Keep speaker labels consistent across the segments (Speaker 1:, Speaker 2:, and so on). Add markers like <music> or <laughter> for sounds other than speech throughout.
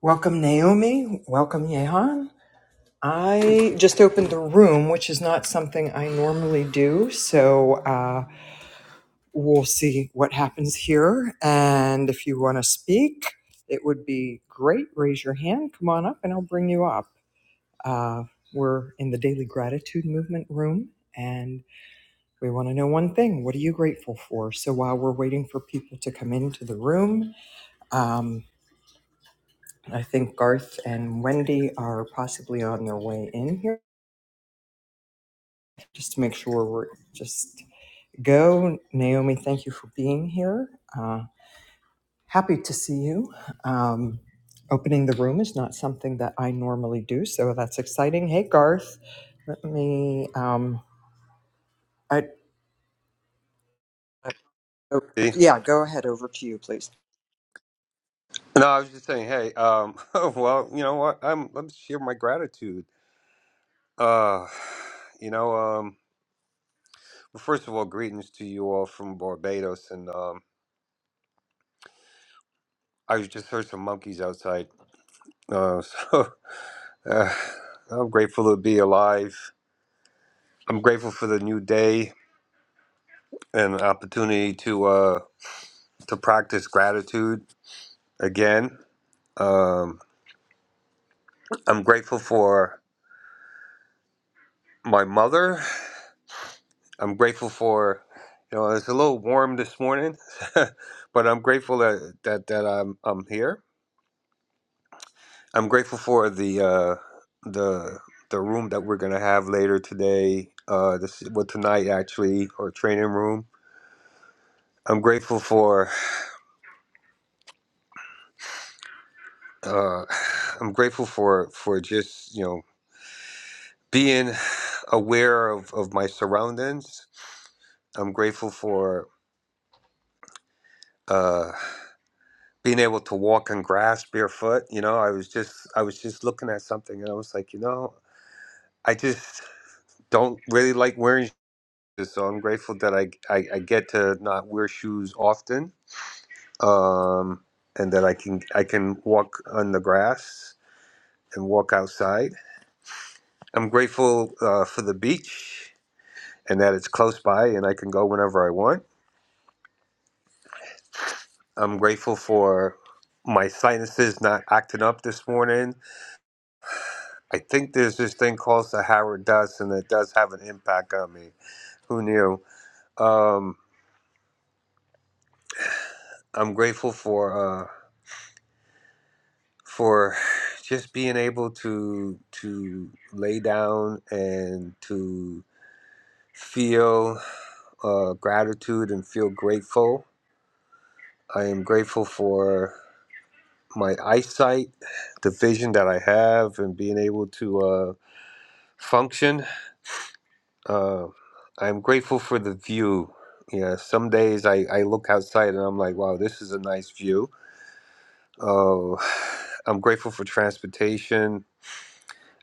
Speaker 1: Welcome, Naomi. Welcome, Yehan. I just opened the room, which is not something I normally do. So uh, we'll see what happens here. And if you want to speak, it would be great. Raise your hand, come on up, and I'll bring you up. Uh, we're in the Daily Gratitude Movement room, and we want to know one thing what are you grateful for? So while we're waiting for people to come into the room, um, I think Garth and Wendy are possibly on their way in here just to make sure we're just go. Naomi, thank you for being here. Uh, happy to see you. Um, opening the room is not something that I normally do, so that's exciting. Hey, Garth, let me. Um, I, I- oh,
Speaker 2: See?
Speaker 1: yeah, go ahead. Over to you, please.
Speaker 2: No, I was just saying, hey, um, <laughs> well, you know what? I'm let me share my gratitude. Uh, you know, um, well, first of all, greetings to you all from Barbados, and um, I just heard some monkeys outside. Uh, <laughs> so uh, I'm grateful to be alive. I'm grateful for the new day and the opportunity to uh to practice gratitude again. Um, I'm grateful for my mother I'm grateful for, you know, it's a little warm this morning, <laughs> but I'm grateful that that, that I'm I'm here. I'm grateful for the uh, the the room that we're gonna have later today. Uh, this well tonight actually, or training room. I'm grateful for uh, <sighs> I'm grateful for for just you know being aware of of my surroundings. I'm grateful for. Uh, being able to walk on grass barefoot you know i was just i was just looking at something and i was like you know i just don't really like wearing shoes so i'm grateful that i i, I get to not wear shoes often um and that i can i can walk on the grass and walk outside i'm grateful uh, for the beach and that it's close by and i can go whenever i want i'm grateful for my sinuses not acting up this morning I think there's this thing called Sahara dust, and it does have an impact on me. Who knew? Um, I'm grateful for uh, for just being able to to lay down and to feel uh, gratitude and feel grateful. I am grateful for my eyesight, the vision that I have, and being able to uh, function Uh, I'm grateful for the view. Yeah, some days I, I look outside and I'm like, wow, this is a nice view. Uh, <sighs> I'm grateful for transportation.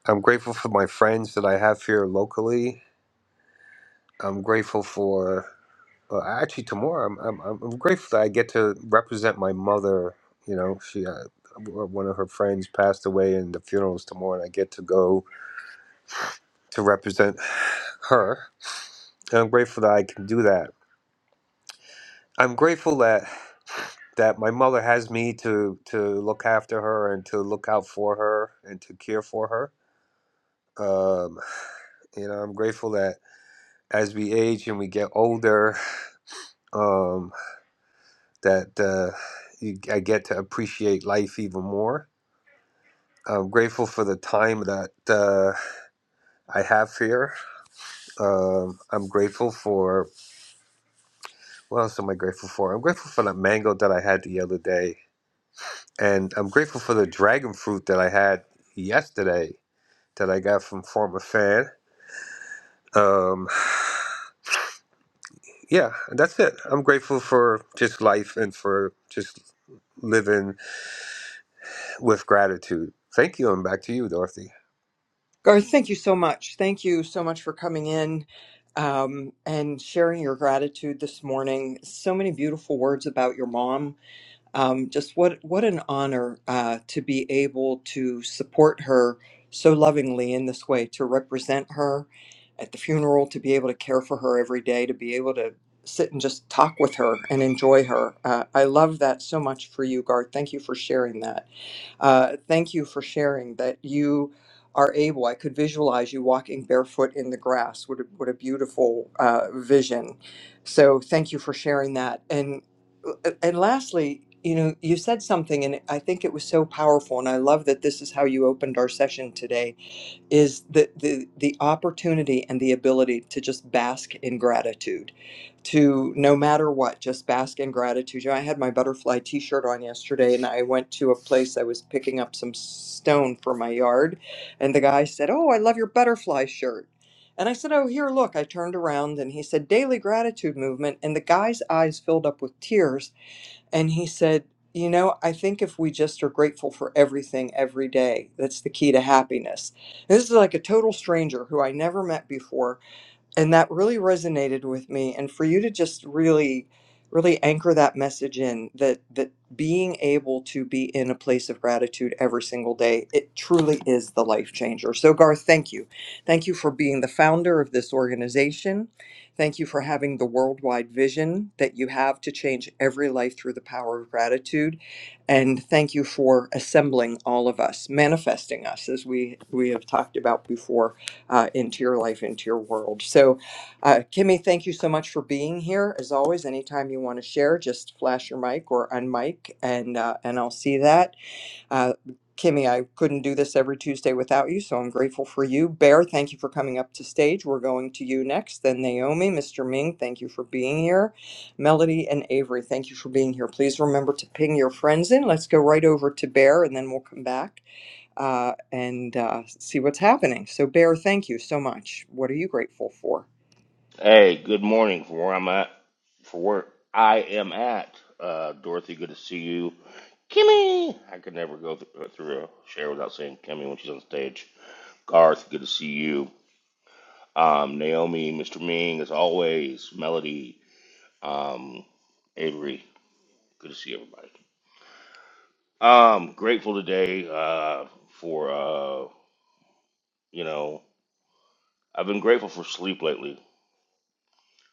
Speaker 2: I'm grateful for my friends that I have here locally. I'm grateful for uh, actually tomorrow. I'm, I'm I'm I'm grateful that I get to represent my mother. You know, she uh, w- one of her friends passed away, and the funeral is tomorrow, and I get to go to represent her. And I'm grateful that I can do that. I'm grateful that. that my mother has me to to look after her and to look out for her and to care for her. Um, you know, I'm grateful that as we age and we get older, um, that uh, you, I get to appreciate life even more. I'm grateful for the time that uh, I have here. Um, I'm grateful for what else am I grateful for? I'm grateful for that mango that I had the other day, and I'm grateful for the dragon fruit that I had yesterday that I got from former fan. Um, yeah, that's it. I'm grateful for just life and for just living with gratitude. Thank you, and back to you, Dorothy.
Speaker 1: Garth, thank you so much. Thank you so much for coming in um, and sharing your gratitude this morning. So many beautiful words about your mom. Um, just what what an honor uh, to be able to support her so lovingly in this way, to represent her at the funeral, to be able to care for her every day, to be able to sit and just talk with her and enjoy her. Uh, I love that so much for you, Garth. Thank you for sharing that. Uh, thank you for sharing that you are able. I could visualize you walking barefoot in the grass. What a, what a beautiful uh, vision. So thank you for sharing that. And uh, and lastly, you know, you said something, and I think it was so powerful. And I love that this is how you opened our session today is the, the the opportunity and the ability to just bask in gratitude to no matter what just bask in gratitude you know, i had my butterfly t-shirt on yesterday and i went to a place i was picking up some stone for my yard and the guy said oh i love your butterfly shirt and i said oh here look i turned around and he said daily gratitude movement and the guy's eyes filled up with tears and he said, You know, I think if we just are grateful for everything every day, that's the key to happiness. And This is like a total stranger who I never met before and that really resonated with me and for you to just really really anchor that message in that that being able to be in a place of gratitude every single day it truly is the life changer so garth thank you thank you for being the founder of this organization thank you for having the worldwide vision that you have to change every life through the power of gratitude and thank you for assembling all of us manifesting us as we we have talked about before uh, into your life, into your world. So, uh, Kimmy, thank you so much for being here. As always, anytime you want to share, just flash your mic or unmic, and uh, and I'll see that. Uh, Kimmy, I couldn't do this every Tuesday without you, so I'm grateful for you. Bear, thank you for coming up to stage. We're going to you next. Then Naomi, Mr. Ming, thank you for being here. Melody and Avery, thank you for being here. Please remember to ping your friends in. Let's go right over to Bear, and then we'll come back uh, and uh, see what's happening. So, Bear, thank you so much. What are you grateful for?
Speaker 3: Hey, good morning from where I'm at, for where I am at. Uh, Dorothy, good to see you. Kimmy, I could never go th- uh, through a share without saying Kimmy when she's on stage. Garth, good to see you. Um, Naomi, Mr. Ming, as always. Melody, um, Avery, good to see everybody. Um, grateful today uh, for uh, you know I've been grateful for sleep lately,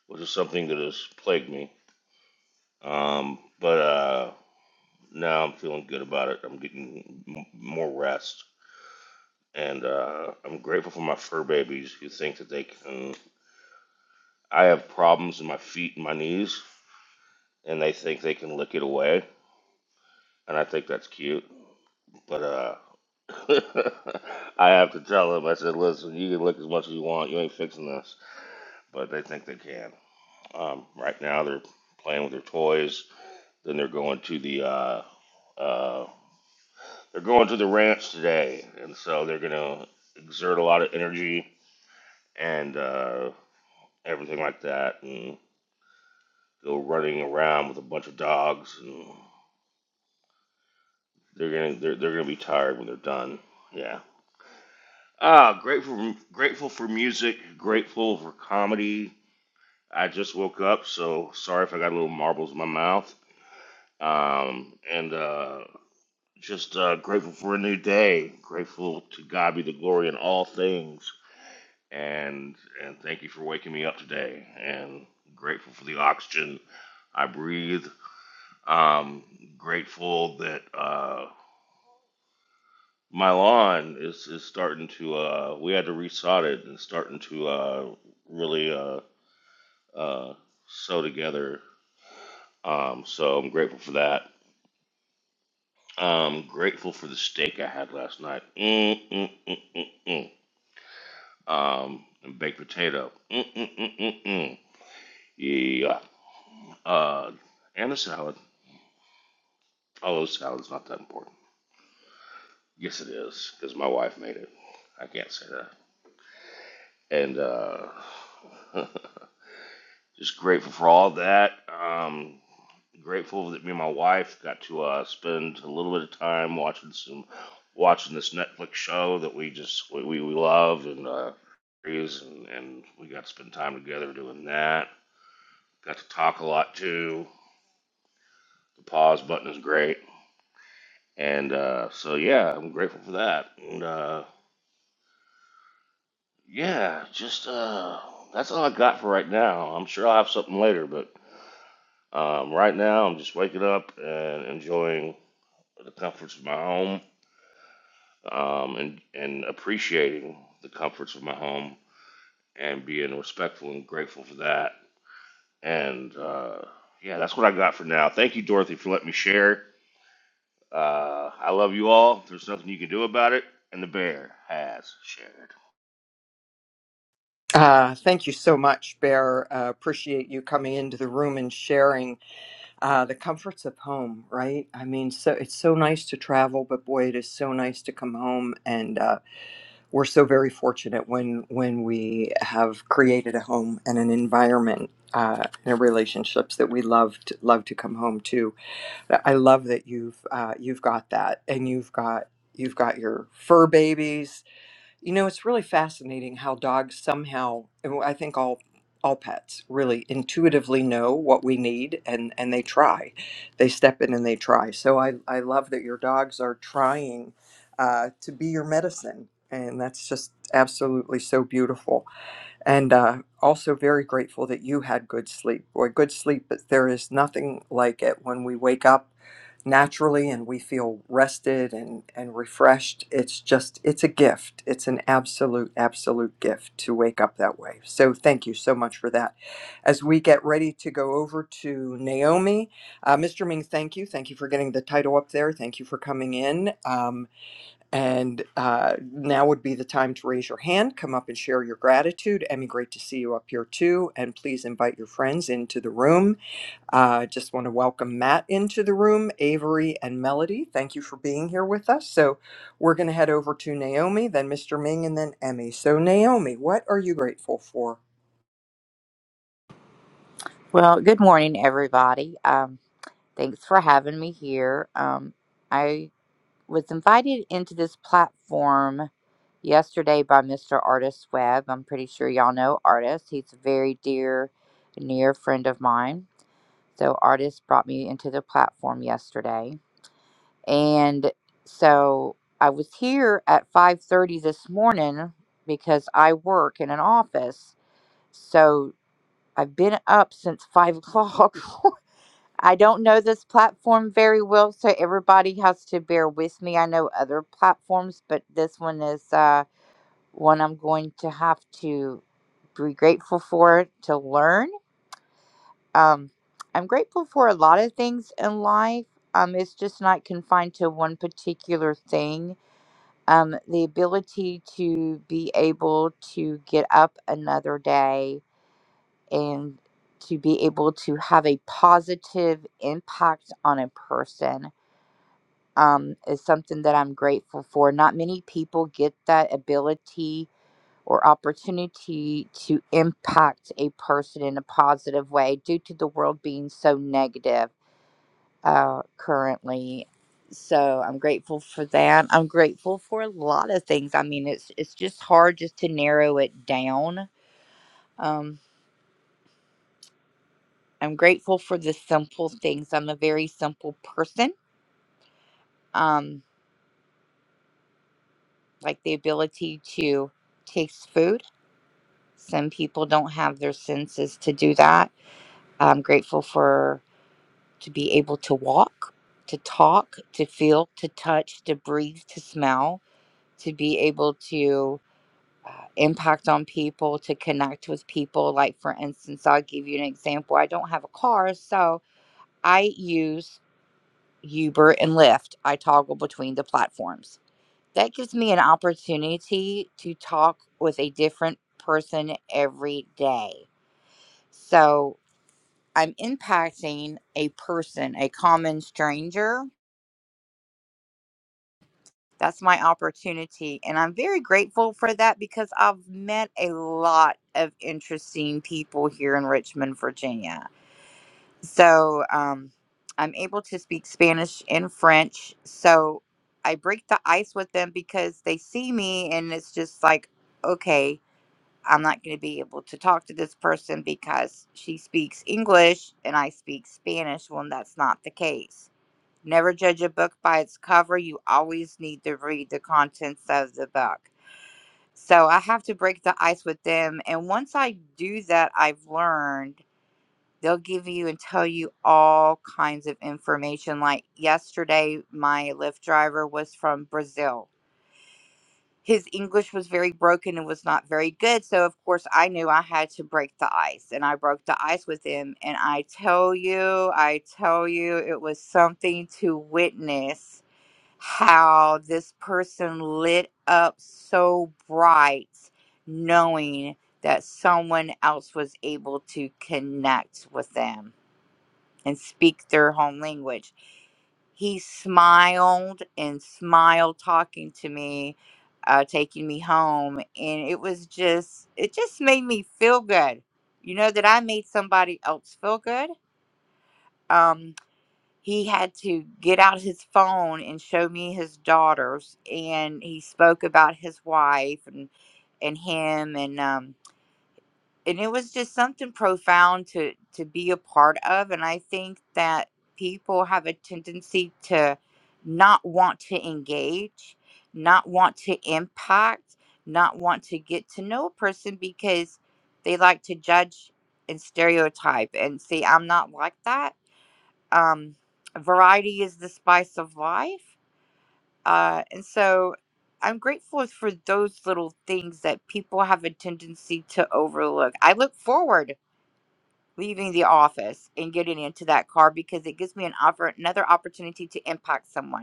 Speaker 3: which is something that has plagued me. Um, but uh, No, I'm feeling good about it. I'm getting m- more rest, and uh, I'm grateful for my fur babies who think that they can. I have problems in my feet and my knees, and they think they can lick it away, and I think that's cute. But uh, <laughs> I have to tell them. I said, "Listen, you can lick as much as you want. You ain't fixing this." But they think they can. Um, right now, they're playing with their toys. Then they're going to the uh, uh, they're going to the ranch today, and so they're gonna exert a lot of energy and uh, everything like that, and go running around with a bunch of dogs, and they're gonna they're, they're gonna be tired when they're done. Yeah. Ah, grateful grateful for music, grateful for comedy. I just woke up, so sorry if I got little marbles in my mouth. Um, and uh, just uh, grateful for a new day. Grateful to God be the glory in all things and and thank you for waking me up today. And grateful for the oxygen I breathe. Um, grateful that uh, my lawn is is starting to. Uh, we had to resod it and it's starting to uh, really uh, uh, sew together. Um, so I'm grateful for that. Um, grateful for the steak I had last night. Mm, mm, mm, mm. Um, and baked potato. Mm, mm, mm, mm, mm. Yeah. Uh, and the salad. Although salad's not that important. Yes, it is, because my wife made it. I can't say that. And uh, <laughs> just grateful for all that. Um, grateful that me and my wife got to uh, spend a little bit of time watching some watching this Netflix show that we just we, we, we love and uh, and and we got to spend time together doing that. Got to talk a lot too. The pause button is great. And uh, so yeah, I'm grateful for that. And uh, Yeah, just uh, that's all I got for right now. I'm sure I'll have something later, but um, right now I'm just waking up and enjoying the comforts of my home, um, and and appreciating the comforts of my home and being respectful and grateful for that. And uh, yeah, that's what I got for now. Thank you, Dorothy, for letting me share. Uh, I love you all. There's nothing you can do about it, and the bear has shared.
Speaker 1: Uh, thank you so much, Bear. Uh, appreciate you coming into the room and sharing uh, the comforts of home. Right? I mean, so it's so nice to travel, but boy, it is so nice to come home. And uh, we're so very fortunate when when we have created a home and an environment uh, and a relationships that we love to, love to come home to. I love that you've uh, you've got that, and you've got you've got your fur babies. You know, it's really fascinating how dogs somehow, and I think all all pets really intuitively know what we need, and and they try, they step in and they try. So I I love that your dogs are trying uh, to be your medicine, and that's just absolutely so beautiful and uh, also very grateful that you had good sleep. Boy, good sleep, but there is nothing like it when we wake up naturally and we feel rested and, and refreshed. It's just, it's a gift. It's an absolute, absolute gift to wake up that way. So thank you so much for that. As we get ready to go over to Naomi, uh, Mr. Ming, thank you. Thank you for getting the title up there. Thank you for coming in. Um, and uh, now would be the time to raise your hand, come up and share your gratitude. Emmy, great to see you up here too. And please invite your friends into the room. Uh, just want to welcome Matt into the room, Avery and Melody. Thank you for being here with us. So we're going to head over to Naomi, then Mr. Ming, and then Emmy. So, Naomi, what are you grateful for?
Speaker 4: Well, good morning, everybody. Um, thanks for having me here. Um, I was invited into this platform yesterday by Mr. Artist Webb. I'm pretty sure y'all know Artist. He's a very dear, near friend of mine. So, Artist brought me into the platform yesterday, and so I was here at 5:30 this morning because I work in an office. So I've been up since five o'clock <laughs> I don't know this platform very well, so everybody has to bear with me. I know other platforms, but this one is uh, one I'm going to have to be grateful for to learn. Um, I'm grateful for a lot of things in life. Um, it's just not confined to one particular thing. Um, the ability to be able to get up another day and to be able to have a positive impact on a person um, is something that I'm grateful for. Not many people get that ability or opportunity to impact a person in a positive way due to the world being so negative uh, currently. So I'm grateful for that. I'm grateful for a lot of things. I mean, it's it's just hard just to narrow it down. Um, I'm grateful for the simple things. I'm a very simple person. Um, like the ability to taste food Some people don't have their senses to do that. I'm grateful for to be able to walk, to talk, to feel, to touch, to breathe, to smell, to be able to uh, impact on people, to connect with people. Like, for instance, I'll give you an example. I don't have a car, so I use Uber and Lyft. I toggle between the platforms. That gives me an opportunity to talk with a different person every day. So I'm impacting a person, a common stranger. That's my opportunity. And I'm very grateful for that because I've met a lot of interesting people here in Richmond, Virginia. So um, I'm able to speak Spanish and French. So I break the ice with them because they see me and it's just like, okay, I'm not going to be able to talk to this person because she speaks English and I speak Spanish when that's not the case. Never judge a book by its cover. You always need to read the contents of the book. So I have to break the ice with them. And once I do that, I've learned they'll give you and tell you all kinds of information. Like yesterday, my Lyft driver was from Brazil. His English was very broken and was not very good. So, of course, I knew I had to break the ice and I broke the ice with him. And I tell you, I tell you, it was something to witness how this person lit up so bright knowing that someone else was able to connect with them and speak their home language. He smiled and smiled talking to me, uh, taking me home. And it was just, it just made me feel good. You know, that I made somebody else feel good. Um, he had to get out his phone and show me his daughters and he spoke about his wife and and him and um and it was just something profound to to be a part of and i think that people have a tendency to not want to engage not want to impact not want to get to know a person because they like to judge and stereotype and see i'm not like that um, variety is the spice of life. Uh, and so I'm grateful for those little things that people have a tendency to overlook. I look forward leaving the office and getting into that car because it gives me an oppor- another opportunity to impact someone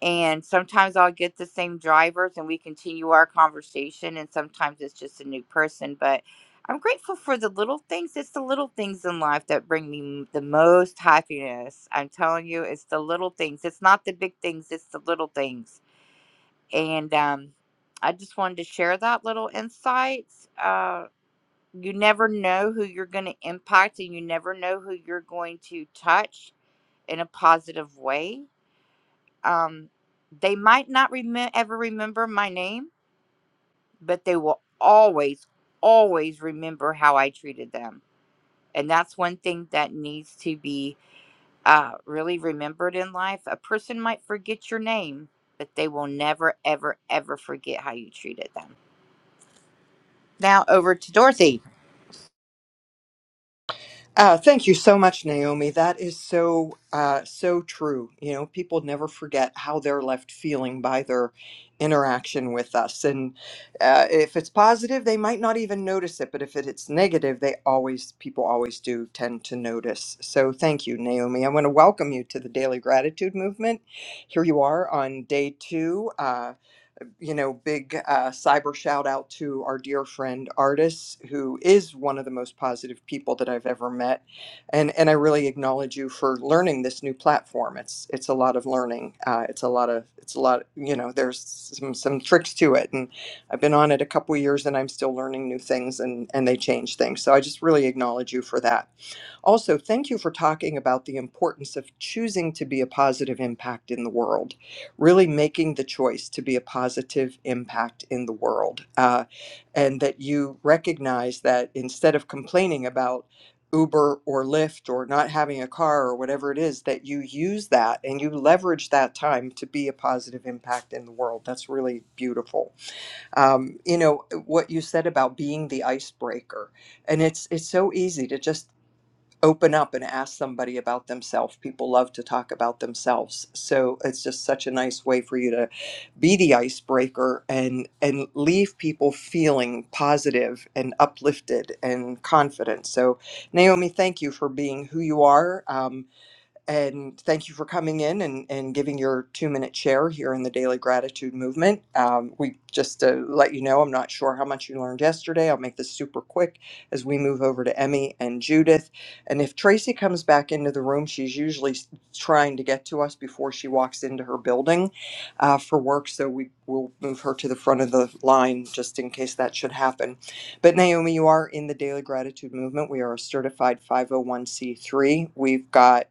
Speaker 4: and sometimes I'll get the same drivers and we continue our conversation and sometimes it's just a new person but I'm grateful for the little things it's the little things in life that bring me m- the most happiness I'm telling you it's the little things it's not the big things it's the little things and um I just wanted to share that little insights uh you never know who you're going to impact and you never know who you're going to touch in a positive way um, they might not remem- ever remember my name, but they will always, always remember how I treated them. And that's one thing that needs to be uh, really remembered in life. A person might forget your name, but they will never, ever, ever forget how you treated them. Now over to Dorothy.
Speaker 1: Uh, thank you so much, Naomi. That is so uh, so true. You know, people never forget how they're left feeling by their interaction with us, and uh, if it's positive, they might not even notice it. But if it- it's negative, they always people always do tend to notice. So, thank you, Naomi. I want to welcome you to the Daily Gratitude Movement. Here you are on day two. Uh, you know, big uh, cyber shout out to our dear friend Artis, who is one of the most positive people that I've ever met, and and I really acknowledge you for learning this new platform. It's it's a lot of learning. Uh, it's a lot of it's a lot. You know, there's some some tricks to it, and I've been on it a couple years, and I'm still learning new things, and and they change things. So I just really acknowledge you for that. Also, thank you for talking about the importance of choosing to be a positive impact in the world, really making the choice to be a positive impact in the world. Uh, and that you recognize that instead of complaining about Uber or Lyft or not having a car or whatever it is, that you use that and you leverage that time to be a positive impact in the world. That's really beautiful. Um, you know, what you said about being the icebreaker and it's it's so easy to just open up and ask somebody about themselves. People love to talk about themselves. So it's just such a nice way for you to be the icebreaker and and leave people feeling positive and uplifted and confident. So Naomi, thank you for being who you are. Um, and thank you for coming in and, and giving your two minute share here in the Daily Gratitude Movement. Um, we just to let you know, I'm not sure how much you learned yesterday. I'll make this super quick as we move over to Emmy and Judith. And if Tracy comes back into the room, she's usually s- trying to get to us before she walks into her building uh, for work. So we will move her to the front of the line just in case that should happen. But Naomi, you are in the Daily Gratitude Movement. We are a certified 501c3. We've got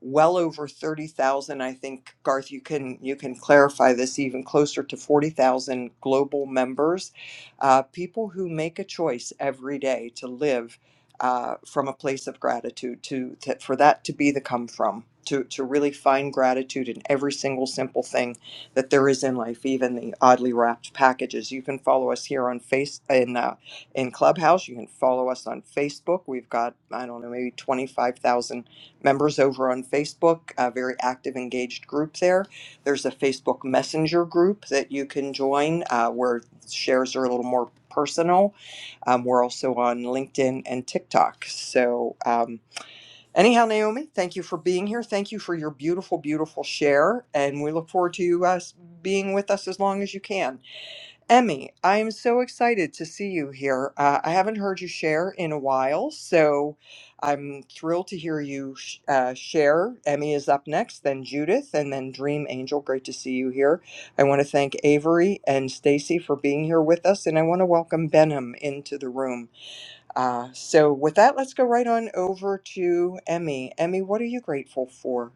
Speaker 1: well over 30,000 I think Garth you can you can clarify this even closer to 40,000 global members uh, people who make a choice every day to live uh, from a place of gratitude to, to for that to be the come from to, to really find gratitude in every single simple thing that there is in life even the oddly wrapped packages you can follow us here on face in uh, in clubhouse you can follow us on facebook we've got i don't know maybe 25,000 members over on Facebook, a very active, engaged group there. There's a Facebook Messenger group that you can join uh, where shares are a little more personal. Um, we're also on LinkedIn and TikTok. So, um, anyhow, Naomi, thank you for being here. Thank you for your beautiful, beautiful share. And we look forward to you uh, being with us as long as you can. Emmy, I am so excited to see you here. Uh, I haven't heard you share in a while, so I'm thrilled to hear you sh- uh, share. Emmy is up next, then Judith, and then Dream Angel. Great to see you here. I want to thank Avery and Stacy for being here with us, and I want to welcome Benham into the room. Uh, so, with that, let's go right on over to Emmy. Emmy, what are you grateful for?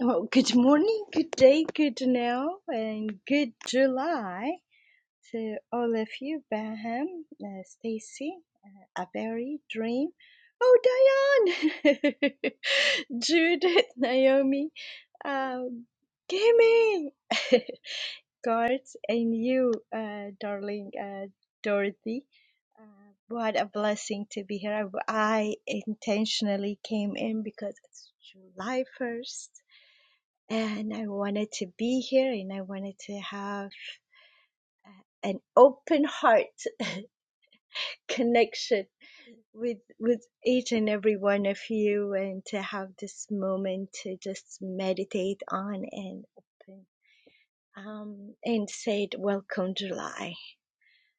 Speaker 5: Well, good morning, good day, good now, and good July to all of you, Baham, uh, Stacy, uh, Avery, Dream, oh, Diane, <laughs> Judith, Naomi, um, Kimmy, <laughs> Garth, and you, uh, darling uh, Dorothy. Uh, what a blessing to be here. I I intentionally came in because it's July 1st and I wanted to be here and I wanted to have an open heart <laughs> connection with with each and every one of you and to have this moment to just meditate on and open um, and said welcome July.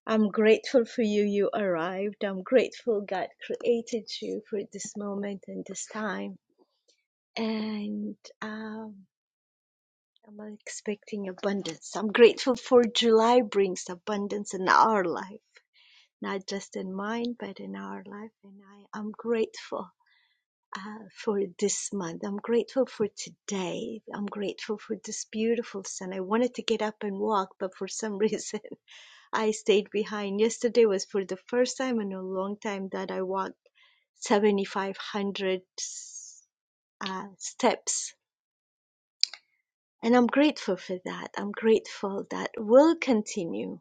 Speaker 5: I'm grateful for you you arrived. I'm grateful God created you for this moment and this time and um I'm expecting abundance. I'm grateful for July brings abundance in our life, not just in mine, but in our life. And I am grateful uh, for this month. I'm grateful for today. I'm grateful for this beautiful sun. I wanted to get up and walk, but for some reason <laughs> I stayed behind. Yesterday was for the first time in a long time that I walked 7,500 uh, steps And I'm grateful for that. I'm grateful that will continue.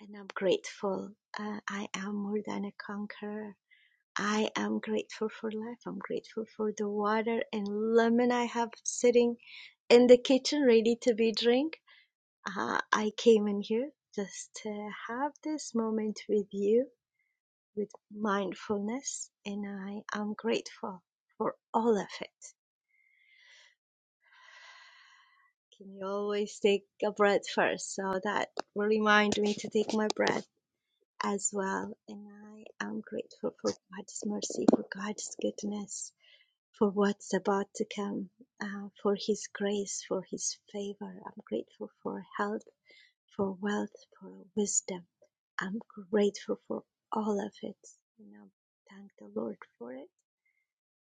Speaker 5: And I'm grateful. Uh, I am more than a conqueror. I am grateful for life. I'm grateful for the water and lemon I have sitting in the kitchen ready to be drink. Uh, I came in here just to have this moment with you with mindfulness and I am grateful for all of it. Can you always take a breath first? So that remind me to take my breath as well. And I am grateful for God's mercy, for God's goodness, for what's about to come, uh, for His grace, for His favor. I'm grateful for health, for wealth, for wisdom. I'm grateful for all of it. And I thank the Lord for it.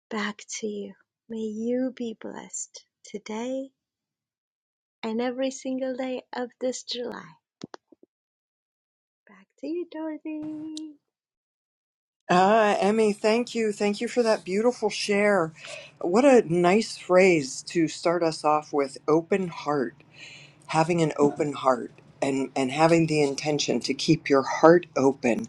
Speaker 5: Back to you. May you be blessed today and every single day of this July. Back to you, Dorothy.
Speaker 1: Ah, Emmy, thank you. Thank you for that beautiful share. What a nice phrase to start us off with open heart, having an open heart and, and having the intention to keep your heart open.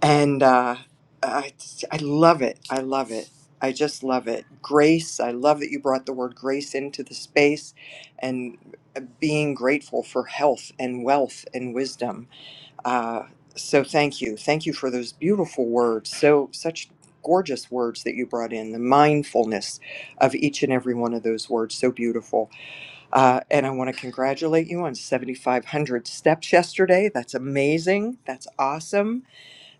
Speaker 1: And uh, I, I love it. I love it. I just love it. Grace, I love that you brought the word grace into the space and being grateful for health and wealth and wisdom uh, so thank you. Thank you for those beautiful words. So, such gorgeous words that you brought in, the mindfulness of each and every one of those words. So beautiful. Uh, and I want to congratulate you on 7,500 steps yesterday. That's amazing. That's awesome.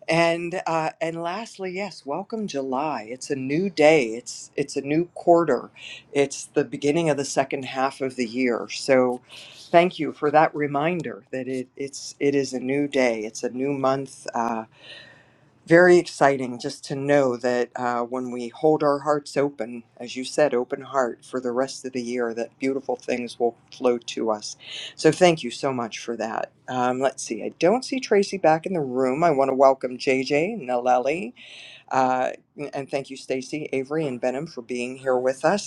Speaker 1: And uh, and lastly, yes, welcome July. It's a new day. It's it's a new quarter. It's the beginning of the second half of the year. So, thank you for that reminder that it it's it is a new day. It's a new month. Uh, very exciting just to know that uh, when we hold our hearts open, as you said, open heart for the rest of the year, that beautiful things will flow to us. So thank you so much for that. Um, let's see, I don't see Tracy back in the room. I want to welcome JJ, Naleli, uh, and thank you, Stacy, Avery, and Benham for being here with us.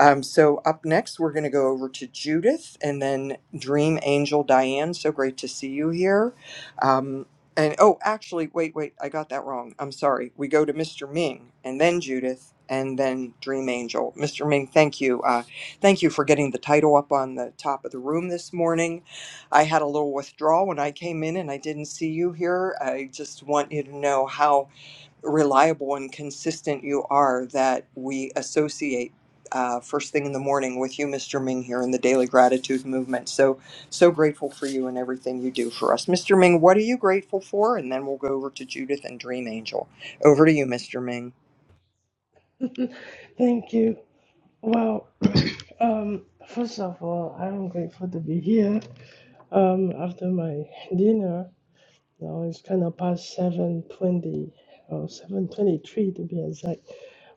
Speaker 1: Um, so up next, we're going to go over to Judith and then Dream Angel Diane. So great to see you here. Um, and oh, actually, wait, wait, I got that wrong. I'm sorry. We go to Mr. Ming and then Judith and then Dream Angel. Mr. Ming, thank you. Uh, thank you for getting the title up on the top of the room this morning. I had a little withdrawal when I came in and I didn't see you here. I just want you to know how reliable and consistent you are that we associate uh, first thing in the morning with you, Mr. Ming, here in the Daily Gratitude Movement. So, so grateful for you and everything you do for us. Mr. Ming, what are you grateful for? And then we'll go over to Judith and Dream Angel. Over to you, Mr. Ming.
Speaker 6: Thank you. Well, um, first of all, I am grateful to be here. Um, after my dinner, now it's kind of past seven twenty or seven twenty-three to be exact.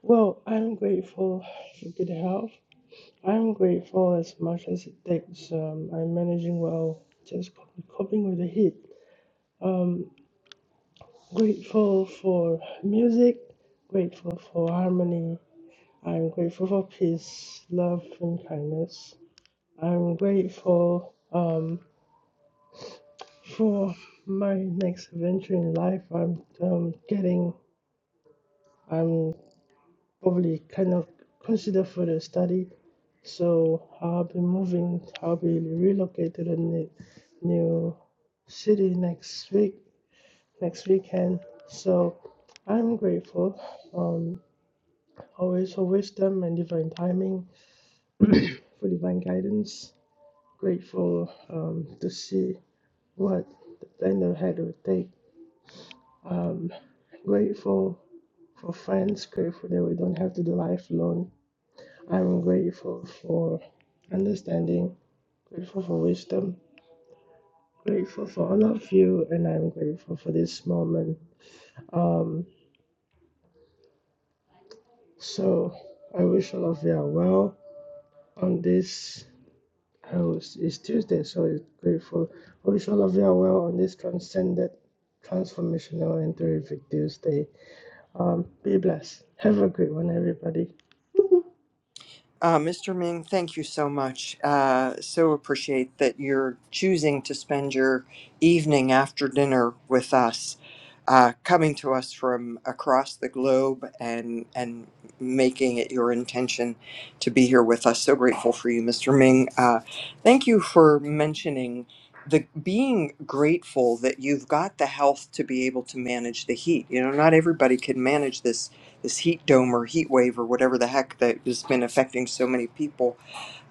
Speaker 6: Well, I'm grateful for good health. I'm grateful as much as it takes. Um, I'm managing well, just coping coping with the heat. Um, grateful for music. Grateful for harmony. I'm grateful for peace, love, and kindness. I'm grateful um, for my next adventure in life. I'm um, getting, I'm probably kind of considered for the study. So I'll be moving, I'll be relocated to the new, new city next week, next weekend. So I'm grateful um, always for wisdom and divine timing, for divine guidance. Grateful um, to see what the plan ahead will take Um, grateful for friends, grateful that we don't have to do life alone. I'm grateful for understanding, grateful for wisdom, grateful for all of you, and I'm grateful for this moment. Um, so I wish all of you are well on this. I was, it's Tuesday, so it's grateful. I wish all of you are well on this transcendent, transformational, and terrific Tuesday. Um, be blessed. Have a great one, everybody.
Speaker 1: Uh, Mr. Ming, thank you so much. Uh, so appreciate that you're choosing to spend your evening after dinner with us, uh, coming to us from across the globe and and making it your intention to be here with us. So grateful for you, Mr. Ming. Uh, thank you for mentioning the being grateful that you've got the health to be able to manage the heat. You know, not everybody can manage this this heat dome or heat wave or whatever the heck that has been affecting so many people,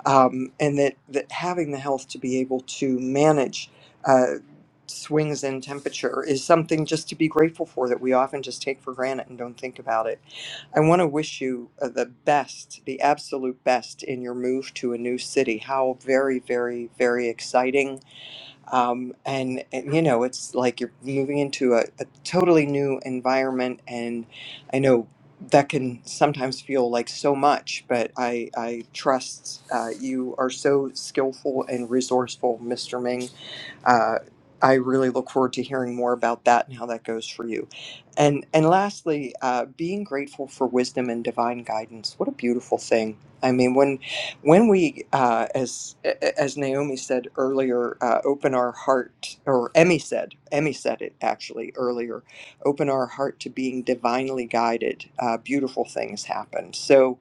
Speaker 1: um, and that that having the health to be able to manage. Uh, swings in temperature is something just to be grateful for that we often just take for granted and don't think about it. I want to wish you uh, the best, the absolute best in your move to a new city. How very, very, very exciting um, and, and, you know it's like you're moving into a, a totally new environment and i know that can sometimes feel like so much but i i trust uh, you are so skillful and resourceful mr ming uh, I really look forward to hearing more about that and how that goes for you. And and lastly, uh, being grateful for wisdom and divine guidance. What a beautiful thing! I mean, when when we, uh, as as Naomi said earlier, uh, open our heart, or Emmy said, Emmy said it actually earlier, open our heart to being divinely guided. Uh, beautiful things happen. So,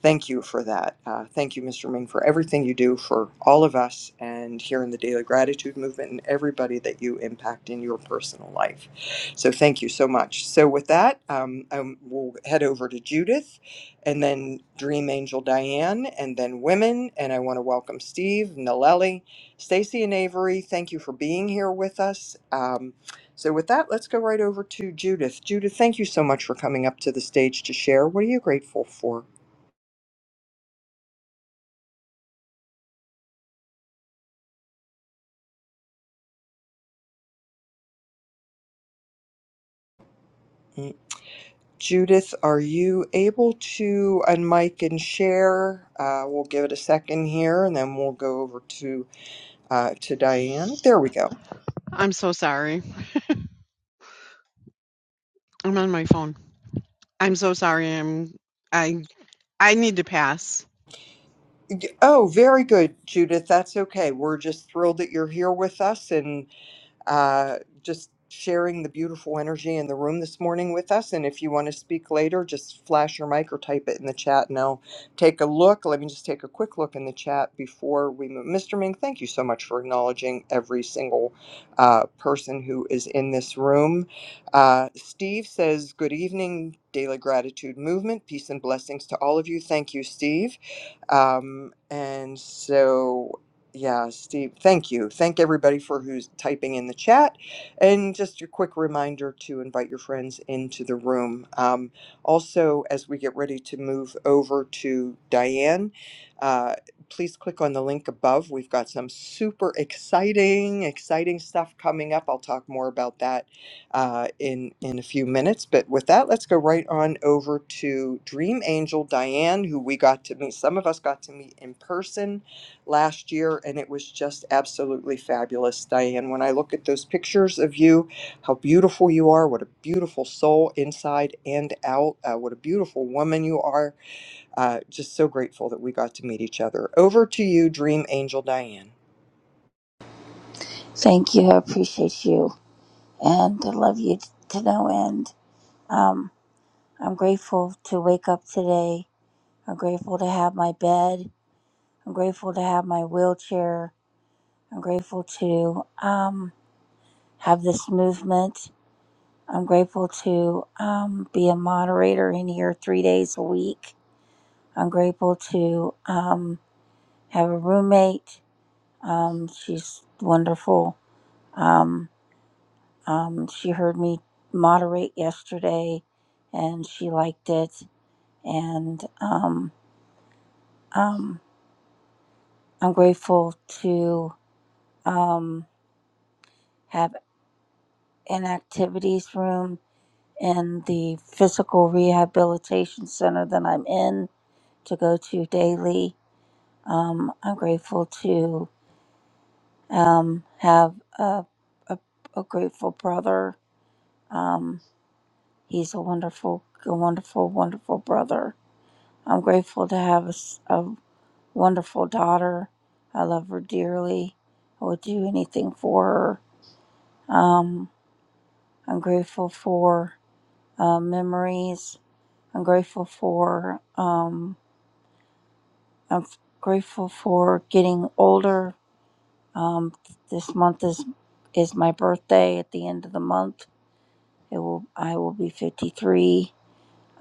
Speaker 1: thank you for that. Uh, thank you, Mr. Ming, for everything you do for all of us and here in the Daily Gratitude Movement and everybody that you impact in your personal life. So, thank you so much. So, with that, um, um, we'll head over to Judith and then Dream Angel Diane, and then women. And I want to welcome Steve, Nalelli, Stacy, and Avery. Thank you for being here with us. Um, so, with that, let's go right over to Judith. Judith, thank you so much for coming up to the stage to share. What are you grateful for? Mm. Judith, are you able to unmic and share? Uh, we'll give it a second here, and then we'll go over to uh, to Diane. There we go.
Speaker 7: I'm so sorry. I'm on my phone. I'm so sorry. I'm I I need to pass.
Speaker 1: Y- Oh, very good, Judith. That's okay. We're just thrilled that you're here with us and uh, just sharing the beautiful energy in the room this morning with us. And if you want to speak later, just flash your mic or type it in the chat. And I'll take a look. Let me just take a quick look in the chat before we move. Mr. Ming, thank you so much for acknowledging every single uh, person who is in this room. Uh, Steve says, Good evening, Daily Gratitude Movement. Peace and blessings to all of you. Thank you, Steve. Um, and so. Yeah, Steve, thank you. Thank everybody for who's typing in the chat. And just a quick reminder to invite your friends into the room. Um, also, as we get ready to move over to Diane, uh, please click on the link above. We've got some super exciting, exciting stuff coming up. I'll talk more about that uh, in, in a few minutes. But with that, let's go right on over to Dream Angel Diane, who we got to meet, some of us got to meet in person last year, and it was just absolutely fabulous, Diane. When I look at those pictures of you, how beautiful you are, what a beautiful soul inside and out, uh, what a beautiful woman you are. Uh, just so grateful that we got to meet each other. Over to you, Dream Angel Diane.
Speaker 8: Thank you. I appreciate you and I love you t- to no end. Um, I'm grateful to wake up today. I'm grateful to have my bed. I'm grateful to have my wheelchair. I'm grateful to um, have this movement. I'm grateful to um, be a moderator in here three days a week. I'm grateful to um, have a roommate. Um, she's wonderful. Um, Um, she heard me moderate yesterday and she liked it. And um, um, I'm grateful to um, have an activities room in the physical rehabilitation center that I'm in to go to daily. Um, I'm grateful to um, have a, a, a grateful brother. Um, he's a wonderful, a wonderful, wonderful brother I'm grateful to have a, s- a wonderful daughter. I love her dearly. I would do anything for her. Um, I'm grateful for uh, memories. I'm grateful for um, I'm f- grateful for getting older. Um, this month is is my birthday. At the end of the month, it will I will be 53.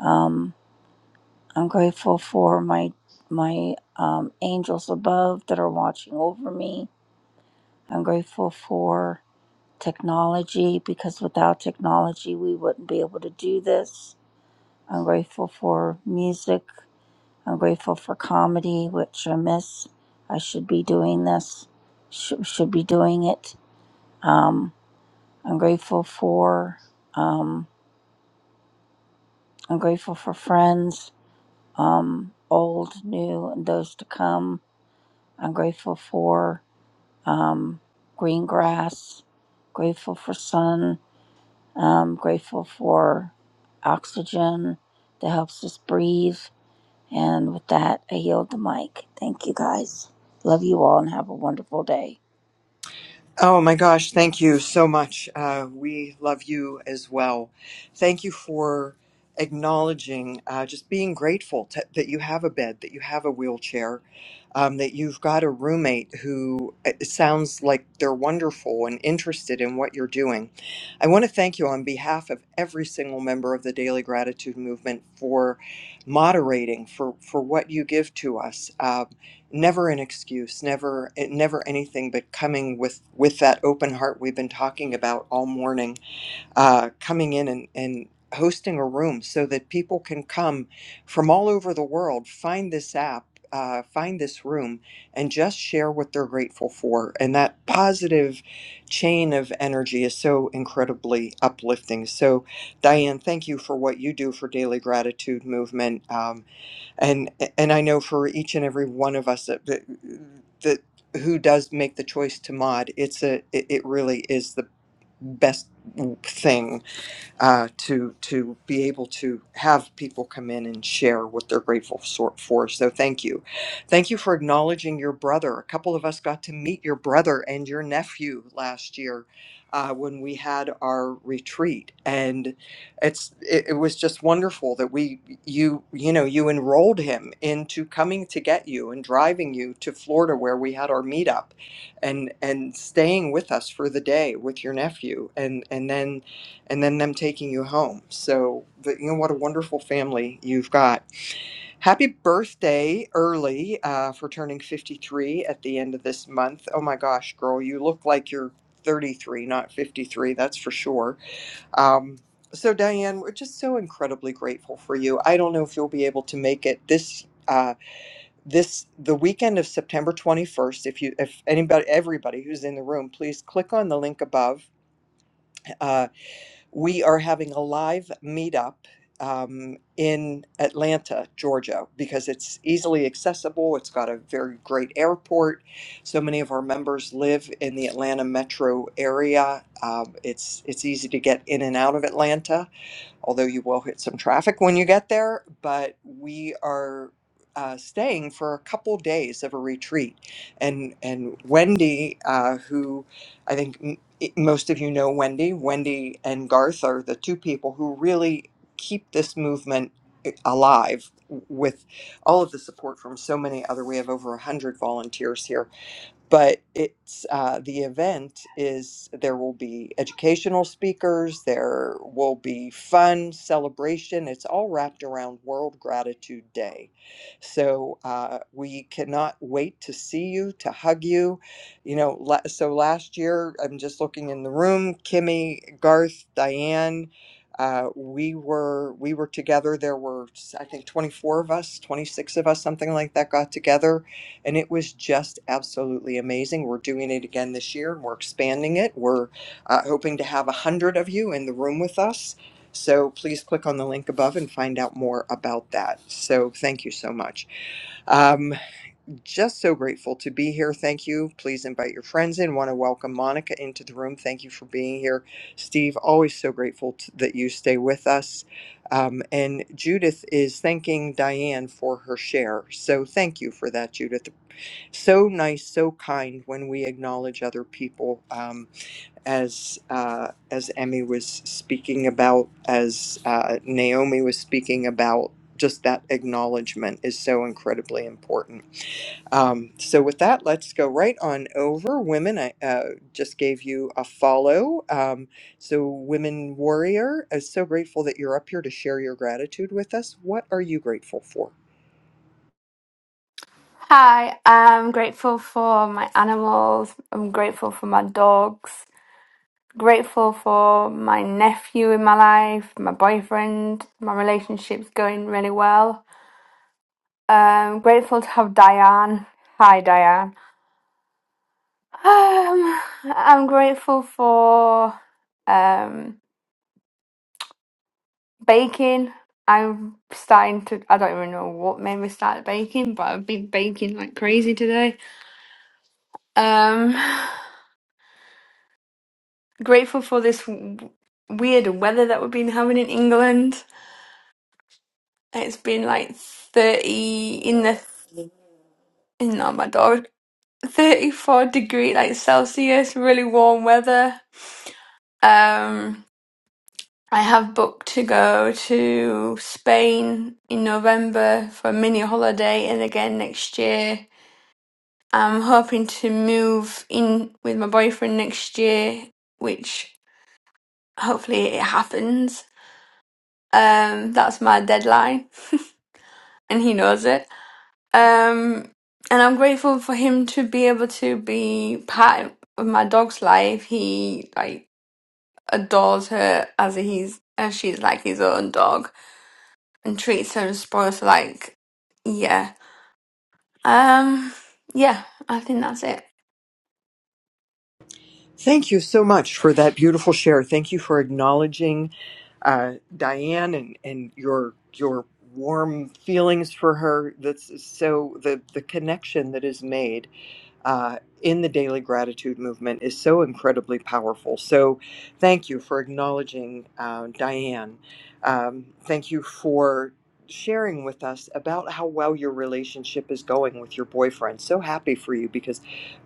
Speaker 8: Um, I'm grateful for my my um, angels above that are watching over me. I'm grateful for technology because without technology, we wouldn't be able to do this. I'm grateful for music. I'm grateful for comedy, which I miss. I should be doing this, sh- should be doing it. Um, I'm grateful for. Um, I'm grateful for friends, um, old, new, and those to come. I'm grateful for um, green grass, grateful for sun, I'm grateful for oxygen that helps us breathe. And with that, I yield the mic. Thank you guys. Love you all and have a wonderful day.
Speaker 1: Oh my gosh, thank you so much. Uh, we love you as well. Thank you for acknowledging, uh, just being grateful to, that you have a bed, that you have a wheelchair, um, that you've got a roommate who uh, it sounds like they're wonderful and interested in what you're doing. I want to thank you on behalf of every single member of the Daily Gratitude Movement for moderating, for, for what you give to us. Uh, never an excuse never it- never anything but coming with with that open heart we've been talking about all morning uh, coming in and and hosting a room so that people can come from all over the world find this app uh, find this room and just share what they're grateful for and that positive chain of energy is so incredibly uplifting so diane thank you for what you do for daily gratitude movement um, and and I know for each and every one of us that that, that who does make the choice to mod, it's a it, it really is the best thing uh, to to be able to have people come in and share what they're grateful sor- for. So thank you, thank you for acknowledging your brother. A couple of us got to meet your brother and your nephew last year uh, when we had our retreat, and it's it, it was just wonderful that we you you know you enrolled him into coming to get you and driving you to Florida where we had our meetup, and and staying with us for the day with your nephew, and and then and then them taking you home. So, but you know what a wonderful family you've got. Happy birthday early uh, for turning 53 at the end of this month. Oh my gosh, girl, you look like you're 33, not 53, that's for sure. Um, so, Diane, we're just so incredibly grateful for you. I don't know if you'll be able to make it this. Uh, this the weekend of September 21st. If you, if anybody, everybody who's in the room, please click on the link above Uh, we are having a live meetup um, in Atlanta, Georgia, because it's easily accessible. It's got a very great airport. So many of our members live in the Atlanta metro area. Um, it's it's easy to get in and out of Atlanta although you will hit some traffic when you get there. But we are uh, staying for a couple days of a retreat, and and Wendy, uh, who I think m- it- most of you know, Wendy, Wendy and Garth are the two people who really keep this movement eh, alive with all of the support from so many other we have over 100 volunteers here but it's uh, the event is there will be educational speakers there will be fun celebration it's all wrapped around world gratitude day so uh, we cannot wait to see you to hug you you know la- so last year i'm just looking in the room kimmy garth diane uh, we were we were together there were i think 24 of us 26 of us something like that got together and it was just absolutely amazing. We're doing it again this year, and we're expanding it. We're uh, hoping to have a hundred of you in the room with us. So please click on the link above and find out more about that. So thank you so much. Um, just so grateful to be here. Thank you. Please invite your friends in. Want to welcome Monica into the room. Thank you for being here, Steve. Always so grateful t that you stay with us. Um, and Judith is thanking Diane for her share. So thank you for that, Judith so nice, so kind when we acknowledge other people, um, as uh, as Emmy was speaking about, as uh, Naomi was speaking about. Just that acknowledgement is so incredibly important. Um, so, with that, let's go right on over. Women, I uh, just gave you a follow. Um, so, Women Warrior, I'm so grateful that you're up here to share your gratitude with us. What are you grateful for?
Speaker 9: Hi, I'm grateful for my animals. I'm grateful for my dogs. Grateful for my nephew in my life, my boyfriend. My relationship's going really well. Um, grateful to have Diane. Hi, Diane. Um, I'm grateful for um, baking. I'm starting to. I don't even know what made me start baking, but I've been baking like crazy today. Um, grateful for this w- weird weather that we've been having in England. It's been like 30 in the in oh my god 34 degree like Celsius, really warm weather. Um I have booked to go to Spain in November for a mini holiday and again next year. I'm hoping to move in with my boyfriend next year, which hopefully it happens. Um that's my deadline. <laughs> and he knows it. Um, and I'm grateful for him to be able to be part of my dog's life. He like adores her as he's as she's like his own dog and treats her and spoils her like yeah. Um, yeah, I think that's it.
Speaker 1: Thank you so much for that beautiful share. Thank you for acknowledging uh, Diane and, and your your warm feelings for her. That's so the the connection that is made uh, in the daily gratitude movement is so incredibly powerful. So, thank you for acknowledging uh, Diane. Um, thank you for sharing with us about how well your relationship is going with your boyfriend. So happy for you because,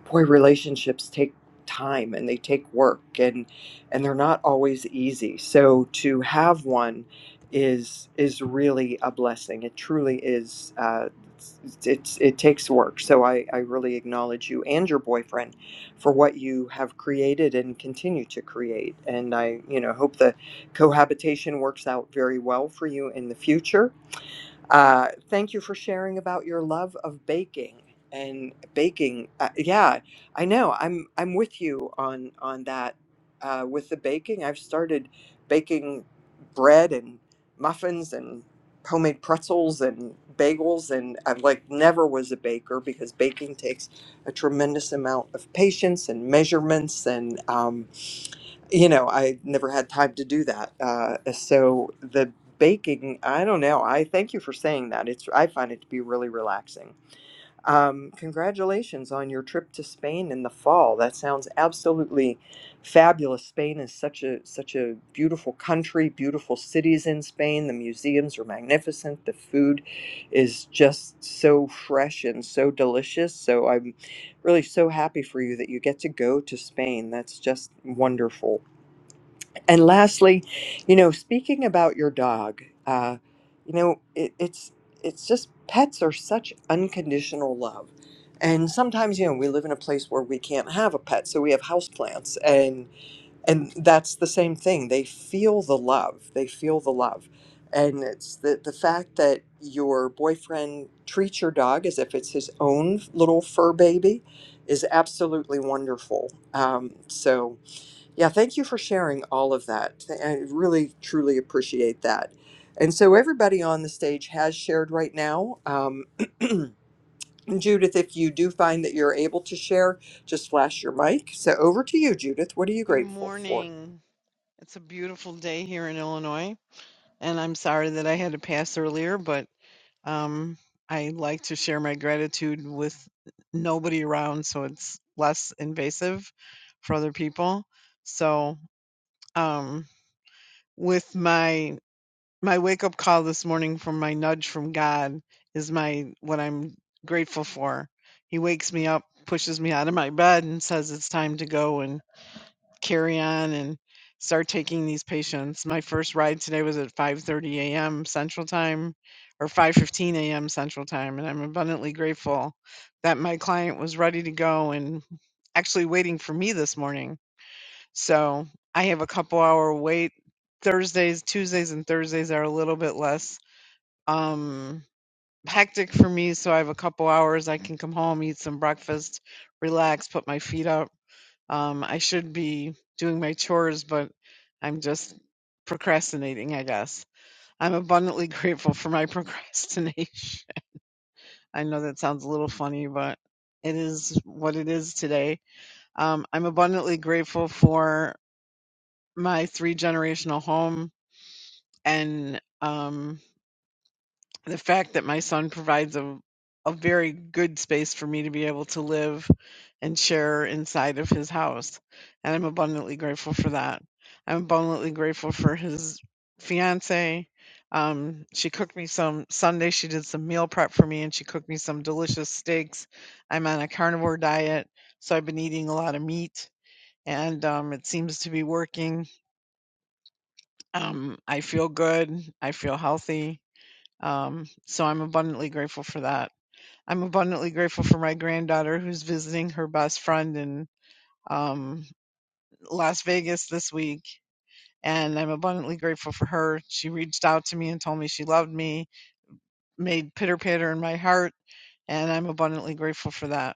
Speaker 1: boy, relationships take time and they take work and and they're not always easy. So to have one is is really a blessing. It truly is. Uh, it's, it's it takes work. So I, I really acknowledge you and your boyfriend for what you have created and continue to create. And I, you know, hope the cohabitation works out very well for you in the future uh, thank you for sharing about your love of baking and baking. Uh, yeah, I know. I'm I'm with you on on that. Uh, with the baking, I've started baking bread and muffins and homemade pretzels and bagels, and I've like never was a baker because baking takes a tremendous amount of patience and measurements and. um, you know, I never had time to do that. Uh, so the baking, I don't know. I thank you for saying that. It's I find it to be really relaxing. Um, congratulations on your trip to Spain in the fall. That sounds absolutely fabulous. Spain is such a such a beautiful country, beautiful cities in Spain. The museums are magnificent. The food is just so fresh and so delicious. So I'm really so happy for you that you get to go to Spain. That's just wonderful. And lastly, you know, speaking about your dog, uh, you know, it, it's it's just pets are such unconditional love, and sometimes you know we live in a place where we can't have a pet, so we have houseplants, and and that's the same thing. They feel the love. They feel the love, and it's the the fact that your boyfriend treats your dog as if it's his own little fur baby is absolutely wonderful. Um, so yeah, thank you for sharing all of that. I really, truly appreciate that. And so, everybody on the stage has shared right now. Um, <clears throat> Judith, if you do find that you're able to share, just flash your mic. So, over to you, Judith. What are you
Speaker 7: Good
Speaker 1: grateful for?
Speaker 7: morning. It's a beautiful day here in Illinois, and I'm sorry that I had to pass earlier, but um I like to share my gratitude with nobody around so it's less invasive for other people. So, um with my my wake up call this morning from my nudge from God is my what I'm grateful for. He wakes me up, pushes me out of my bed and says it's time to go and carry on and start taking these patients. My first ride today was at 5:30 a.m. Central Time or 5:15 a.m. Central Time and I'm abundantly grateful that my client was ready to go and actually waiting for me this morning so I have a couple hour wait. Thursdays, Tuesdays, and Thursdays are a little bit less um, hectic for me. So I have a couple hours. I can come home, eat some breakfast, relax, put my feet up. Um, I should be doing my chores, but I'm just procrastinating, I guess. I'm abundantly <laughs> grateful for my <laughs> procrastination. I know that sounds a little funny, but it is what it is today. Um, I'm abundantly grateful for my three generational home and um, the fact that my son provides a a very good space for me to be able to live and share inside of his house, and I'm abundantly grateful for that. I'm abundantly grateful for his fiance. Um, she cooked me some Sunday. She did some meal prep for me, and she cooked me some delicious steaks. I'm on a carnivore diet, so I've been eating a lot of meat, and um, it seems to be working. Um, I feel good. I feel healthy Um, so I'm abundantly grateful for that. I'm abundantly grateful for my granddaughter who's visiting her best friend in um, Las Vegas this week. And I'm abundantly grateful for her. She reached out to me and told me she loved me, made pitter patter in my heart. And I'm abundantly grateful for that.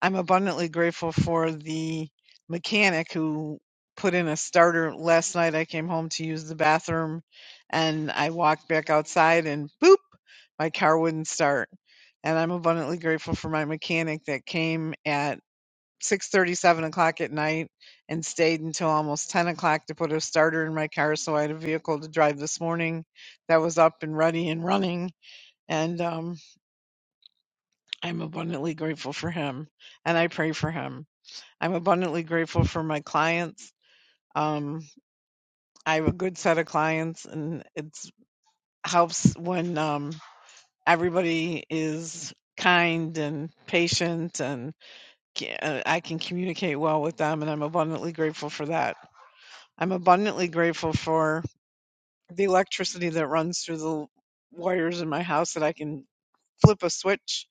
Speaker 7: I'm abundantly grateful for the mechanic who put in a starter last night. I came home to use the bathroom and I walked back outside and boop, my car wouldn't start. And I'm abundantly grateful for my mechanic that came at six thirty, seven o'clock at night and stayed until almost 10 o'clock to put a starter in my car so I had a vehicle to drive this morning that was up and ready and running. And um, I'm abundantly grateful for him and I pray for him. I'm abundantly grateful for my clients. Um, I have a good set of clients, and it helps when um, everybody is kind and patient, and uh, I can communicate well with them, and I'm abundantly grateful for that. I'm abundantly grateful for the electricity that runs through the wires in my house that I can flip a switch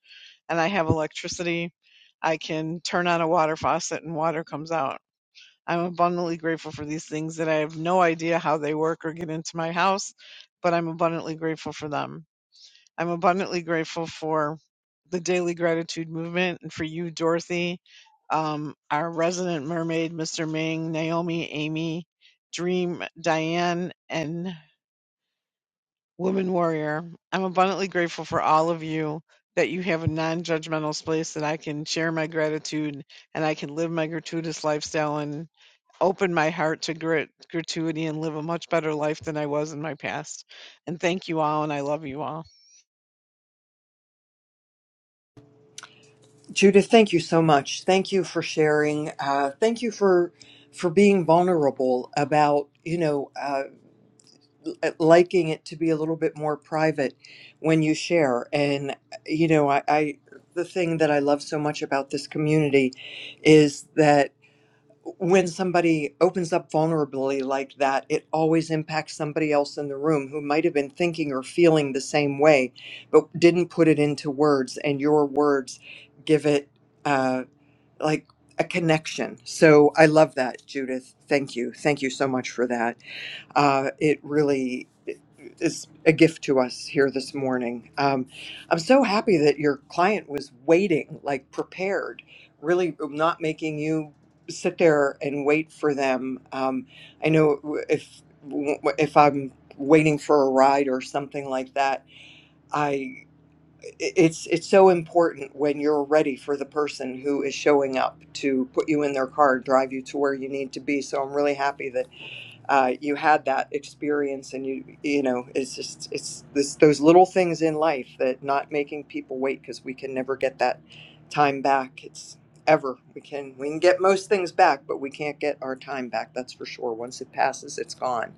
Speaker 7: and I have electricity. I can turn on a water faucet and water comes out. I'm abundantly grateful for these things that I have no idea how they work or get into my house, but I'm abundantly grateful for them. I'm abundantly grateful for the daily gratitude movement and for you, Dorothy, um, our resident mermaid, Mr. Ming, Naomi, Amy, Dream, Diane, and Woman Warrior. I'm abundantly grateful for all of you that you have a non judgmental space that I can share my gratitude and I can live my gratuitous lifestyle and open my heart to grit, gratuity and live a much better life than I was in my past. And thank you all, and I love you all.
Speaker 1: Judith, thank you so much. Thank you for sharing. Uh, thank you for for being vulnerable about you know. Uh, uh, liking it to be a little bit more private when you share. And, uh, you know, I, I the thing that I love so much about this community is that when somebody opens up vulnerably like that, it always impacts somebody else in the room who might have been thinking or feeling the same way, but didn't put it into words. And your words give it uh, like a connection. So I love that, Judith. Thank you. Thank you so much for that. Uh, it really is a gift to us here this morning. Um, I'm so happy that your client was waiting, like prepared, really um, not making you sit there and wait for them. Um, I know if if I'm waiting for a ride or something like that, I it's it's so important when you're ready for the person who is showing up to put you in their car, drive you to where you need to be. So I'm really happy that uh, you had that experience and you you know it's just it's this those little things in life that not making people wait because we can never get that time back it's ever we can we can get most things back but we can't get our time back that's for sure once it passes it's gone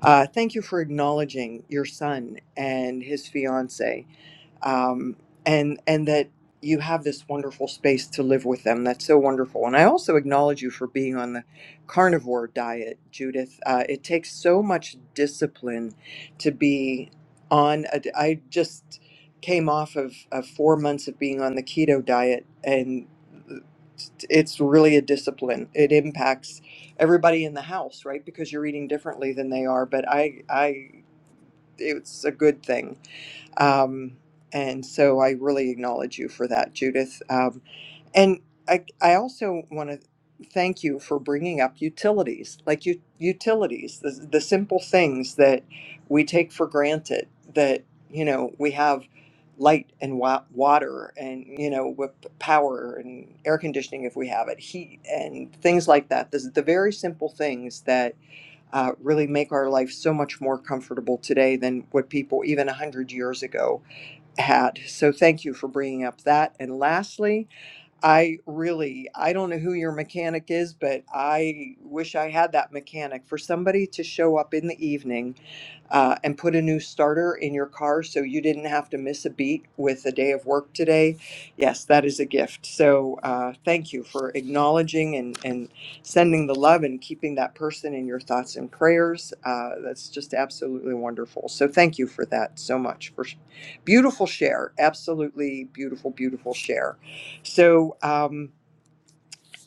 Speaker 1: uh, thank you for acknowledging your son and his fiance um, and and that you have this wonderful space to live with them. That's so wonderful. And I also acknowledge you for being on the carnivore diet, Judith. Uh, it takes so much discipline to be on. A, I just came off of, of four months of being on the keto diet, and it's really a discipline. It impacts everybody in the house, right? Because you're eating differently than they are. But I, I, it's a good thing um, and so I really acknowledge you for that, Judith. Um, and I, I also want to thank you for bringing up utilities, like you, utilities, the, the simple things that we take for granted that, you know, we have light and wa- water and, you know, with power and air conditioning if we have it, heat and things like that. This, the very simple things uh, really make our life so much more comfortable today than what people even 100 years ago had. So, thank you for bringing up that. And lastly, I really, I don't know who your mechanic is, but I wish I had that mechanic for somebody to show up in the evening uh, and put a new starter in your car so you didn't have to miss a beat with a day of work today. Yes, that is a gift. So uh, thank you for acknowledging and, and sending the love and keeping that person in your thoughts and prayers. Uh, that's just absolutely wonderful. So thank you for that so much for sh- beautiful share. Absolutely beautiful, beautiful share. So um,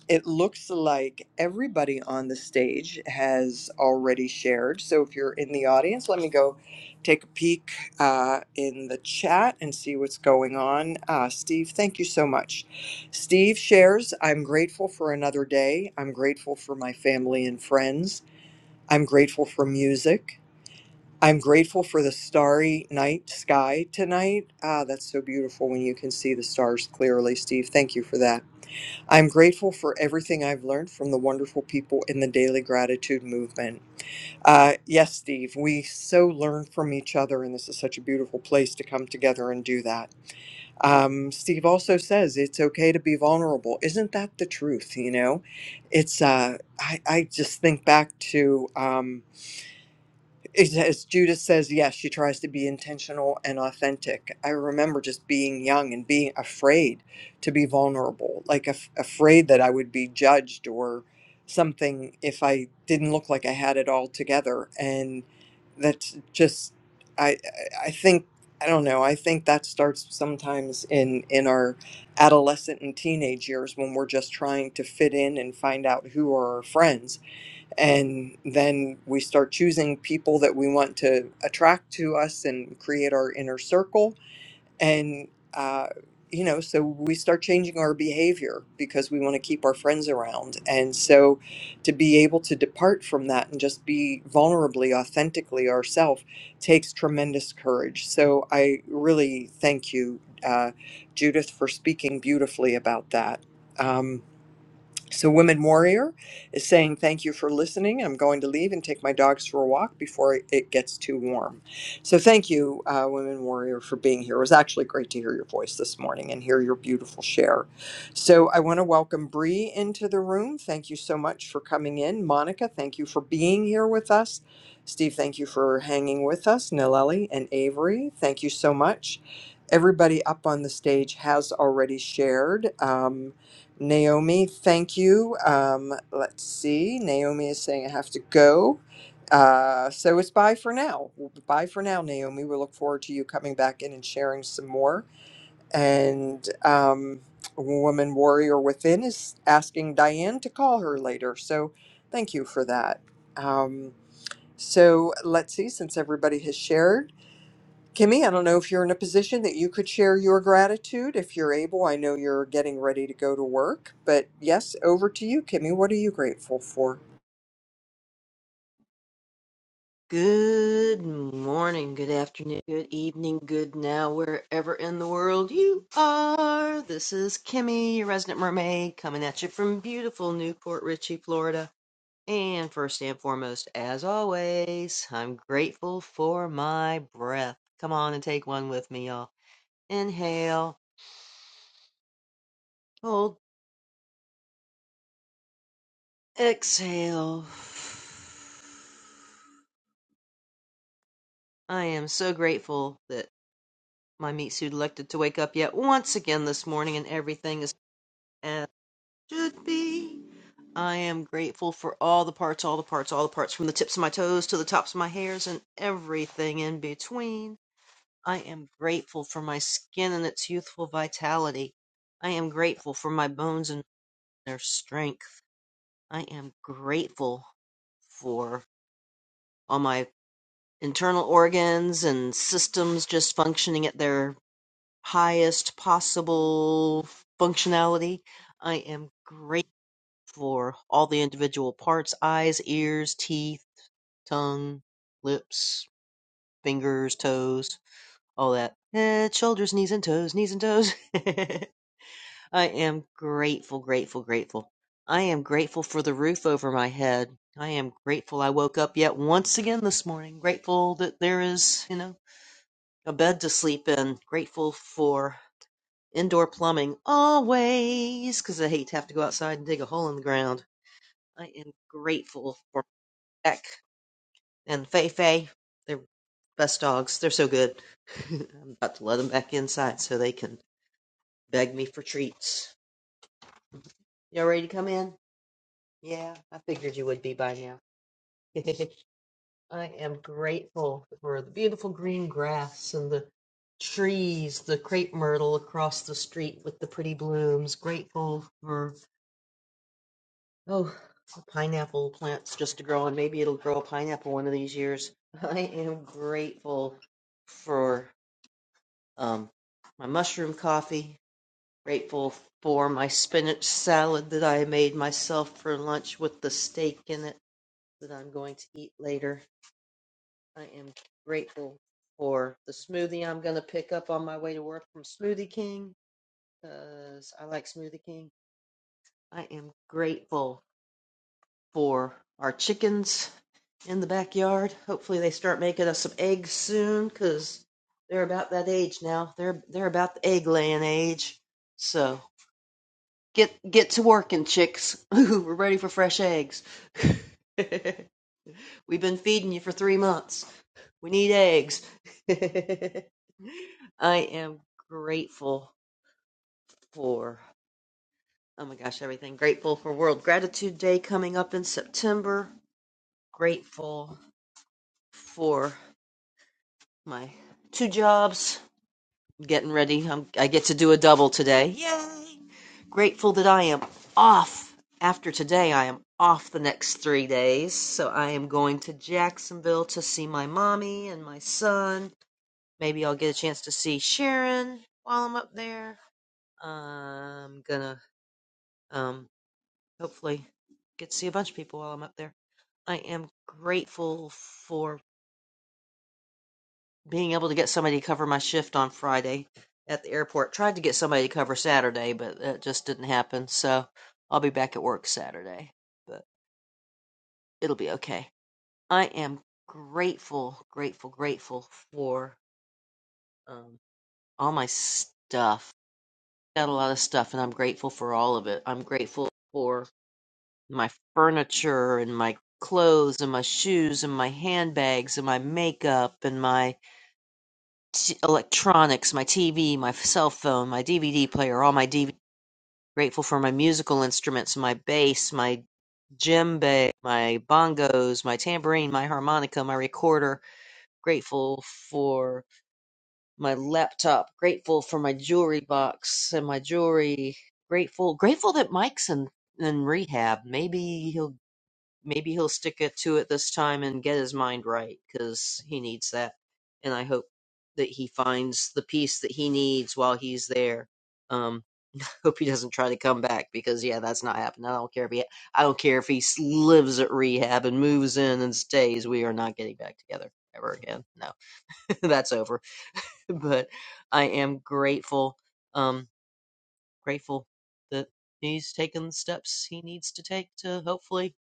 Speaker 1: it looks like everybody on the stage has already shared. So if you're in the audience, let me go take a peek uh, in the chat and see what's going on. Uh, Steve, thank you so much. Steve shares I'm grateful for another day. I'm grateful for my family and friends. I'm grateful for music. I'm grateful for the starry night sky tonight. Ah, that's so beautiful when you can see the stars clearly, Steve. Thank you for that. I'm grateful for everything I've learned from the wonderful people in the daily gratitude movement. Uh, yes, Steve, we so learn from each other, and this is such a beautiful place to come together and do that. Um, Steve also says it's okay to be vulnerable. Isn't that the truth? You know, it's, uh, I, I just think back to. Um, it- As Judith says, yes, she tries to be intentional and authentic. I remember just being young and being afraid to be vulnerable, like af- afraid that I would be judged or something if I didn't look like I had it all together. And that's just, I, I I think, I don't know. I think that starts sometimes in in our adolescent and teenage years when we're just trying to fit in and find out who are our friends and then we start choosing people that we want to attract to us and create our inner circle and uh, you know so we start changing our behavior because we want to keep our friends around and so to be able to depart from that and just be vulnerably authentically ourselves takes tremendous courage so i really thank you uh, judith for speaking beautifully about that um, so, Women Warrior is saying, Thank you for listening. I'm going to leave and take my dogs for a walk before it gets too warm. So, thank you, uh, Women Warrior, for being here. It was actually great to hear your voice this morning and hear your beautiful share. So, I want to welcome Bree into the room. Thank you so much for coming in. Monica, thank you for being here with us. Steve, thank you for hanging with us. Nileli and Avery, thank you so much. Everybody up on the stage has already shared. Um, Naomi, thank you. Um, let's see. Naomi is saying I have to go. Uh, so it's bye for now. Bye for now, Naomi. We look forward to you coming back in and sharing some more. And um, Woman Warrior Within is asking Diane to call her later. So thank you for that. Um, so let's see, since everybody has shared. Kimmy, I don't know if you're in a position that you could share your gratitude if you're able. I know you're getting ready to go to work, but yes, over to you, Kimmy. What are you grateful for?
Speaker 10: Good morning, good afternoon, good evening, good now, wherever in the world you are. This is Kimmy, your resident mermaid, coming at you from beautiful Newport Richey, Florida. And first and foremost, as always, I'm grateful for my breath. Come on and take one with me, y'all. Inhale, hold, exhale. I am so grateful that my meat suit elected to wake up yet once again this morning and everything is as should be. I am grateful for all the parts, all the parts, all the parts, from the tips of my toes to the tops of my hairs and everything in between. I am grateful for my skin and its youthful vitality. I am grateful for my bones and their strength. I am grateful for all my internal organs and systems just functioning at their highest possible functionality. I am grateful. for all the individual parts eyes, ears, teeth, tongue, lips, fingers, toes, all that. Head, shoulders, knees, and toes, knees and toes. <laughs> I am grateful, grateful, grateful. I am grateful for the roof over my head. I am grateful I woke up yet once again this morning. Grateful that there is, you know, a bed to sleep in. Grateful for indoor plumbing always, 'cause I hate to have to go outside and dig a hole in the ground. I am grateful for my back. and Fei Fei. They're best dogs. They're so good. <laughs> I'm about to let them back inside so they can beg me for treats. Y'all ready to come in? Yeah, I figured you would be by now. <laughs> I am grateful for the beautiful green grass and the trees, the crepe myrtle across the street with the pretty blooms. Grateful for, oh, pineapple plants just to grow, and maybe it'll grow a pineapple one of these years. <laughs> I am grateful for. um, my mushroom coffee. Grateful for my spinach salad that I made myself for lunch with the steak in it that I'm going to eat later. I am grateful for the smoothie I'm going to pick up on my way to work from Smoothie King because I like Smoothie King. I am grateful for our chickens in the backyard. Hopefully they start making us some eggs soon because they're about that age now. They're they're about the egg laying age. So Get get to working, chicks. <laughs> We're ready for fresh eggs. <laughs> We've been feeding you for three months. We need eggs. <laughs> I am grateful for, oh my gosh, everything. Grateful for World Gratitude Day coming up in September. Grateful for my two jobs. Getting ready. I'm, I get to do a double today. Yay! Grateful that I am off. After today, I am off the next three days. So I am going to Jacksonville to see my mommy and my son. Maybe I'll get a chance to see Sharon while I'm up there. Uh, I'm gonna um, hopefully get to see a bunch of people while I'm up there. I am grateful for. being able to get somebody to cover my shift on Friday at the airport. Tried to get somebody to cover Saturday, but that just didn't happen. So I'll be back at work Saturday, but it'll be okay. I am grateful, grateful, grateful for um, all my stuff. Got a lot of stuff, and I'm grateful for all of it. I'm grateful for my furniture and my clothes and my shoes and my handbags and my makeup and my t- electronics, my TV, my cell phone, my DVD player, all my DVD. Grateful for my musical instruments, my bass, my djembe, my bongos, my tambourine, my harmonica, my recorder. Grateful for my laptop. Grateful for my jewelry box and my jewelry. Grateful, grateful that Mike's in in rehab. Maybe he'll maybe he'll stick it to it this time and get his mind right because he needs that. And I hope that he finds the peace that he needs while he's there. Um, <laughs> hope he doesn't try to come back because yeah, that's not happening. I don't care if he, I don't care if he s- lives at rehab and moves in and stays. We are not getting back together ever again. No, <laughs> that's over. But I am grateful, um, grateful that he's taken the steps he needs to take to hopefully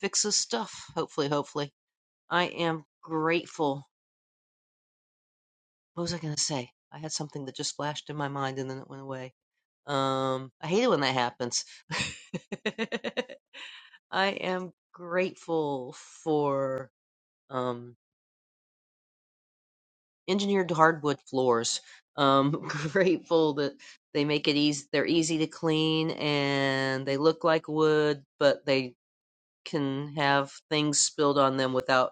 Speaker 10: fix his stuff. Hopefully, hopefully. I am grateful. What was I going to say? I had something that just flashed in my mind and then it went away. Um, I hate it when that happens. <laughs> I am grateful for um, engineered hardwood floors. Um, <laughs> grateful that they make it easy. They're easy to clean and they look like wood, but they can have things spilled on them without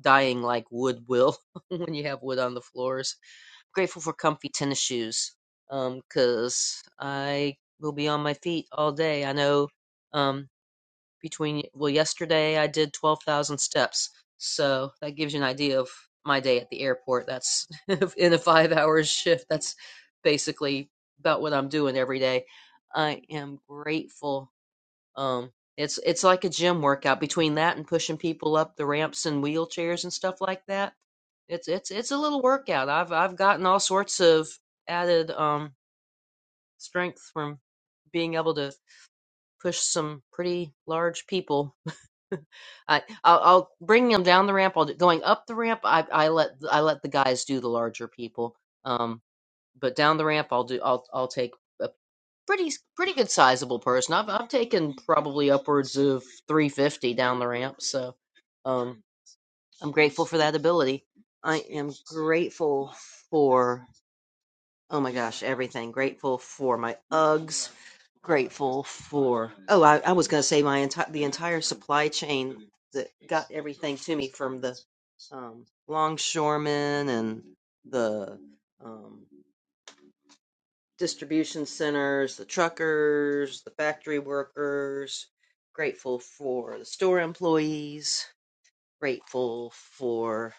Speaker 10: dying like wood will <laughs> when you have wood on the floors grateful for comfy tennis shoes um, because I will be on my feet all day. I know um, between, well, yesterday I did 12,000 steps. So that gives you an idea of my day at the airport. That's <laughs> in a five hour shift. That's basically about what I'm doing every day. I am grateful um, it's it's like a gym workout between that and pushing people up the ramps and wheelchairs and stuff like that. It's it's it's a little workout. I've I've gotten all sorts of added um strength from being able to push some pretty large people. I I'll, I'll bring them down the ramp. I'll do, going up the ramp. I I let I let the guys do the larger people. Um, but down the ramp, I'll do I'll I'll take. a pretty pretty good sizable person. I've I've taken probably upwards of 350 down the ramp, so um I'm grateful for that ability. I am grateful for oh my gosh, everything. Grateful for my Uggs, grateful for Oh, I, I was going to say my entire the entire supply chain that got everything to me from the um longshoremen and the um distribution centers, the truckers, the factory workers, grateful for the store employees, grateful for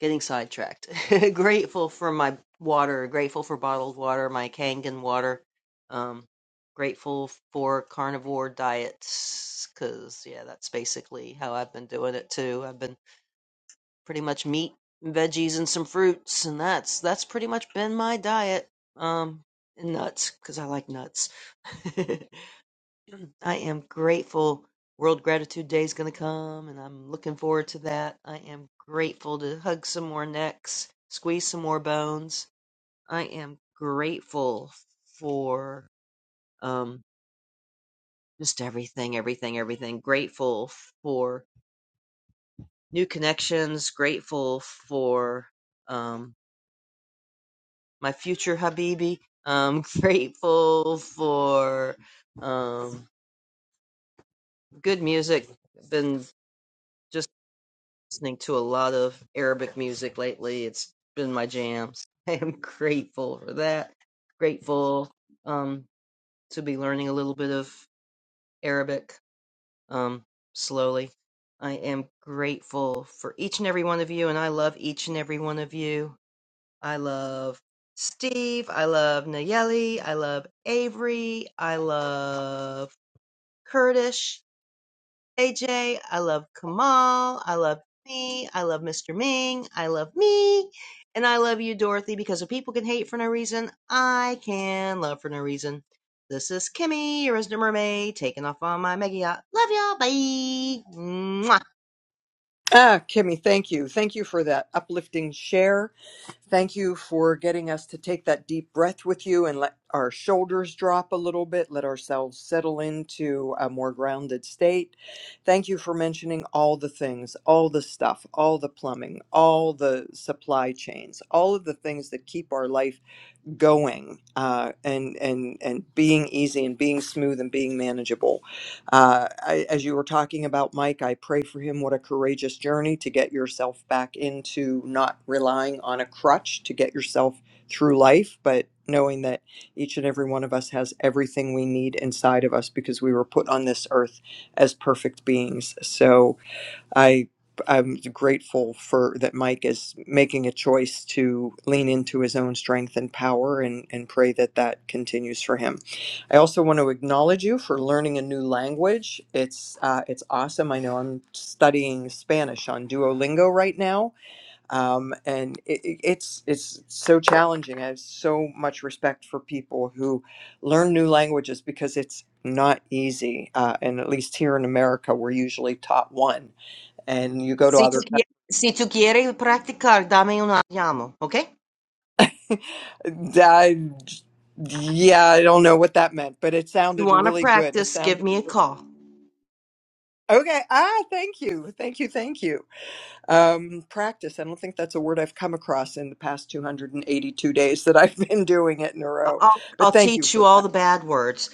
Speaker 10: getting sidetracked, <laughs> grateful for my water, grateful for bottled water, my Kangen water, um, grateful for carnivore diets, because, yeah, that's basically how I've been doing it too. I've been pretty much meat and veggies and some fruits and that's that's pretty much been my diet um and nuts because i like nuts <laughs> i am grateful world gratitude day is going to come and i'm looking forward to that i am grateful to hug some more necks squeeze some more bones i am grateful for um just everything everything everything grateful for new connections grateful for um my future Habibi. I'm <laughs> grateful for um, good music. Been just listening to a lot of Arabic music lately. It's been my jams. <laughs> I am grateful for that. Grateful um, to be learning a little bit of Arabic um, slowly. I am grateful for each and every one of you, and I love each and every one of you. I love Steve. I love Nayeli. I love Avery. I love Kurdish. AJ. I love Kamal. I love me. I love Mr. Ming. I love me. And I love you, Dorothy, because if people can hate for no reason, I can love for no reason. This is Kimmy, your resident mermaid, taking off on my mega yacht. Love y'all. Bye. Mwah.
Speaker 1: Ah, Kimmy, thank you. Thank you for that uplifting share. Thank you for getting us to take that deep breath with you and let our shoulders drop a little bit, let ourselves settle into a more grounded state. Thank you for mentioning all the things, all the stuff, all the plumbing, all the supply chains, all of the things that keep our life going uh, and and and being easy and being smooth and being manageable. Uh, I, as you were talking about Mike, I pray for him. What a courageous journey to get yourself back into not relying on a crutch to get yourself through life, but knowing that each and every one of us has everything we need inside of us because we were put on this earth as perfect beings. So I I'm grateful for that Mike is making a choice to lean into his own strength and power and and pray that that continues for him. I also want to acknowledge you for learning a new language. It's uh, it's awesome. I know I'm studying Spanish on Duolingo right now, um, and it, it- it's it's so challenging. I have so much respect for people who learn new languages because it's not easy. Uh, and at least here in America, we're usually taught one and you go to
Speaker 10: Si tu,
Speaker 1: other
Speaker 10: qui- si tu quieres practicar, dame un llamo, okay?
Speaker 1: I, yeah i don't know what that meant but it
Speaker 10: you
Speaker 1: sounded
Speaker 10: want to
Speaker 1: really good it
Speaker 10: practice, give
Speaker 1: sounded
Speaker 10: me a
Speaker 1: really
Speaker 10: call.
Speaker 1: okay ah thank you thank you thank you um practice i don't think that's a word i've come across in the past 282 days that i've been doing it in a
Speaker 10: I-
Speaker 1: row
Speaker 10: I'll,
Speaker 1: but
Speaker 10: I'll
Speaker 1: thank you
Speaker 10: teach
Speaker 1: for
Speaker 10: you
Speaker 1: that
Speaker 10: all the bad words.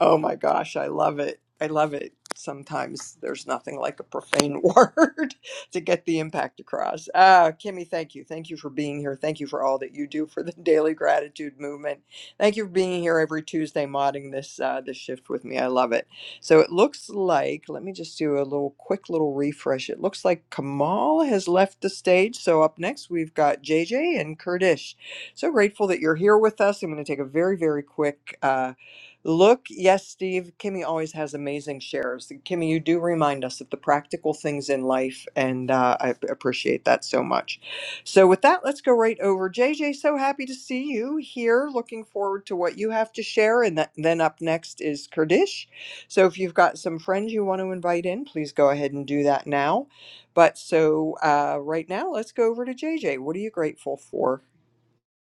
Speaker 1: Oh my gosh, I love it. I love it. Sometimes there's nothing like a profane <laughs> word to get the impact across. Ah, Kimmy, thank you. Thank you for being here. Thank you for all that you do for the <laughs> daily gratitude movement. Thank you for being here every Tuesday modding this uh, this shift with me. I love it. So it looks like let me just do a little quick little refresh. It looks like Kamal has left the stage. So up next we've got JJ and Kurdish. So grateful that you're here with us. I'm going to take a very very quick. uh, Look, yes, Steve, Kimmy always has amazing shares. Kimmy, you do remind us of the practical things in life, and uh, I ap- appreciate that so much. So, with that, let's go right over. JJ, so happy to see you here. Looking forward to what you have to share. And that, then up next is Kurdish. So, if you've got some friends you want to invite in, please go ahead and do that now. But so, uh, right now, let's go over to JJ. What are you grateful for?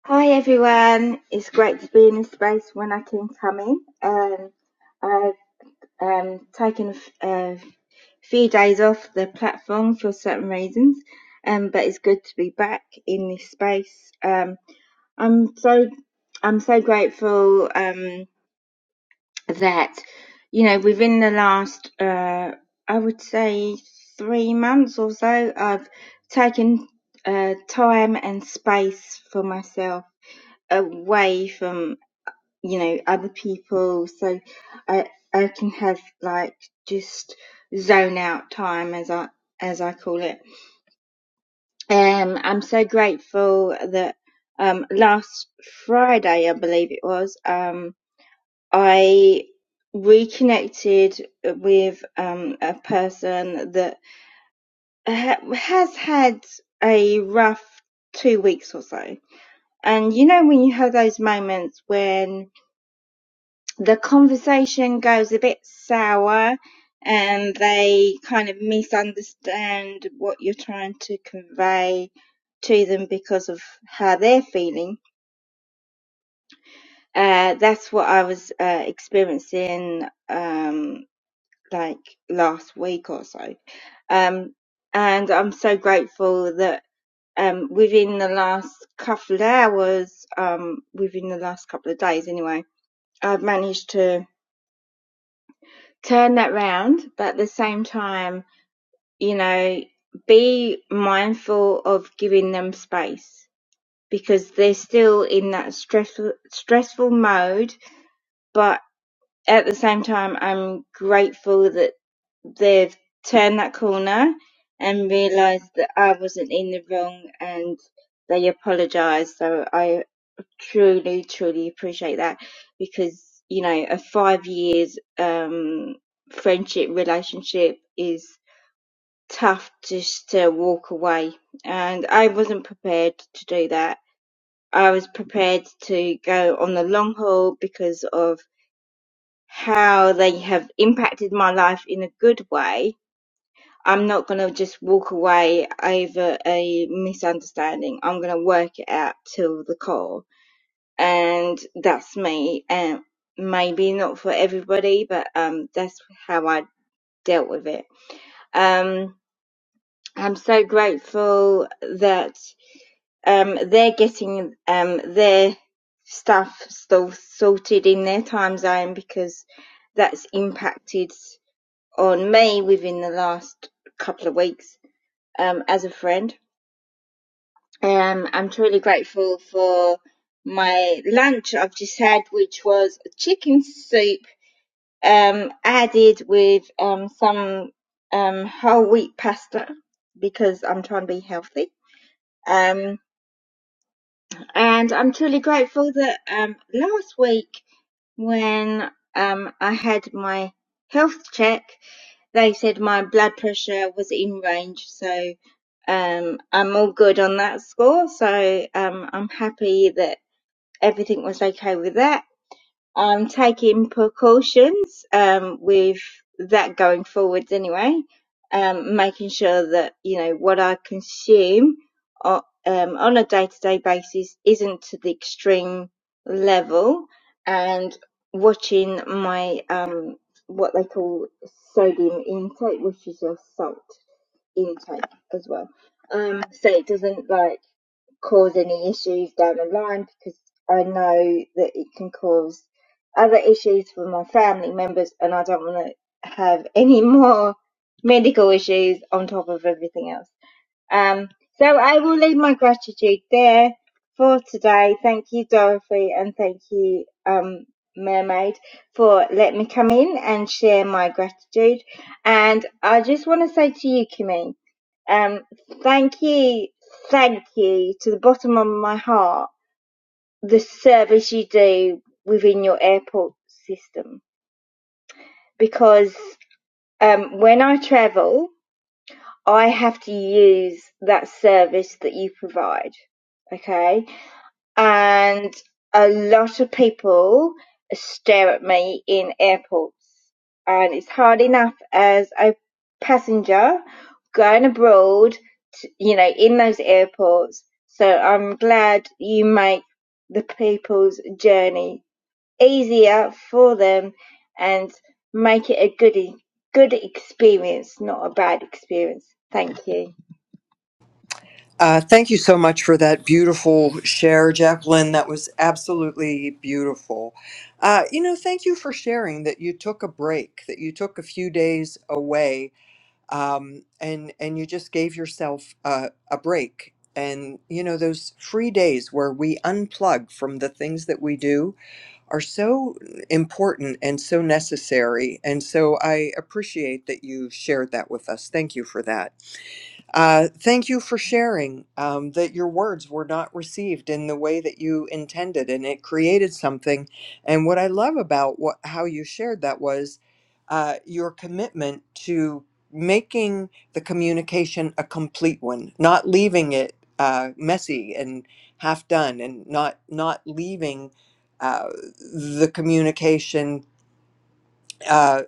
Speaker 11: Hi everyone, it's great to be in this space when I can come in. Um, I've um, taken a f- a few days off the platform for certain reasons, um, but it's good to be back in this space. Um, I'm so I'm so grateful um, that you know within the last uh, I would say three months or so, I've taken uh, time and space for myself away from you know other people so i i can have like just zone out time as i as i call it um i'm so grateful that um last friday i believe it was um i reconnected with um a person that ha- has had a rough two weeks or so and you know when you have those moments when the conversation goes a bit sour and they kind of misunderstand what you're trying to convey to them because of how they're feeling. Uh, that's what I was uh, experiencing um, like last week or so. Um, and I'm so grateful that um, within the last couple of hours, um, within the last couple of days anyway, I've managed to turn that round, but at the same time, you know, be mindful of giving them space because they're still in that stressful stressful mode, but at the same time I'm grateful that they've turned that corner and realized that I wasn't in the wrong and they apologized. So I truly, truly appreciate that because you know a five years um, friendship relationship is tough just to walk away, and I wasn't prepared to do that. I was prepared to go on the long haul because of how they have impacted my life in a good way. I'm not going to just walk away over a misunderstanding. I'm going to work it out till the core and that's me. And maybe not for everybody, but um, that's how I dealt with it. Um, I'm so grateful that um, they're getting um, their stuff still sorted in their time zone because that's impacted on me within the last couple of weeks um, as a friend. Um, I'm truly grateful for my lunch I've just had, which was chicken soup um, added with um, some um, whole wheat pasta because I'm trying to be healthy. Um, and I'm truly grateful that um, last week when um, I had my health check, they said my blood pressure was in range. So um, I'm all good on that score. So um, I'm happy that everything was okay with that um, taking precautions um, with that going forwards anyway, um, making sure that you know what I consume o- um, on a day-to-day basis isn't to the extreme level, and watching my um, what they call sodium intake, which is your salt intake as well, um, so it doesn't like cause any issues down the line because I know that it can cause other issues for my family members, and I don't want to have any <laughs> more medical issues on top of everything else. Um, so I will leave my gratitude there for today. Thank you, Dorothy, and thank you, um, Mermaid, for letting me come in and share my gratitude. And I just want to say to you, Kimmy, um, thank you, thank you to the bottom of my heart, the service you do within your airport system. Because um, when I travel, I have to use that service that you provide. Okay. And a lot of people stare at me in airports. And it's hard enough as a passenger going abroad, to, you know, in those airports. So I'm glad you make the people's journey easier for them and make it a good e- good experience, not a bad experience. Thank you.
Speaker 1: Uh, thank you so much for that beautiful share, Jacqueline. That was absolutely beautiful. Uh, you know, thank you for sharing that you took a break, that you took a few days away, um, and and you just gave yourself a, a break. And you know, those free days where we unplug from the things that we do are so important and so necessary. And so I appreciate that you shared that with us. Thank you for that. Uh, thank you for sharing um, that your words were not received in the way that you intended, and it created something. And what I love about what how you shared that was uh, your commitment to making the communication a complete one, not leaving it uh, messy and half done, and not not leaving uh, the communication. uh,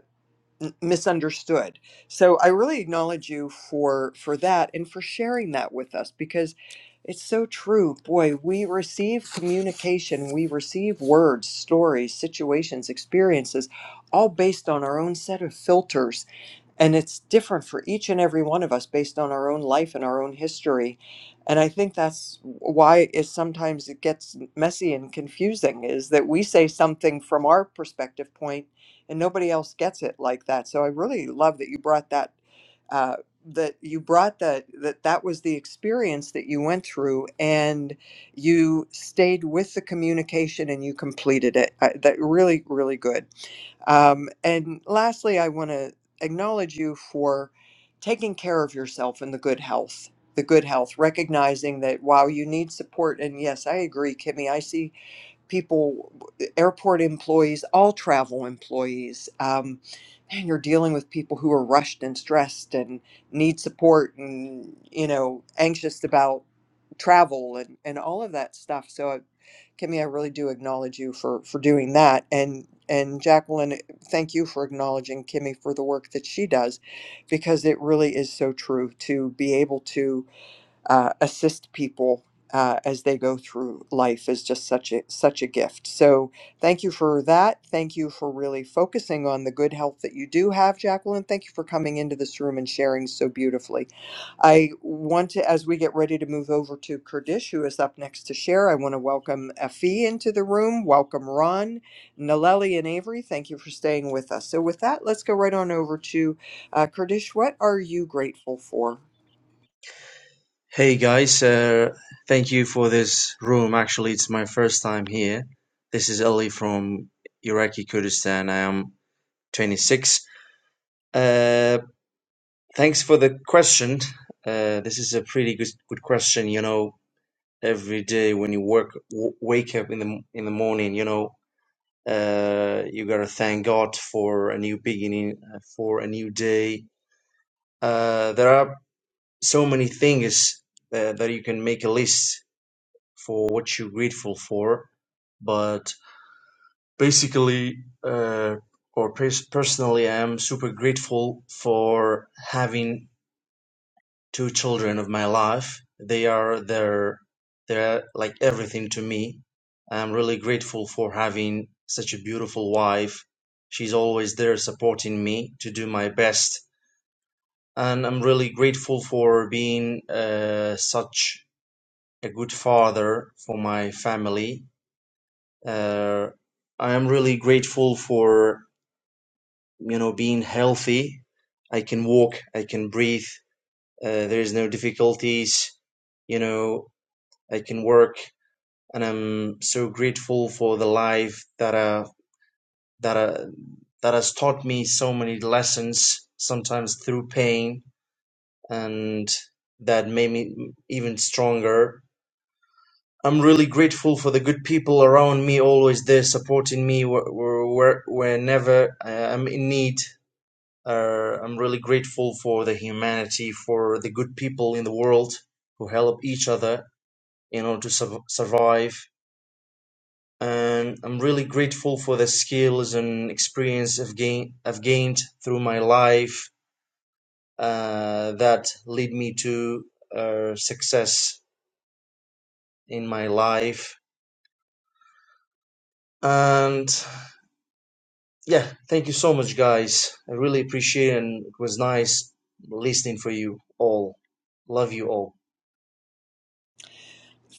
Speaker 1: m- misunderstood. So I really acknowledge you for for that and for sharing that with us because it's so true. Boy, we receive communication, we receive words, stories, situations, experiences all based on our own set of filters and it's different for each and every one of us based on our own life and our own history and i think that's why is sometimes it gets messy and confusing is that we say something from our perspective point and nobody else gets it like that so i really love that you brought that uh, that you brought that that that was the experience that you went through and you stayed with the communication and you completed it I, that really really good um, and lastly, I want to acknowledge you for taking care of yourself and the good health. The good health, recognizing that wow, you need support. And yes, I agree, Kimmy. I see people, airport employees, all travel employees. Um, man, you're dealing with people who are rushed and stressed and need support and, you know, anxious about travel and, and all of that stuff. So, I- Kimmy, I really do acknowledge you for, for doing that. And, and Jacqueline, thank you for acknowledging Kimmy for the work that she does, because it really is so true to be able to uh, assist people uh, as they go through life is just such a such a gift. So thank you for that. Thank you for really focusing on the good health that you do have, Jacqueline. Thank you for coming into this room and sharing so beautifully. I want to, as we get ready to move over to Kurdish, who is up next to share, I want to welcome Afi into the room. Welcome Ron, Naleli, and Avery. Thank you for staying with us. So with that, let's go right on over to uh, Kurdish. What are you grateful for?
Speaker 12: Hey guys, uh, thank you for this room. Actually, it's my first time here. This is Ali from Iraqi Kurdistan. I am 26. Uh, thanks for the question. Uh, this is a pretty good good question. You know, every day when you work, w- wake up in the m- in the morning, you know, uh, you gotta thank God for a new beginning, uh, for a new day. Uh, there are so many things uh, that you can make a list for what you're grateful for. But basically, uh, or pers- personally, I'm super grateful for having two children of my life. They are their they're like everything to me. I'm really grateful for having such a beautiful wife. She's always there supporting me to do my best. And I'm really grateful for being uh, such a good father for my family Uh, I am really grateful for you know being healthy. I can walk, I can breathe. Uh, there is no difficulties. You know, I can work, and I'm so grateful for the life that uh, that uh, that has taught me so many lessons. Sometimes through pain, and that made me even stronger I'm really grateful for the good people around me, always there supporting me wh- wh- wh- whenever uh, I'm in need. Uh, I'm really grateful for the humanity, for the good people in the world who help each other in order to su- survive. And I'm really grateful for the skills and experience I've, gain- I've gained through my life uh, that lead me to uh, success in my life. And yeah, thank you so much, guys. I really appreciate it, and it was nice listening for you all. Love you all.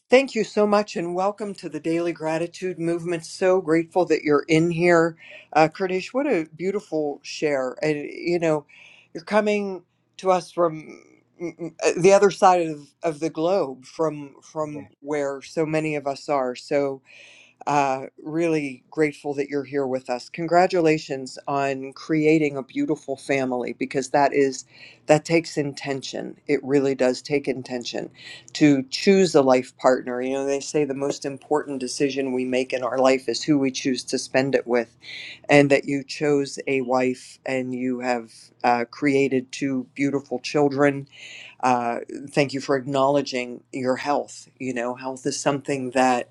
Speaker 1: Thank you so much, and welcome to the Daily Gratitude Movement. So grateful that you're in here, uh, Kurdish. What a beautiful share! And you know, you're coming to us from mm, mm, uh, the other side of, of the globe, from
Speaker 12: Yeah,
Speaker 1: from where so many of us are. So uh, really grateful that you're here with us. Congratulations on creating a beautiful family because that is that takes intention. It really does take intention to choose a life partner. You know, they say the most important decision we make in our life is who we choose to spend it with, and that you chose a wife and you have uh, created two beautiful children. Uh, thank you for acknowledging your health. You know, health is something that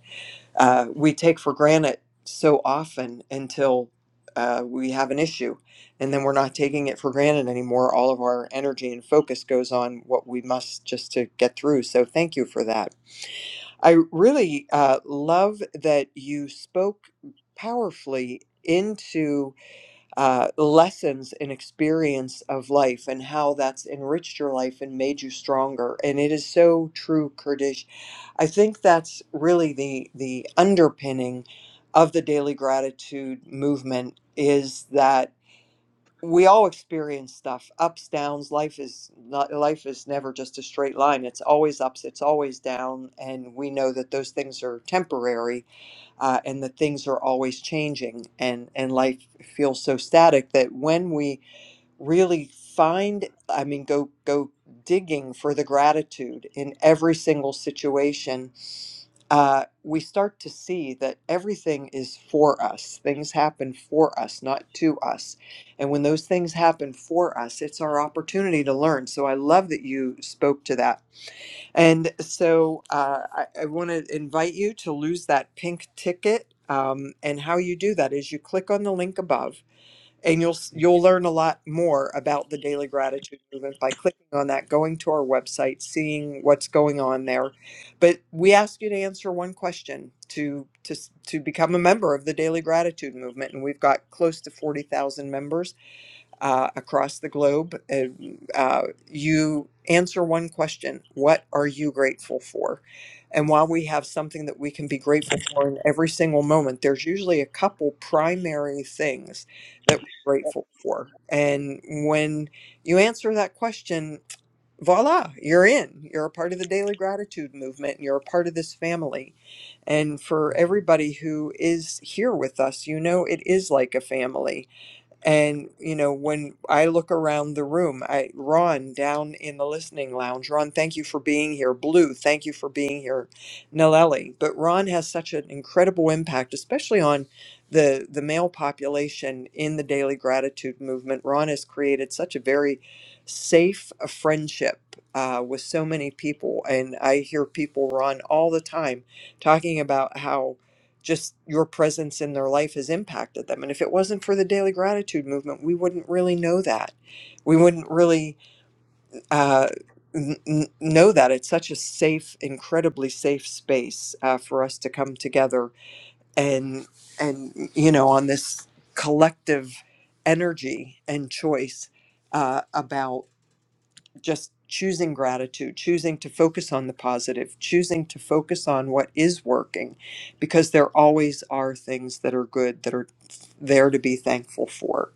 Speaker 1: uh, we take for granted so often until uh, we have an issue. And then we're not taking it for granted anymore. All of our energy and focus goes on what we must just to get through. So thank you for that. I really uh, love that you spoke powerfully into uh, lessons and experience of life and how that's enriched your life and made you stronger. And it is so true, Kurdish. I think that's really the the underpinning of the daily gratitude movement is that we all experience stuff ups downs life is not life is never just a straight line it's always ups it's always down and we know that those things are temporary uh, and that things are always changing and and life feels so static that when we really find i mean go go digging for the gratitude in every single situation uh, we start to see that everything is for us things happen for us not to us and when those things happen for us it's our opportunity to learn so i love that you spoke to that and so uh, I, I want to invite you to lose that pink ticket. Um, and how you do that is you click on the link above, and you'll s-
Speaker 12: yeah,
Speaker 1: you'll learn a lot more about the Daily Gratitude Movement by clicking on that, going to our website, seeing what's going on there. But we ask you to answer one question to to s- to become a member of the Daily Gratitude Movement, and we've got close to forty thousand members uh, across the globe. And, uh, you answer one question What are you grateful for? And while we have something that we can be grateful for in every single moment, there's usually a couple primary things that we're grateful for. And when you answer that question, voila, you're in. You're a part of the daily gratitude movement. and You're a part of this family. And for everybody who is here with us, you know it is like a family and you know, when I look around the room, I Ron down in the listening lounge. Ron, thank you for being here. Blue, thank you for being here. Nalelli, but Ron has such an incredible impact, especially on the the male population in the daily gratitude movement. Ron has created such a very safe uh, friendship uh, with so many people, and I hear people Ron all the time talking about how just your presence in their life has impacted them. And if it wasn't for the daily gratitude movement, we wouldn't really know that. We wouldn't really uh, n- n- know that. It's such a safe, incredibly safe space uh, for us to come together and and you know on this collective energy and choice uh, about just choosing gratitude, choosing to focus on the positive, choosing to focus on what is working, because there always are things that are good that are there to be thankful for.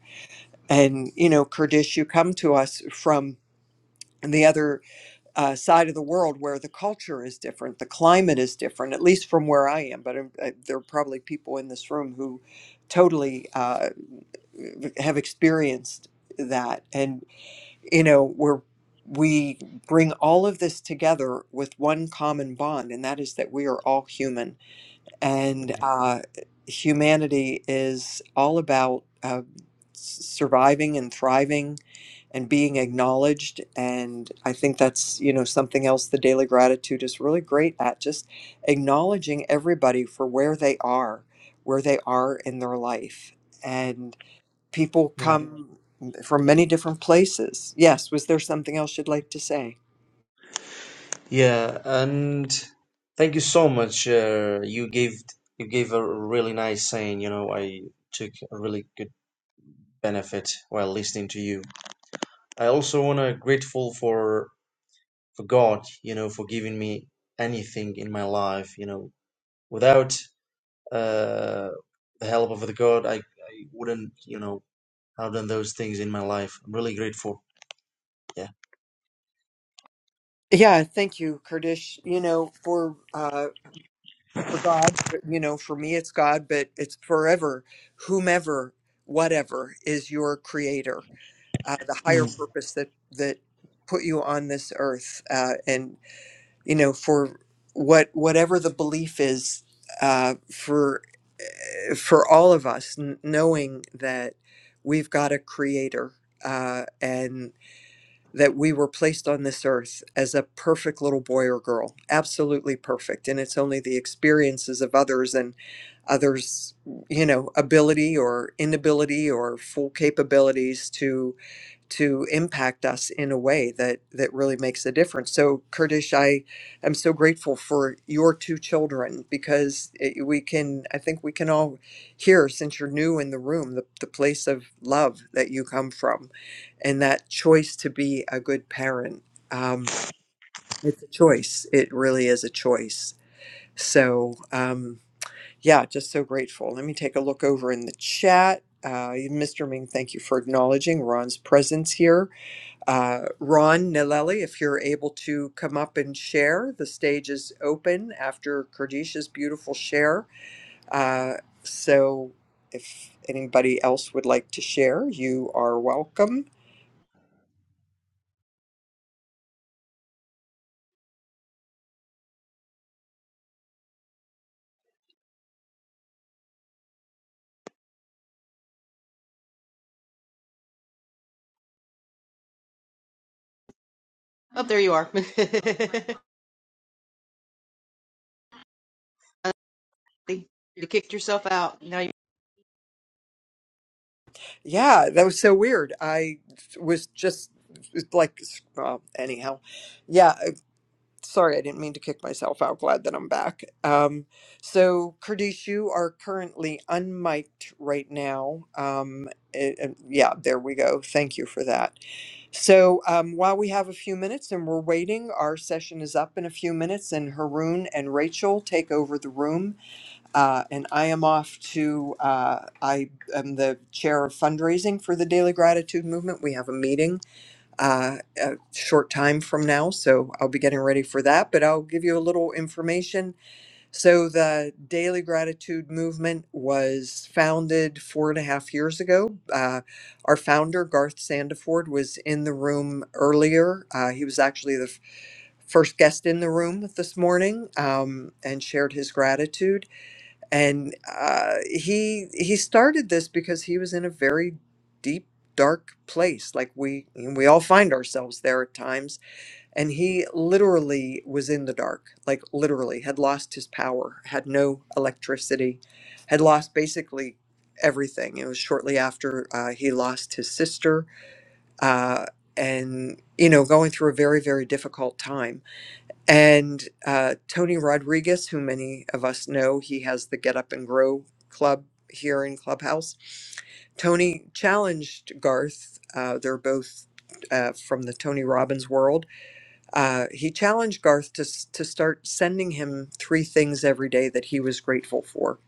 Speaker 1: And, you know, Kurdish, you come to us from the other uh, side of the world where the culture is different, the climate is different, at least from where I am. But um, uh, there are probably people in this room who totally uh, have experienced that you know where we bring all of this together with one common bond and that is that we are all human and
Speaker 12: yeah.
Speaker 1: uh, humanity is all about uh, s- surviving and thriving and being acknowledged and i think that's you know something else the daily gratitude is really great at just acknowledging everybody for where they are where they are in their life People
Speaker 12: yeah.
Speaker 1: come from many different places. Yes, was there something else you'd like to say?
Speaker 12: Yeah, and thank you so much. Uh, you gave you gave a really nice saying. You know, I took a really good benefit while listening to you. I also wanna grateful for for God. You know, for giving me anything in my life. You know, without uh, the help of the God, I, I wouldn't. You know I've done those things in my life. I'm really grateful. Yeah.
Speaker 1: Yeah, thank you, Kurdish. You know, for uh, for God, you know, for me it's God, but it's forever, whomever, whatever is your creator, uh, the higher
Speaker 12: Mm.
Speaker 1: purpose that that put you on this earth, uh, and you know, for what whatever the belief is, uh, for for all of us, n- knowing that we've got a creator uh, and that we were placed on this earth as a perfect little boy or girl, absolutely perfect. And it's only the experiences of others and others, you know, ability or inability or full capabilities to to impact us in a way that that really makes a difference. So Kurdish, I am so grateful for your two children because it, we can I think we can all hear since you're new in the room the, the place of love that you come from and that choice to be a good parent. Um, it's a choice. It really is a choice. So um, yeah, just so grateful. Let me take a look over in the chat. Uh, Mr. Ming, thank you for acknowledging Ron's presence here. Uh, Ron Nileli, if you're able to come up and share, the stage is open after Kardisha's beautiful share. Uh, so if anybody else would like to share, you are welcome.
Speaker 10: <laughs> oh, there you are. <laughs> Dorothy, you kicked yourself out. Now you.
Speaker 1: Yeah, that was so weird. I was just it's like, well, anyhow, yeah. sorry, I didn't mean to kick myself out. Glad that I'm back. Um, so, Kurdish, you are currently unmiked right now. Um, it- it- yeah, there we go. Thank you for that. So, um, while we have a few minutes and we're waiting, our session is up in a few minutes, and Haroon and Rachel take over the room. Uh, and I am off to, uh, I am the chair of fundraising for the Daily Gratitude Movement. We have a meeting uh, a short time from now, so I'll be getting ready for that. But I'll give you a little information. So, the Daily Gratitude Movement was founded four and a half years ago. Uh, our founder, Garth Sandiford, was in the room earlier. Uh, he was actually the f- first guest in the room this morning um, and shared his gratitude and uh, he he started this because he was in a very deep dark place like we we all find ourselves there at times and he literally was in the dark like literally had lost his power had no electricity had lost basically everything it was shortly after uh, he lost his sister uh, and you know going through a very very difficult time and uh, Tony Rodriguez, who many of us know, he has the Get Up and Grow Club here in Clubhouse. Tony challenged Garth. Uh, they're both uh, from the Tony Robbins world. Uh, he challenged Garth to, s- to start sending him three things every day that he was grateful for.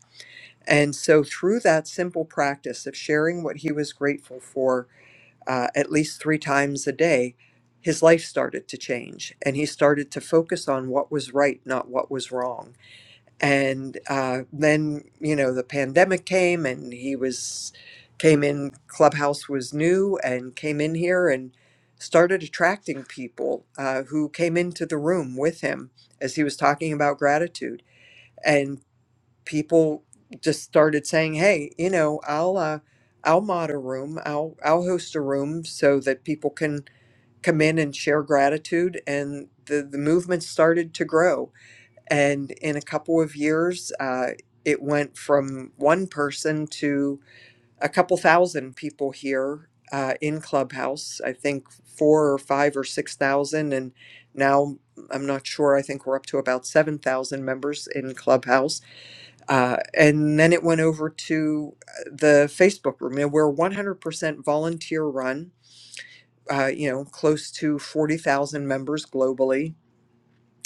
Speaker 1: And so, through that simple practice of sharing what he was grateful for uh, at least three times a day, his life started to change and he started to focus on what was right, not what was wrong. And uh, then, you know, the pandemic came and he was, came in, Clubhouse was new and came in here and started attracting people uh, who came into the room with him as he was talking about gratitude. and people just started saying, "Hey, you know, I'll uh, I'll mod a room, I'll I'll host a room so that people can come in and share gratitude." And the the movement started to grow. And in a couple of years, uh, it went from one person to a couple thousand people here. Uh, in Clubhouse, I think four or five or six thousand, and now I'm not sure. I think we're up to about seven thousand members in Clubhouse uh, and then it went over to uh, the Facebook room. And we're 100% volunteer run, uh, you know, close to 40,000 members globally.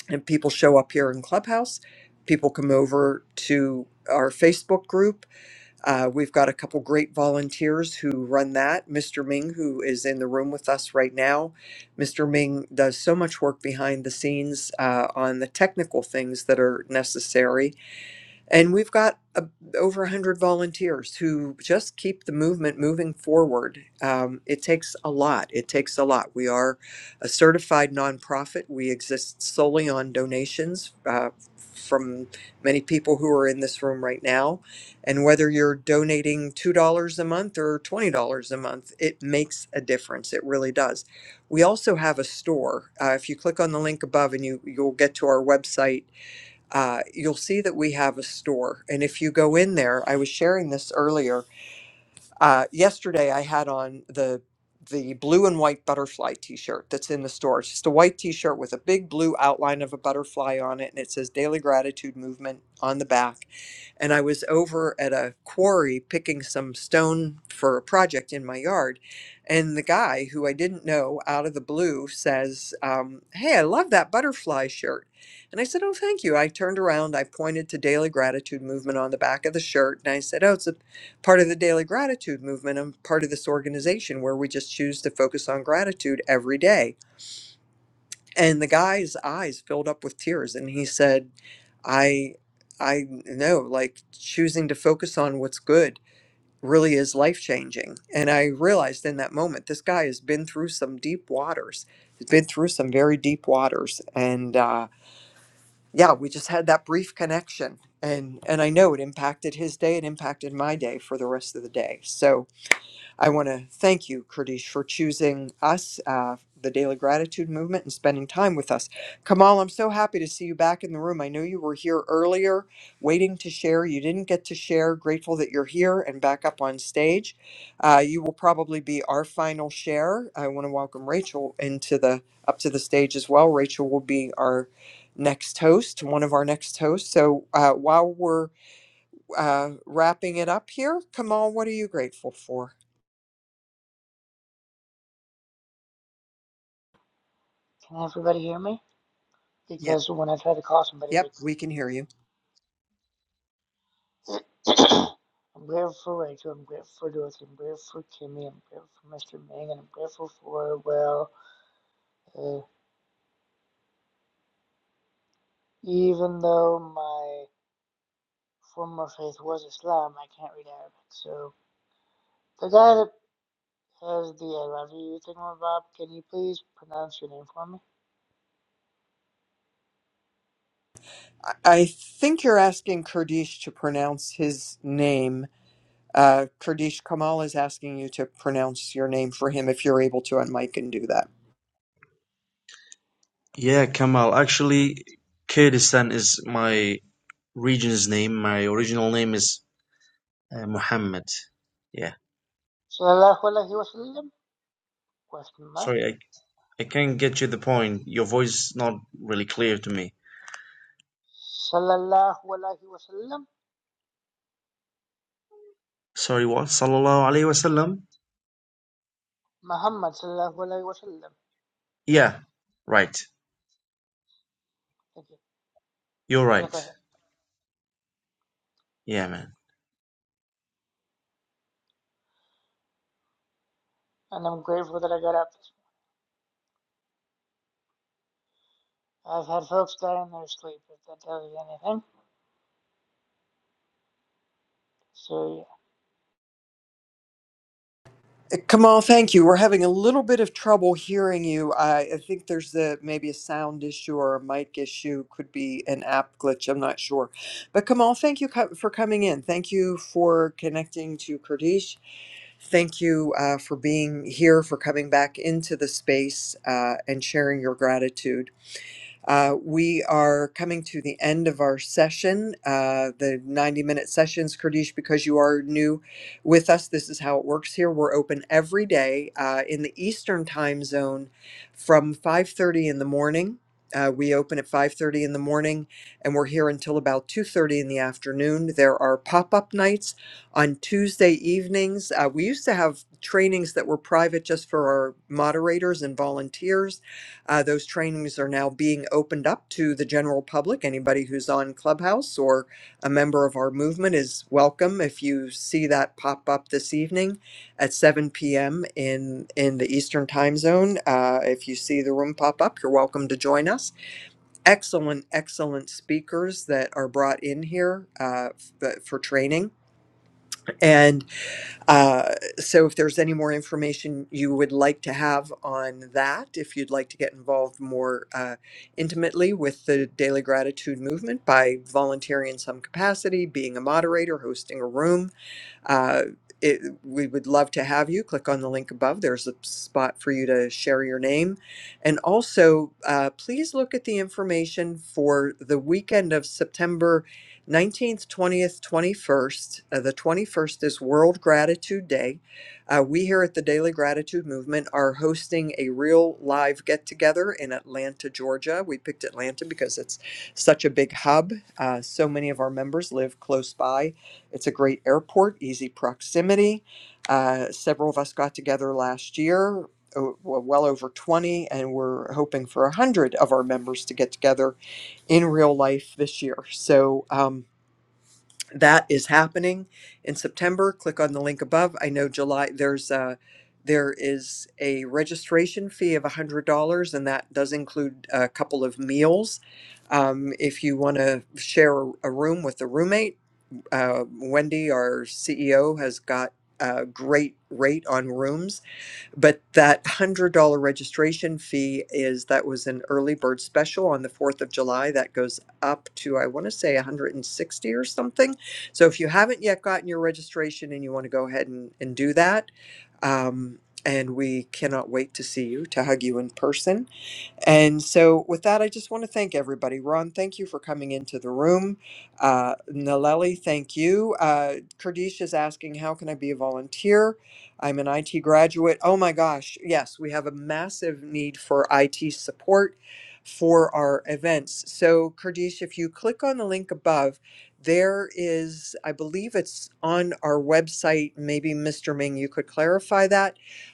Speaker 1: And people show up here in Clubhouse. People come over to our Facebook group. Uh, we've got a couple great volunteers who run that. Mr. Ming, who is in the room with us right now. Mr. Ming does so much work behind the scenes uh, on the technical things that are necessary and we've got a, over 100 volunteers who just keep the movement moving forward. Um, it takes a lot. It takes a lot. We are a certified nonprofit. We exist solely on donations uh, from many people who are in this room right now. And whether you're donating $2 a month or $20 a month, it makes a difference. It really does. We also have a store. Uh, if you click on the link above and you, you'll get to our website uh, you'll see that we have a store. And if you go in there, I was sharing this earlier. Uh, yesterday, I had on the the blue and white butterfly T-shirt that's in the store. It's just a white T-shirt with a big blue outline of a butterfly on it, and it says "Daily Gratitude Movement" on the back and I was over at a quarry picking some stone for a project in my yard. And the guy who I didn't know out of the blue says, um, Hey, I love that butterfly shirt. And I said, Oh, thank you. I turned around, I pointed to Daily Gratitude Movement on the back of the shirt, and I said, Oh, it's a part of the Daily Gratitude Movement. I'm part of this organization where we just choose to focus on gratitude every day and the guy's eyes filled up with tears and he said i i know like choosing to focus on what's good really is life changing and i realized in that moment this guy has been through some deep waters he's been through some very deep waters and uh yeah we just had that brief connection and and i know it impacted his day it impacted my day for the rest of the day so I want to thank you, Kurdish, for choosing us, uh, the Daily Gratitude Movement, and spending time with us. Kamal, I'm so happy to see you back in the room. I know you were here earlier waiting to share. You didn't get to share. Grateful that you're here and back up on stage. Uh, you will probably be our final share. I want to welcome Rachel into the up to the stage as well. Rachel will be our next host, one of our next hosts. So uh, while we're uh, wrapping it up here, Kamal, what are you grateful for?
Speaker 13: Can everybody hear me? Because when I try to call somebody, they
Speaker 1: Yep,
Speaker 13: go,
Speaker 1: we can hear you.
Speaker 13: I'm grateful for Rachel, I'm grateful for Dorothy, I'm grateful for Kimmy, I'm grateful for Mr. Ming, and I'm grateful for, well, uh, even though my former faith was Islam, I can't read Arabic. So, the guy that has the I love you thing on Bob, can you please pronounce your name for me?
Speaker 1: I I think you're asking Kurdish to pronounce his name. Uh, Kurdish, Kamal is asking you to pronounce your name for him if you're able to on mic and do that.
Speaker 12: Yeah, Kamal. Actually, Kurdistan is my region's name. My original name is uh, Muhammad. Yeah.
Speaker 13: Sallallahu Alaihi Wasallam? Question mark.
Speaker 12: Sorry, I I can't get you the point. Your voice is not really clear to me.
Speaker 13: Sallallahu Alaihi Wasallam?
Speaker 12: Sorry, what? Sallallahu alaihi wasallam.
Speaker 13: Muhammad Sallallahu Alaihi Wasallam.
Speaker 12: Yeah. Right.
Speaker 13: Thank you.
Speaker 12: You're right.
Speaker 13: Jazakallah.
Speaker 12: Yeah, man.
Speaker 13: And I'm grateful that I got up. I've had folks die in their sleep, if that tells you anything. So
Speaker 1: Uh, Kamal, thank you. We're having a little bit of trouble hearing you. I, I think there's the maybe a sound issue or a mic issue, could be an app glitch. I'm not sure. But Kamal, thank you co- for coming in. Thank you for connecting to Kurdish. Thank you uh, for being here, for coming back into the space uh, and sharing your gratitude. Uh, we are coming to the end of our session, uh, the 90 minute sessions. Kurdish, because you are new with us, this is how it works here. We're open every day uh, in the Eastern time zone from 5.30 in the morning. Uh, we open at 5.30 in the morning and we're here until about 2.30 in the afternoon. There are pop-up nights on Tuesday evenings. Uh, we used to have trainings that were private just for our moderators and volunteers. Uh, those trainings are now being opened up to the general public. Anybody who's on Clubhouse or a member of our movement is welcome. If you see that pop up this evening at 7 p.m. in in the Eastern Time Zone, uh, if you see the room pop up, you're welcome to join us. Excellent, excellent speakers that are brought in here uh, f- for training, and uh, so if there's any more information you would like to have on that, if you'd like to get involved more uh, intimately with the Daily Gratitude Movement by volunteering in some capacity, being a moderator, hosting a room, uh, it, we would love to have you. Click on the link above. There's a spot for you to share your name. And also, uh, please look at the information for the weekend of September 19th, 20th, 21st. Uh, the 21st is World Gratitude Day. Uh, we here at the Daily Gratitude Movement are hosting a real live get together in Atlanta, Georgia. We picked Atlanta because it's such a big hub. Uh, so many of our members live close by it's a great airport, easy proximity. Uh, several of us got together last year, o- well well over 20, and we're hoping for 100 of our members to get together in real life this year. So um, that is happening in September. Click on the link above. I know July there's a there is a registration fee of $100, and that does include a couple of meals. Um, if you want to share a a room with a roommate, uh, Wendy, our CEO, has got a great rate on rooms, but that $100 registration fee is that was an early bird special on the 4th of July that goes up to I want to say 160 or something. So if you haven't yet gotten your registration and you want to go ahead and, and do that, um, and we cannot wait to see you to hug you in person and so, with that, I just want to thank everybody. Ron, thank you for coming into the room. Uh, Naleli, thank you. Uh, Kurdish is asking, How can I be a volunteer? I'm an IT graduate. Oh my gosh, yes, we have a massive need for IT support for our events. So, Kurdish, if you click on the link above, there is, I believe it's on our website. Maybe Mr. Ming, you could clarify that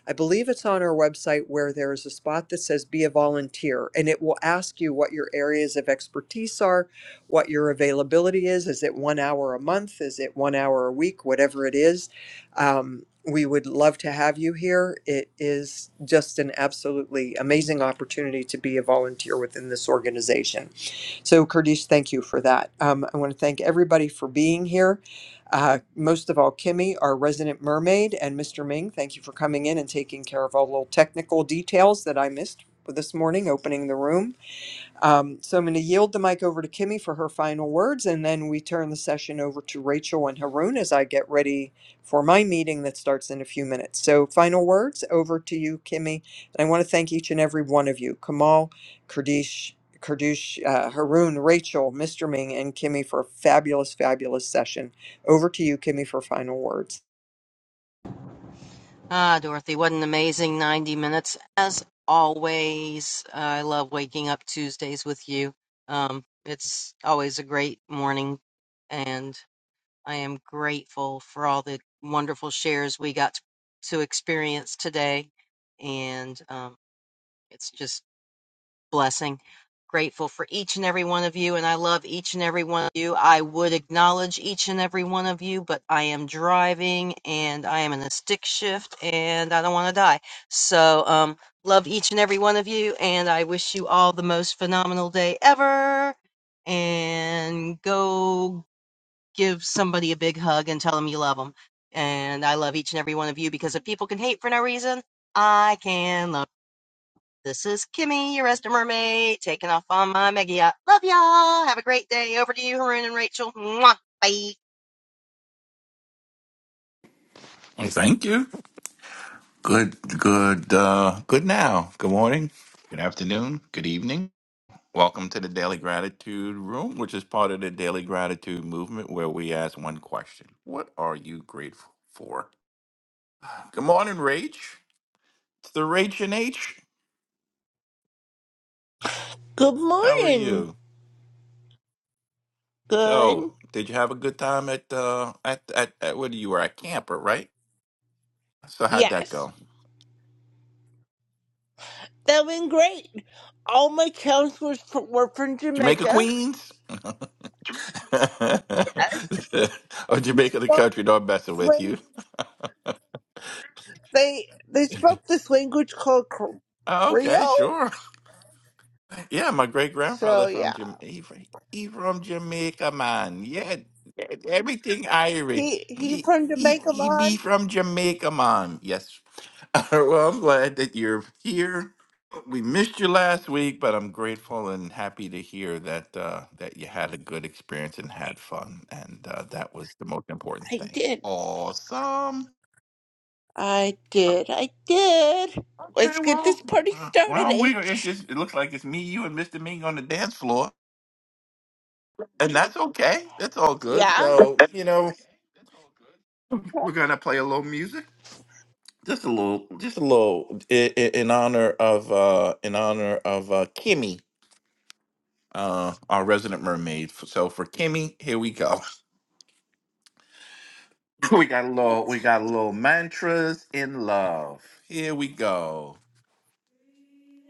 Speaker 1: I believe it's on our website where there is a spot that says be a volunteer and it will ask you what your areas of expertise are, what your availability is. Is it one hour a month? Is it one hour a week? Whatever it is. Um, we would love to have you here. It is just an absolutely amazing opportunity to be a volunteer within this organization. So, Kurdish, thank you for that. Um, I want to thank everybody for being here. Uh, most of all, Kimmy, our resident mermaid, and Mr. Ming, thank you for coming in and taking care of all the little technical details that I missed this morning opening the room. Um, so I'm going to yield the mic over to Kimmy for her final words, and then we turn the session over to Rachel and Haroon as I get ready for my meeting that starts in a few minutes. So, final words over to you, Kimmy. And I want to thank each and every one of you Kamal, Kurdish, Kurdish, uh, Haroon, Rachel, Mr. Ming, and Kimmy for a fabulous, fabulous session. Over to you, Kimmy, for final words.
Speaker 10: Ah, Dorothy, what an amazing 90 minutes. As always, I love waking up Tuesdays with you. Um, it's always a great morning, and I am grateful for all the wonderful shares we got to, to experience today. And um, it's just blessing. Grateful for each and every one of you, and I love each and every one of you. I would acknowledge each and every one of you, but I am driving and I am in a stick shift and I don't want to die. So, um, love each and every one of you, and I wish you all the most phenomenal day ever. And go give somebody a big hug and tell them you love them. And I love each and every one of you because if people can hate for no reason, I can love. This is Kimmy, your resident mermaid, taking off on my mega yacht. Love y'all. Have a great day. Over to you, Haroon and Rachel. Mwah. Bye.
Speaker 14: Well, Thank you. Good, good, uh, good now. Good morning, good afternoon, good evening. Welcome to the Daily Gratitude Room, which is part of the Daily Gratitude Movement, where we ask one question What are you grateful for? Good morning, Rach. It's the Rach and H.
Speaker 15: Good
Speaker 14: How are
Speaker 15: morning.
Speaker 14: you?
Speaker 15: Good.
Speaker 14: So, did you have a good time at, uh, at, at, at what you were at camper, right? So, how'd that
Speaker 15: Yes.
Speaker 14: go?
Speaker 15: That went great. All my counts was fr- were from
Speaker 14: Jamaica
Speaker 15: Jamaica.
Speaker 14: Queens? <laughs>
Speaker 15: Yes.
Speaker 14: or Jamaica the
Speaker 15: So
Speaker 14: country, no, I'm messing with
Speaker 15: slang-
Speaker 14: you.
Speaker 15: They they spoke this language called Cre-
Speaker 14: Oh, okay,
Speaker 15: Creole.
Speaker 14: sure. <laughs> Yeah, my great grandfather
Speaker 15: So
Speaker 14: from
Speaker 15: yeah,
Speaker 14: Jamaica. He, fr- he from Jamaica, man. Yeah, e- everything Irish.
Speaker 15: he he
Speaker 14: He
Speaker 15: from
Speaker 14: he
Speaker 15: Jamaica,
Speaker 14: he be
Speaker 15: man.
Speaker 14: from Jamaica, man. Yes. <laughs> well, I'm glad that you're here. We missed you last week, but I'm grateful and happy to hear that uh, that you had a good experience and had fun, and uh, that was the most important
Speaker 15: I
Speaker 14: thing.
Speaker 15: did.
Speaker 14: Awesome.
Speaker 15: I did. I did.
Speaker 14: Okay,
Speaker 15: Let's get
Speaker 14: well,
Speaker 15: this party
Speaker 14: uh,
Speaker 15: started,
Speaker 14: well, we it's
Speaker 15: H.
Speaker 14: just it looks like it's me, you, and Mister Ming on the dance floor. and that's okay. It's all good.
Speaker 15: Yeah.
Speaker 14: So you know, we're gonna play a little music, just a little, just a little, in, in honor of uh, in honor of uh, Kimmy, uh, our resident mermaid. F- So for Kimmy, here we go. <laughs> We got a little, we got a little mantras in love. Here we go. Breathe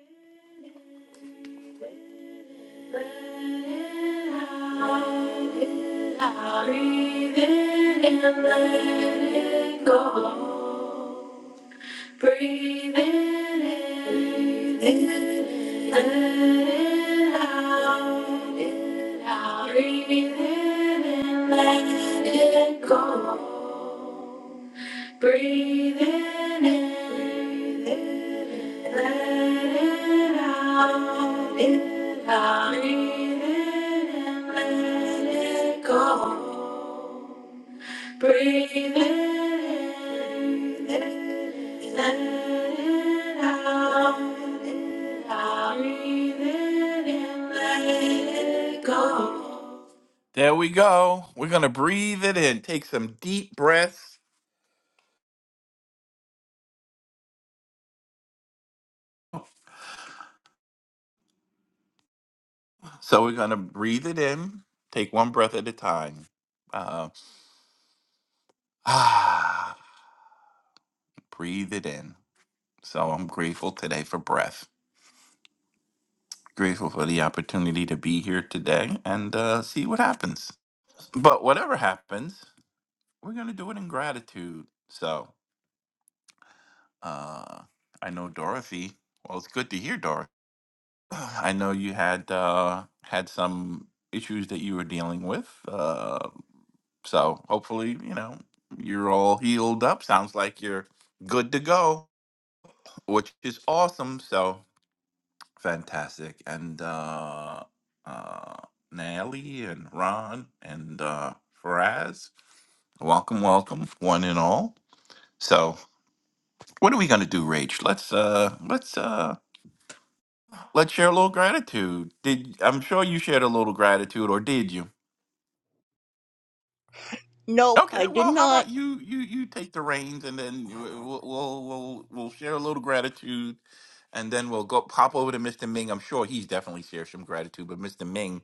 Speaker 14: it in, and let it go. Breathe in, in, in, let it out. it out. Breathe in and let it go. Breathe in, in, in, let it out. It out. Breathe in and let it go. Breathe in, let it out. Breathe in and let it go. There we go. We're going to breathe it in. Take some deep breaths. So we're going to breathe it in. Take one breath at a time. Uh, <sighs> ah, breathe it in. So I'm grateful today for breath. Grateful for the opportunity to be here today and uh, see what happens. But whatever happens, we're going to do it in gratitude. So uh, I know Dorothy. Well, it's good to hear, Dorothy. <sighs> <clears throat> I know you had uh, had some issues that you were dealing with. Uh, so hopefully, you know, you're all healed up. Sounds like you're good to go, which is awesome. So fantastic. And uh, uh, Nelly and Ron and uh, Faraz, welcome, welcome, one and all. So What are we gonna do, Rach? Let's uh let's uh let's share a little gratitude. Did I'm sure you shared a little gratitude, or did you?
Speaker 15: Nope,
Speaker 14: Okay,
Speaker 15: I did
Speaker 14: well, how
Speaker 15: not.
Speaker 14: about you you you take the reins, and then you- we'll we'll we'll, we'll share a little gratitude, and then we'll go pop over to Mr. Ming. I'm sure he's definitely shared some gratitude, but Mr. Ming,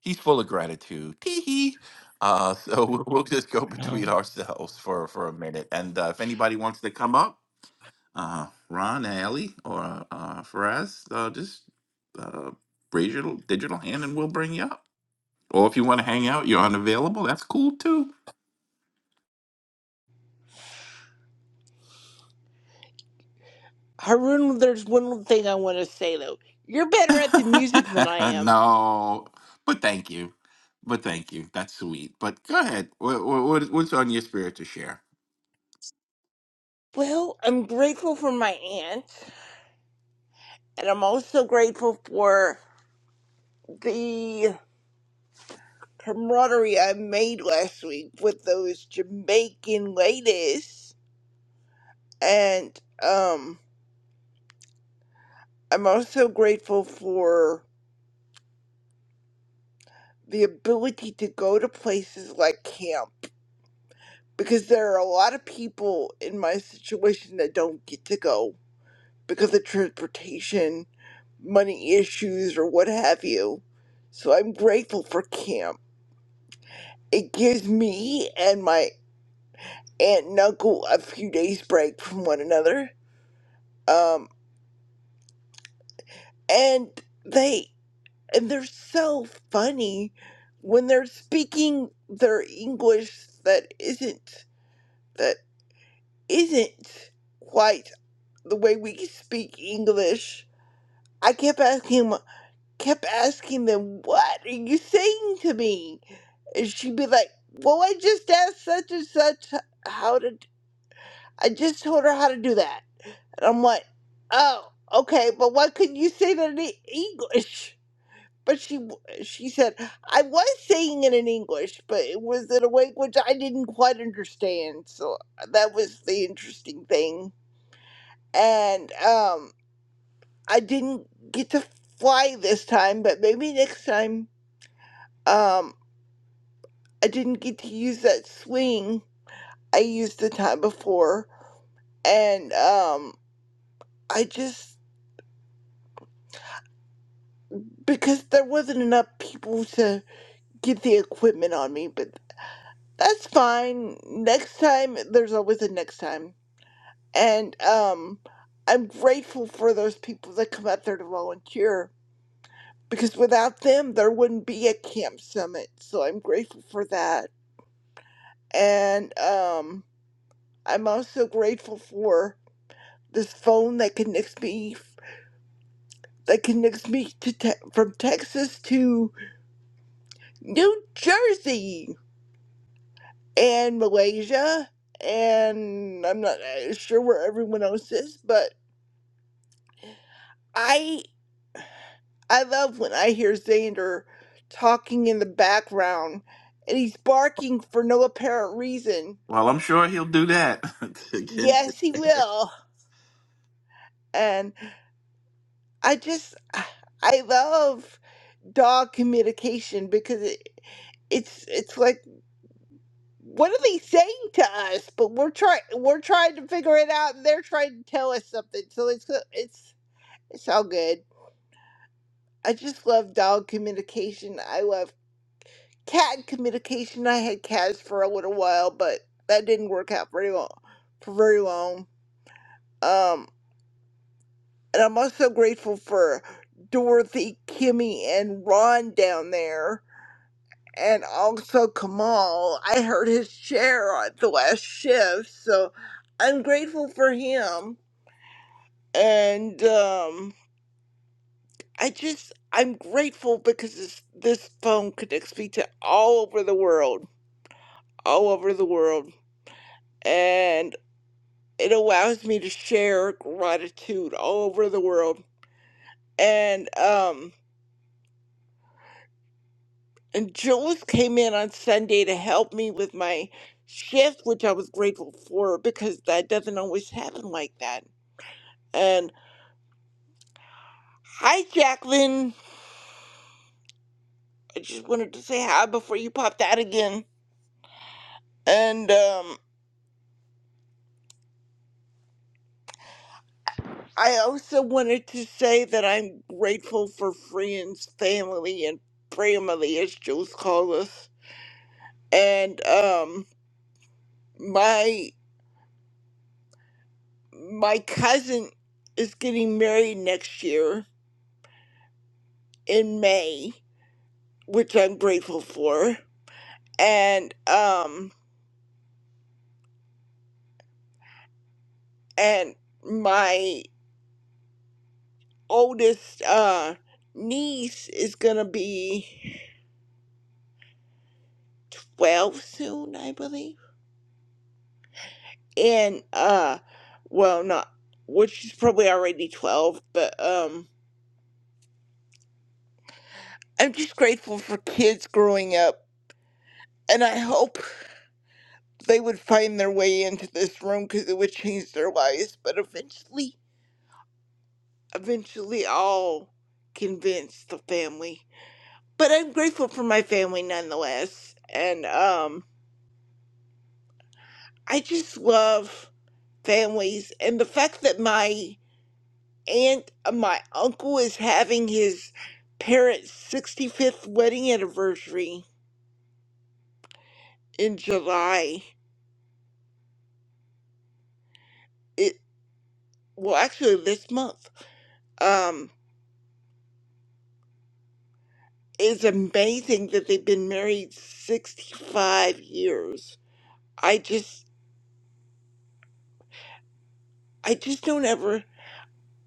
Speaker 14: he's full of gratitude. Tee hee. Uh, <laughs> so we'll we'll just go between ourselves for for a minute, and uh, if anybody wants to come up. uh, Ron, Alley, or uh, Faraz, uh, just uh, raise your digital hand and we'll bring you up. Or if you want to hang out, you're unavailable. That's cool too.
Speaker 15: Haroon, there's one thing I want to say though. You're better at the music than
Speaker 14: <laughs>
Speaker 15: I am.
Speaker 14: no, but thank you. But thank you. That's sweet. But go ahead. What, what, what's on your spirit to share?
Speaker 15: Well, I'm grateful for my aunt, and I'm also grateful for the camaraderie I made last week with those Jamaican ladies. And um, I'm also grateful for the ability to go to places like camp because there are a lot of people in my situation that don't get to go because of transportation, money issues, or what have you. So I'm grateful for camp It gives me and my aunt and uncle a few days break from one another. Um, and they and they're so funny when they're speaking their English that isn't that isn't quite the way we speak English. I kept asking him, kept asking them, "What are you saying to me?" And she'd be like, "Well, I just asked such and such how to. I just told her how to do that." And I'm like, oh, okay, but why couldn't you say that in E- English? But she she said I was saying it in English, but it was in a language I didn't quite understand. So that was the interesting thing. And um, I didn't get to fly this time, but maybe next time. Um, I didn't get to use that swing I used the time before, and um, I just because there wasn't enough people to. get the equipment on me, but that's fine. Next time, there's always a next time. And um, I'm grateful for those people that come out there to volunteer because without them, there wouldn't be a camp summit. So I'm grateful for that. And um, I'm also grateful for this phone that connects me that connects me to te- from Texas to New Jersey and Malaysia, and I'm not uh, sure where everyone else is, but I I love when I hear Xander talking in the background, and he's barking for no apparent reason.
Speaker 14: Well, I'm sure he'll do that. <laughs> Again,
Speaker 15: Yes, he will, and I just <sighs> I love dog communication because it it's it's like what are they saying to us? But we're trying we're trying to figure it out, and they're trying to tell us something. So it's it's it's all good. I just love dog communication. I love cat communication. I had cats for a little while, but that didn't work out very long for very long. Um and I'm also grateful for Dorothy, Kimmy, and Ron down there. And also Kamal. I heard his share on the last shift, so I'm grateful for him. And um I just I'm grateful because this, this phone connects me to all over the world all over the world, and it allows me to share gratitude all over the world. And um, and Jules came in on Sunday to help me with my shift, which I was grateful for because that doesn't always happen like that. And hi, Jacqueline. I just wanted to say hi before you popped out again. And um, I also wanted to say that I'm grateful for friends, family, and family, as Jules calls us and um my my cousin is getting married next year in May, which I'm grateful for. And um and my oldest uh niece is gonna be twelve soon, I believe. And uh well not well she's probably already twelve, but um I'm just grateful for kids growing up and I hope they would find their way into this room because it would change their lives. But eventually, eventually, I'll convince the family. But I'm grateful for my family nonetheless, and um, I just love families and the fact that my aunt, uh, my uncle is having his parents' 65th wedding anniversary in July. It well, actually, this month. Um, It's amazing that they've been married 65 years. I just, I just don't ever,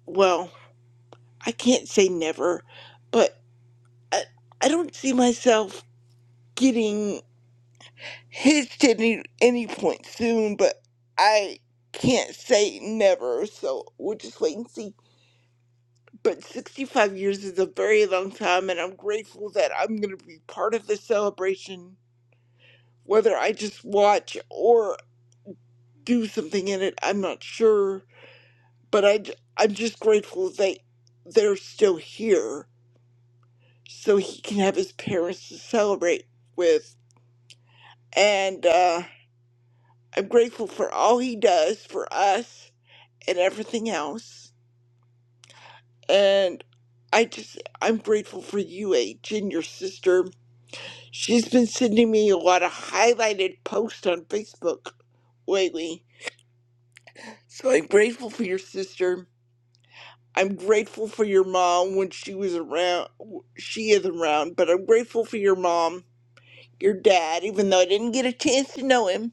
Speaker 15: well, I can't say never, but I, I don't see myself getting hitched at any, any point soon, but I can't say never, so we'll just wait and see. But 65 years is a very long time, and I'm grateful that I'm going to be part of the celebration, whether I just watch or. do something in it. I'm not sure, but I am just grateful they they're still here, so he can have his parents to celebrate with. And uh, I'm grateful for all he does for us and everything else. And I just I'm grateful for you, H, and your sister. She's been sending me a lot of highlighted posts on Facebook lately, so I'm grateful for your sister. I'm grateful for your mom when she was around. She is around, but I'm grateful for your mom, your dad, even though I didn't get a chance to know him.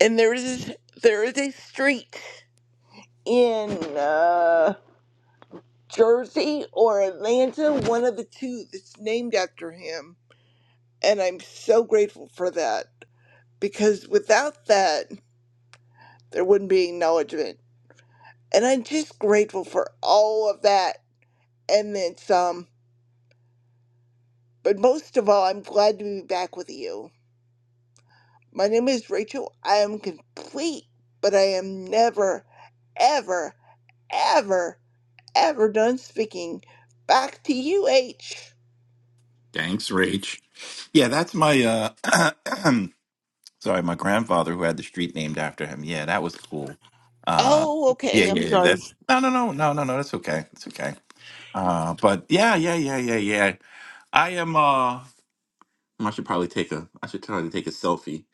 Speaker 15: And there is there is a street in uh, Jersey or Atlanta, one of the two, that's named after him. And I'm so grateful for that because without that, there wouldn't be acknowledgement. And I'm just grateful for all of that and then some. But most of all, I'm glad to be back with you My name is Rachel. I am complete, but I am never, ever, ever, ever done speaking. Back to you, H.
Speaker 14: Thanks, Rach. Yeah, that's my uh <clears throat> Sorry, my grandfather who had the street named after him. Yeah, that was cool. Uh,
Speaker 15: Oh,
Speaker 14: yeah,
Speaker 15: okay.
Speaker 14: yeah,
Speaker 15: I'm
Speaker 14: yeah. That's
Speaker 15: sorry.
Speaker 14: no, no, no, no, no, no. That's okay. It's okay. Uh, but yeah, yeah, yeah, yeah, yeah. I am. Uh, I should probably take a. I should try to take a selfie.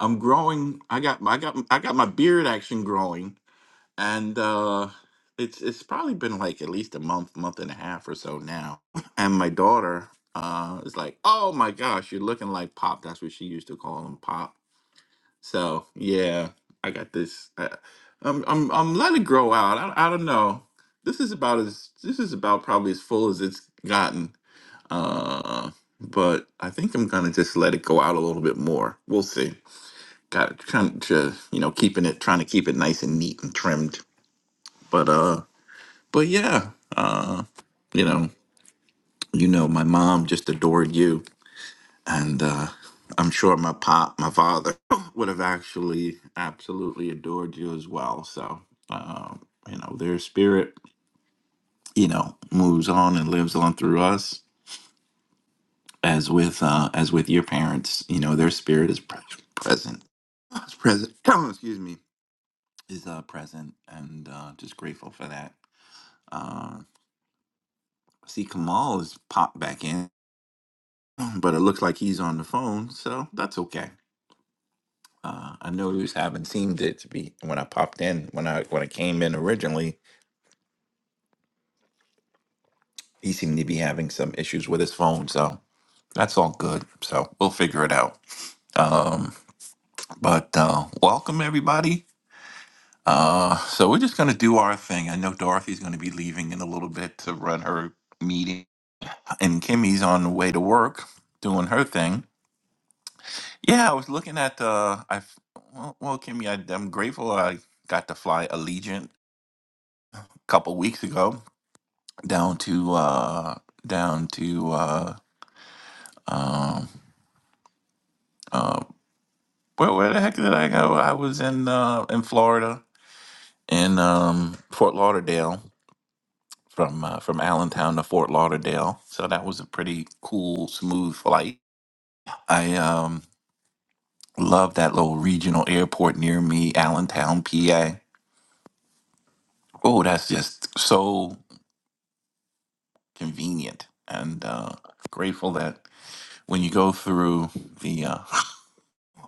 Speaker 14: I'm growing. I got. my- I got. I got my beard action growing, and uh, it's it's probably been like at least a month, month and a half or so now. And my daughter uh, is like, "Oh my gosh, you're looking like Pop." That's what she used to call him, Pop so yeah, I got this. I, I'm I'm I'm letting it grow out. I, I don't know. This is about as this is about probably as full as it's gotten. Uh, but I think I'm gonna just let it go out a little bit more. We'll see. Got trying to you know keeping it trying to keep it nice and neat and trimmed. But uh, but yeah, uh, you know, you know, my mom just adored you and uh, I'm sure my pop, my father, <laughs> <clears throat> would have actually absolutely adored you as well. So, um, you know, their spirit, you know, moves on and lives on through us, as with uh, as with your parents. You know, their spirit is pre- present. It's present. <clears throat> excuse me. Is uh, present, and uh, just grateful for that. Uh, see, Kamal has popped back in, <clears throat> but it looks like he's on the phone, so that's okay. Uh, I know he was having seemed it to be when I popped in when I when I came in originally. He seemed to be having some issues with his phone, so that's all good. So we'll figure it out. Um, but uh, welcome everybody. Uh, so we're just gonna do our thing. I know Dorothy's gonna be leaving in a little bit to run her meeting, and Kimmy's on the way to work doing her thing. Yeah, I was looking at uh, I well, well Kimmy, I, I'm grateful I got to fly Allegiant a couple weeks ago down to uh down to uh um uh where where the heck did I go? I was in uh in Florida in um Fort Lauderdale from uh, from Allentown to Fort Lauderdale. So that was a pretty cool smooth flight. I um love that little regional airport near me, Allentown, PA. Oh, that's just so convenient and uh grateful that when you go through the uh, <laughs>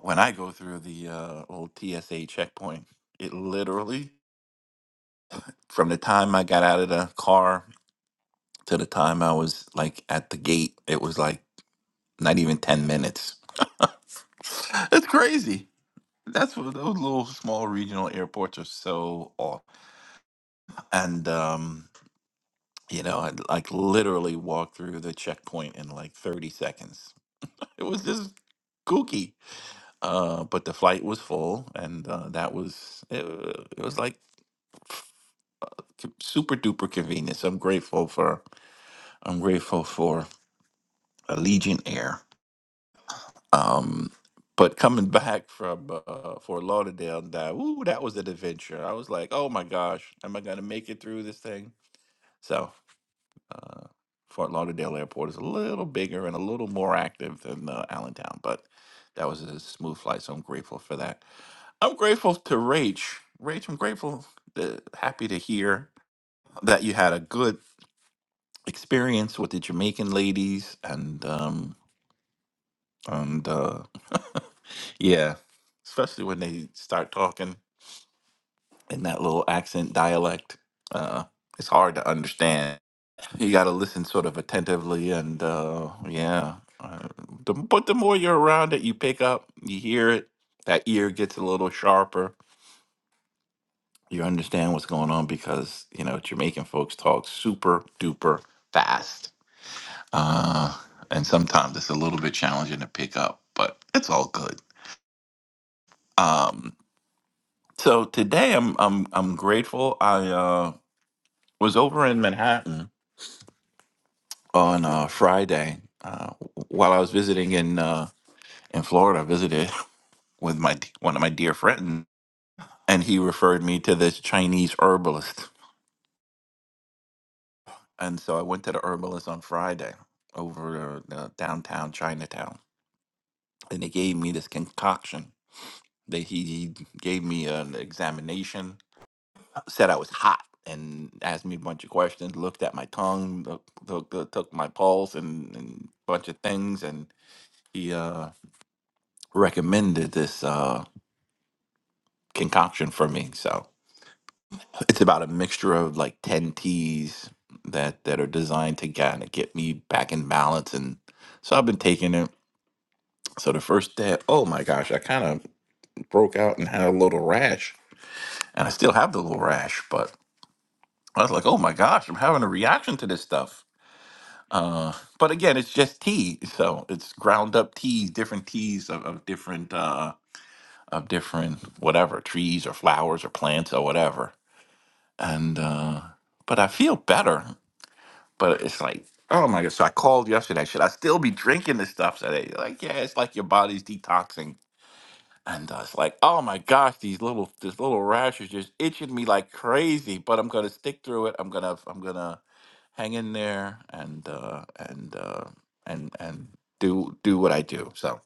Speaker 14: When I go through the uh, old TSA checkpoint, it literally, from the time I got out of the car to the time I was like at the gate, it was like not even 10 minutes. <laughs> It's crazy. That's what those little small regional airports are so off. And um, you know, I like literally walked through the checkpoint in like 30 seconds. It was just kooky. Uh, but the flight was full, and uh, that was it, it was like c- super duper convenience. I'm grateful for I'm grateful for Allegiant Air. Um, but coming back from uh, Fort Lauderdale, that ooh, that was an adventure. I was like, oh my gosh, am I gonna make it through this thing? So uh, Fort Lauderdale Airport is a little bigger and a little more active than uh, Allentown, but that was a smooth flight, so I'm grateful for that. I'm grateful to Rach. Rach, I'm grateful, uh, happy to hear that you had a good experience with the Jamaican ladies and um and uh <laughs> yeah, especially when they start talking in that little accent dialect. Uh it's hard to understand. You got to listen sort of attentively and uh yeah. Uh, the, but the more you're around it, you pick up, you hear it, that ear gets a little sharper. You understand what's going on because, you know, Jamaican folks talk super duper fast Uh, and sometimes it's a little bit challenging to pick up, but it's all good. Um, so today I'm I'm I'm grateful. I uh, was over in Manhattan on uh, Friday uh, while I was visiting in uh, in Florida. I visited <laughs> with my one of my dear friends, and he referred me to this Chinese herbalist. And so I went to the herbalist on Friday over uh, downtown Chinatown, and they gave me this concoction. They he, he gave me an examination said I was hot and asked me a bunch of questions, looked at my tongue, look, look, look- took my pulse, and and bunch of things. And he uh, recommended this uh, concoction for me. So it's about a mixture of like 10 teas that, that are designed to kind of get me back in balance. And so I've been taking it. So the first day, oh my gosh, I kind of broke out and had a little rash. And I still have the little rash, but I was like, oh my gosh, I'm having a reaction to this stuff Uh, but again, it's just tea, so it's ground up teas, different teas of, of different uh, of different whatever trees or flowers or plants or whatever. And uh, but I feel better. But it's like, oh my god! So I called yesterday. Should I still be drinking this stuff? today? like, yeah, it's like your body's detoxing. And uh, it's like, oh my gosh, these little this little rash is just itching me like crazy. But I'm gonna stick through it. I'm gonna I'm gonna hang in there and uh and uh and and do do what I do. So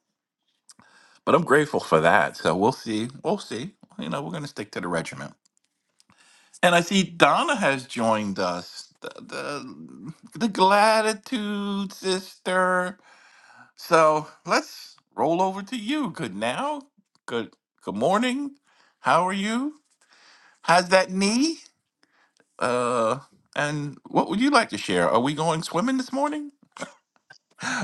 Speaker 14: but I'm grateful for that. So we'll see. We'll see. You know, we're gonna stick to the regiment. And I see Donna has joined us. The the, the gratitude sister. So let's roll over to you. Good now. Good good morning. How are you? How's that knee? Uh and what would you like to share? Are we going swimming this morning?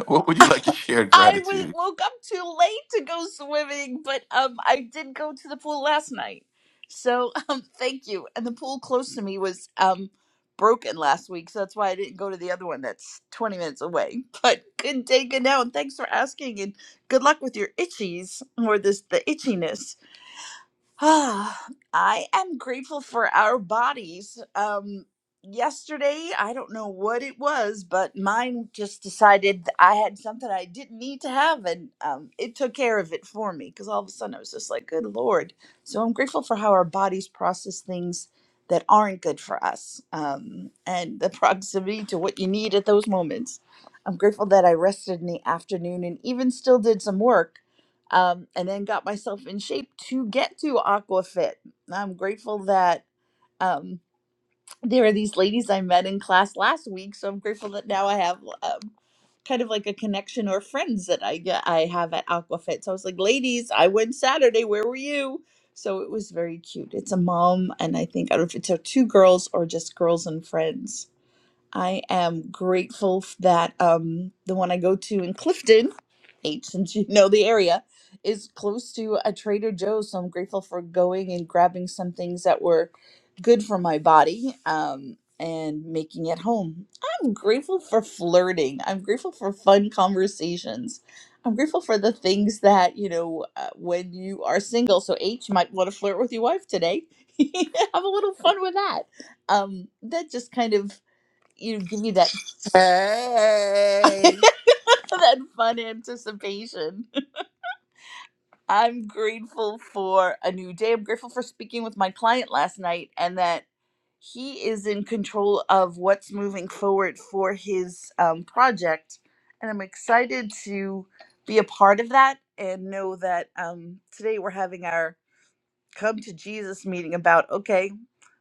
Speaker 14: <laughs> What would you like to share
Speaker 16: I was
Speaker 14: gratitude?
Speaker 16: woke up too late to go swimming, but um, I did go to the pool last night. So <laughs> um, thank you. And the pool close to me was um broken last week, so that's why I didn't go to the other one that's twenty minutes away. <laughs> But good day, good now, and thanks for asking. And good luck with your itchies or this the itchiness. Ah, I am grateful for our bodies. Um, yesterday, I don't know what it was, but mine just decided that I had something I didn't need to have, and um, it took care of it for me because all of a sudden I was just like, good Lord. So I'm grateful for how our bodies process things that aren't good for us um, and the <laughs> proximity to what you need at those moments. I'm grateful that I rested in the afternoon and even still did some work um, and then got myself in shape to get to Aquafit. I'm grateful that um, there are these ladies I met in class last week, so I'm grateful that now I have um, kind of like a connection or friends that I get I have at Aquafit. So I was like, ladies, I went Saturday. Where were you? So it was very cute. It's a mom, and I think I don't know if it's uh, two girls or just girls and friends. I am grateful f- that um, the one I go to in Clifton Kate, <laughs> since you know the area, is close to a Trader Joe's. So I'm grateful for going and grabbing some things that were good for my body um, and making it home. I'm grateful for flirting. I'm grateful for fun conversations. I'm grateful for the things that, you know, uh, when you are single. So, H you might want to flirt with your wife today. <laughs> Have a little fun with that. Um, that just kind of, you know, give you that, <laughs>
Speaker 14: Hey,
Speaker 16: that fun anticipation I'm grateful for a new day. I'm grateful for speaking with my client last night and that he is in control of what's moving forward for his um, project. And I'm excited to be a part of that and know that um, today we're having our come to Jesus meeting about okay,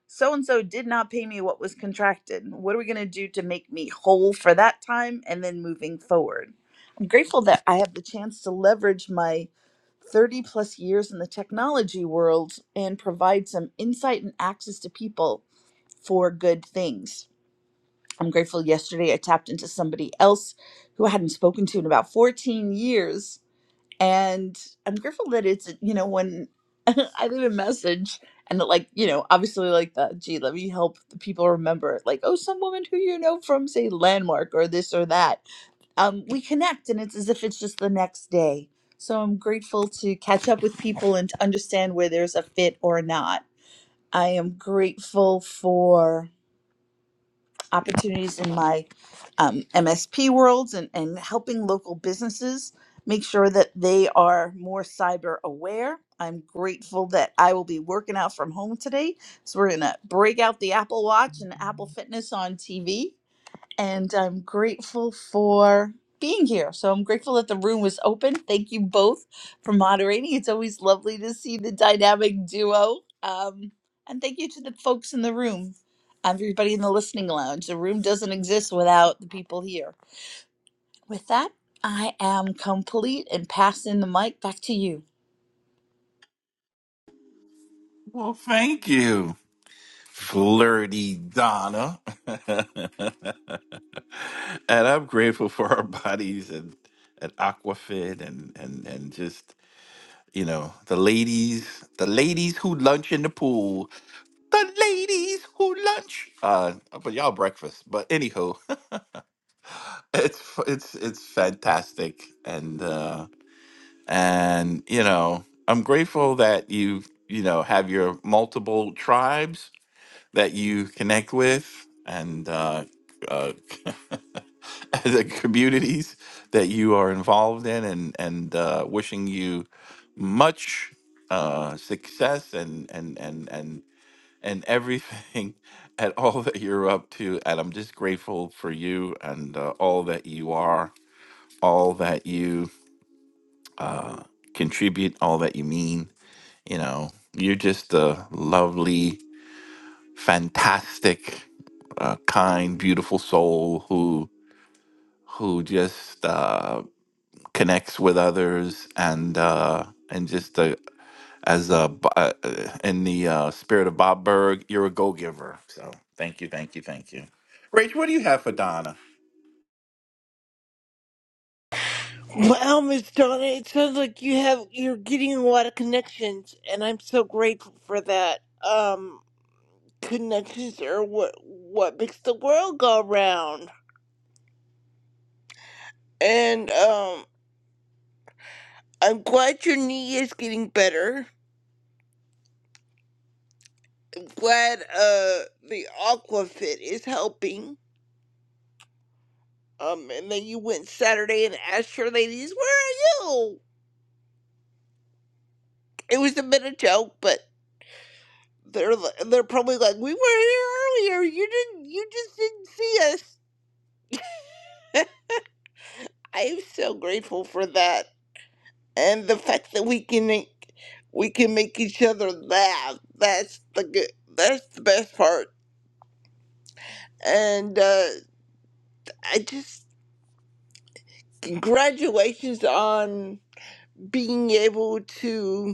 Speaker 16: so and so did not pay me what was contracted. What are we going to do to make me whole for that time and then moving forward? I'm grateful that I have the chance to leverage my 30 plus years in the technology world and provide some insight and access to people for good things. I'm grateful yesterday I tapped into somebody else who I hadn't spoken to in about 14 years. And I'm grateful that it's, you know, when <laughs> I leave a message and that, like, you know, obviously, like, the, gee, let me help the people remember, like, oh, some woman who you know from, say, Landmark or this or that um, we connect and it's as if it's just the next day. So I'm grateful to catch up with people and to understand where there's a fit or not. I am grateful for opportunities in my um, MSP worlds and, and helping local businesses make sure that they are more cyber aware. I'm grateful that I will be working out from home today. So we're going to break out the Apple Watch and Apple Fitness on TV and I'm grateful for being here. So I'm grateful that the room was open. Thank you both for moderating. It's always lovely to see the dynamic duo. Um, and thank you to the folks in the room, everybody in the listening lounge. The room doesn't exist without the people here. With that, I am complete and passing the mic back to you.
Speaker 14: Well, thank you, flirty Donna. <laughs> and I'm grateful for our bodies and at Aquafit and and and just you know the ladies, the ladies who lunch in the pool, the ladies who lunch. Uh, but y'all breakfast. But anyhow, <laughs> it's it's it's fantastic, and. uh, and you know i'm grateful that you you know have your multiple tribes that you connect with and uh, uh <laughs> the communities that you are involved in and and uh wishing you much uh success and and and and and everything <laughs> at all that you're up to and i'm just grateful for you and uh, all that you are all that you uh contribute all that you mean You know, you're just a lovely, fantastic, uh, kind, beautiful soul who who just uh, connects with others and uh, and just uh as a b- uh, uh, in the uh, spirit of Bob Berg, you're a go giver. So thank you, thank you, thank you. Rach, what do you have for Donna?
Speaker 15: Wow, Miss Donna, it sounds like you have you're getting a lot of connections, and I'm so grateful for that. Um, connections are what what makes the world go round. And um, I'm glad your knee is getting better. glad uh the Aquafit is helping. Um, and then you went Saturday and asked your ladies, "Where are you?" It was a bit of joke, but they're li- they're probably like, "We were here earlier. You didn't. You just didn't see us." <laughs> I am so grateful for that, and the fact that we can make we can make each other laugh. That's the good. That's the best part. And uh, I just congratulations on being able to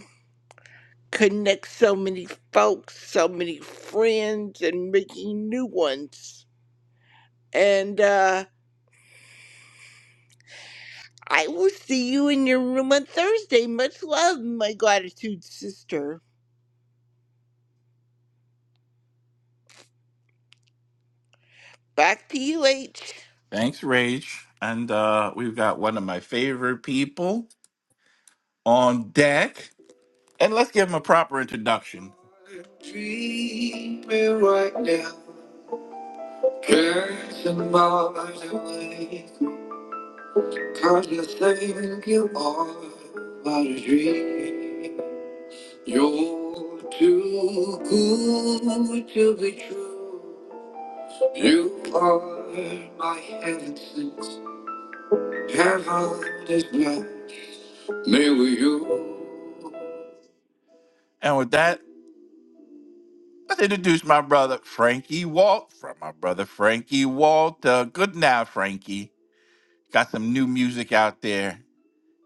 Speaker 15: connect so many folks, so many friends, and making new ones. And uh, I will see you in your room on Thursday. Much love, my gratitude sister. Back to you, H.
Speaker 14: Thanks, Rach. And uh, we've got one of my favorite people on deck. And let's give him a proper introduction. Treat right now. Dancing miles away. Cause you think you are but a dream. You're too good to be true. You are my heaven since heaven is now. Me with you. And with that, let's introduce my brother Frankie Walt from my brother Frankie Walt. Uh, good now, Frankie. Got some new music out there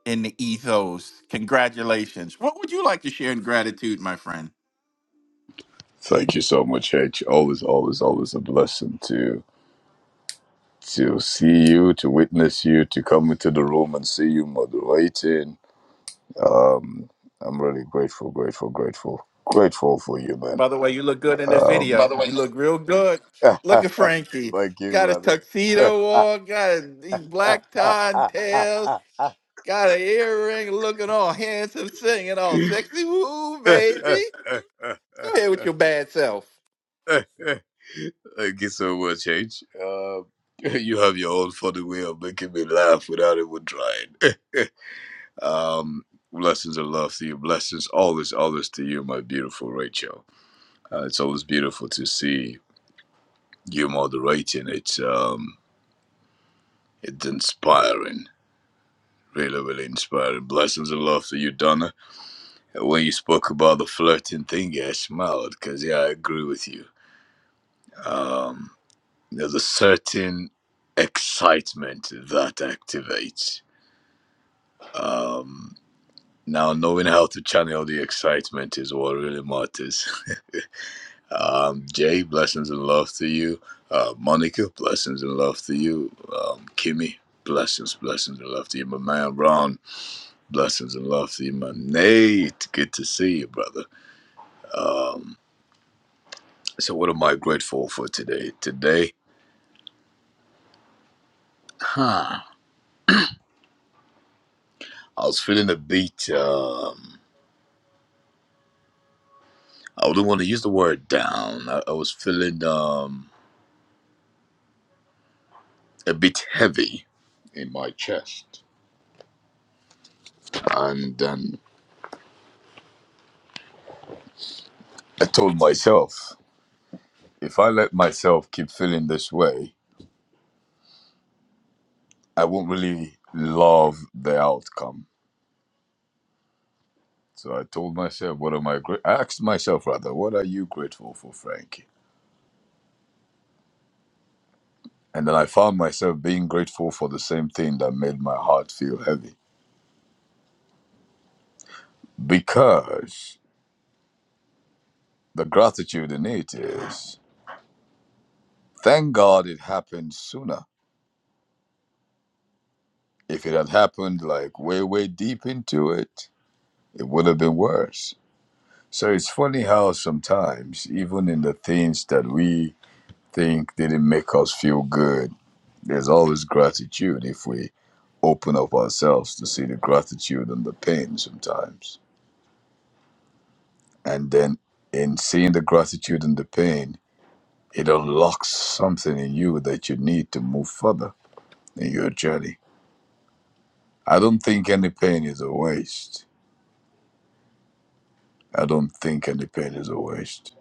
Speaker 14: in the ethos. Congratulations. What would you like to share in gratitude, my friend?
Speaker 17: Thank you so much, H. Always, always, always a blessing to to see you, to witness you, to come into the room and see you moderating. Um, I'm really grateful, grateful, grateful, grateful for you, man.
Speaker 14: By the way, you look good in this
Speaker 17: Um, By
Speaker 14: video.
Speaker 17: the way,
Speaker 14: You look real good.
Speaker 17: <laughs>
Speaker 14: Look at Frankie.
Speaker 17: thank you,
Speaker 14: Got his
Speaker 17: brother.
Speaker 14: tuxedo on, got his, these black tie and tails, got an earring, looking all handsome, singing all
Speaker 17: <laughs>
Speaker 14: sexy. Woo, baby. Go ahead with your bad self.
Speaker 17: thank you so much, H. Um, <laughs> you have your own funny way of making me laugh without even trying. Um, blessings and love to you. Blessings always, always to you, my beautiful Rachel. Uh, it's always beautiful to see you moderating. It's um, it's inspiring. Really, really inspiring. Blessings and love to you, Donna. And When you spoke about the flirting thing, yeah, I smiled because yeah, I agree with you. Um, there's a certain excitement that activates. Um, now knowing how to channel the excitement is what really matters. Um, Jay, blessings and love to you. Uh, Monica, blessings and love to you. Um, Kimmy, blessings, blessings and love to you. My man Ron, blessings and love to you. My Nate, good to see you, brother. Um, so, what am I grateful for today? Today, huh? I was feeling a bit. Um, I wouldn't want to use the word down. I, I was feeling um, a bit heavy in my chest, and um, I told myself. if I let myself keep feeling this way, I won't really love the outcome. So I told myself, what am I gra- I asked myself rather, what are you grateful for, Frankie? And then I found myself being grateful for the same thing that made my heart feel heavy. Because the gratitude in it is thank God it happened sooner. If it had happened like way, way deep into it, it would have been worse. So it's funny how sometimes, even in the things that we think didn't make us feel good. There's always gratitude if we open up ourselves to see the gratitude and the pain sometimes. And then in seeing the gratitude and the pain, it unlocks something in you that you need to move further in your journey. I don't think any pain is a waste. I don't think any pain is a waste.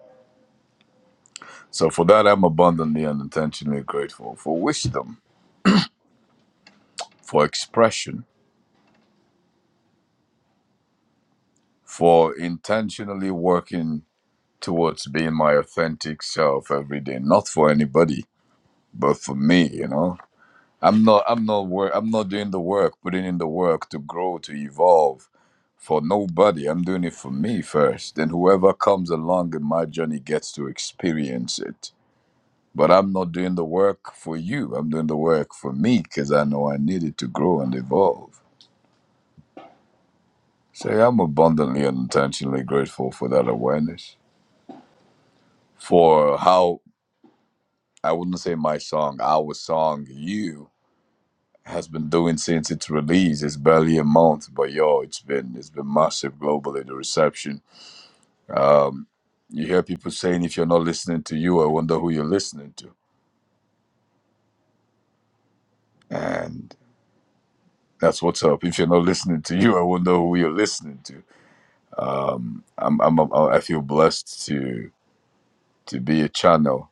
Speaker 17: So for that, I'm abundantly and intentionally grateful for wisdom, for expression, for intentionally working towards being my authentic self every day not for anybody but for me you know i'm not i'm not work i'm not doing the work putting in the work to grow to evolve for nobody i'm doing it for me first Then whoever comes along in my journey gets to experience it but i'm not doing the work for you i'm doing the work for me because i know i need it to grow and evolve so yeah, i'm abundantly and intentionally grateful for that awareness for how I wouldn't say my song, our song, you has been doing since its release. It's barely a month, but yo, it's been it's been massive globally the reception. You hear people saying if you're not listening to you, I wonder who you're listening to. And that's what's up. If you're not listening to you, I wonder who you're listening to. I'm I'm, i feel blessed to to be a channel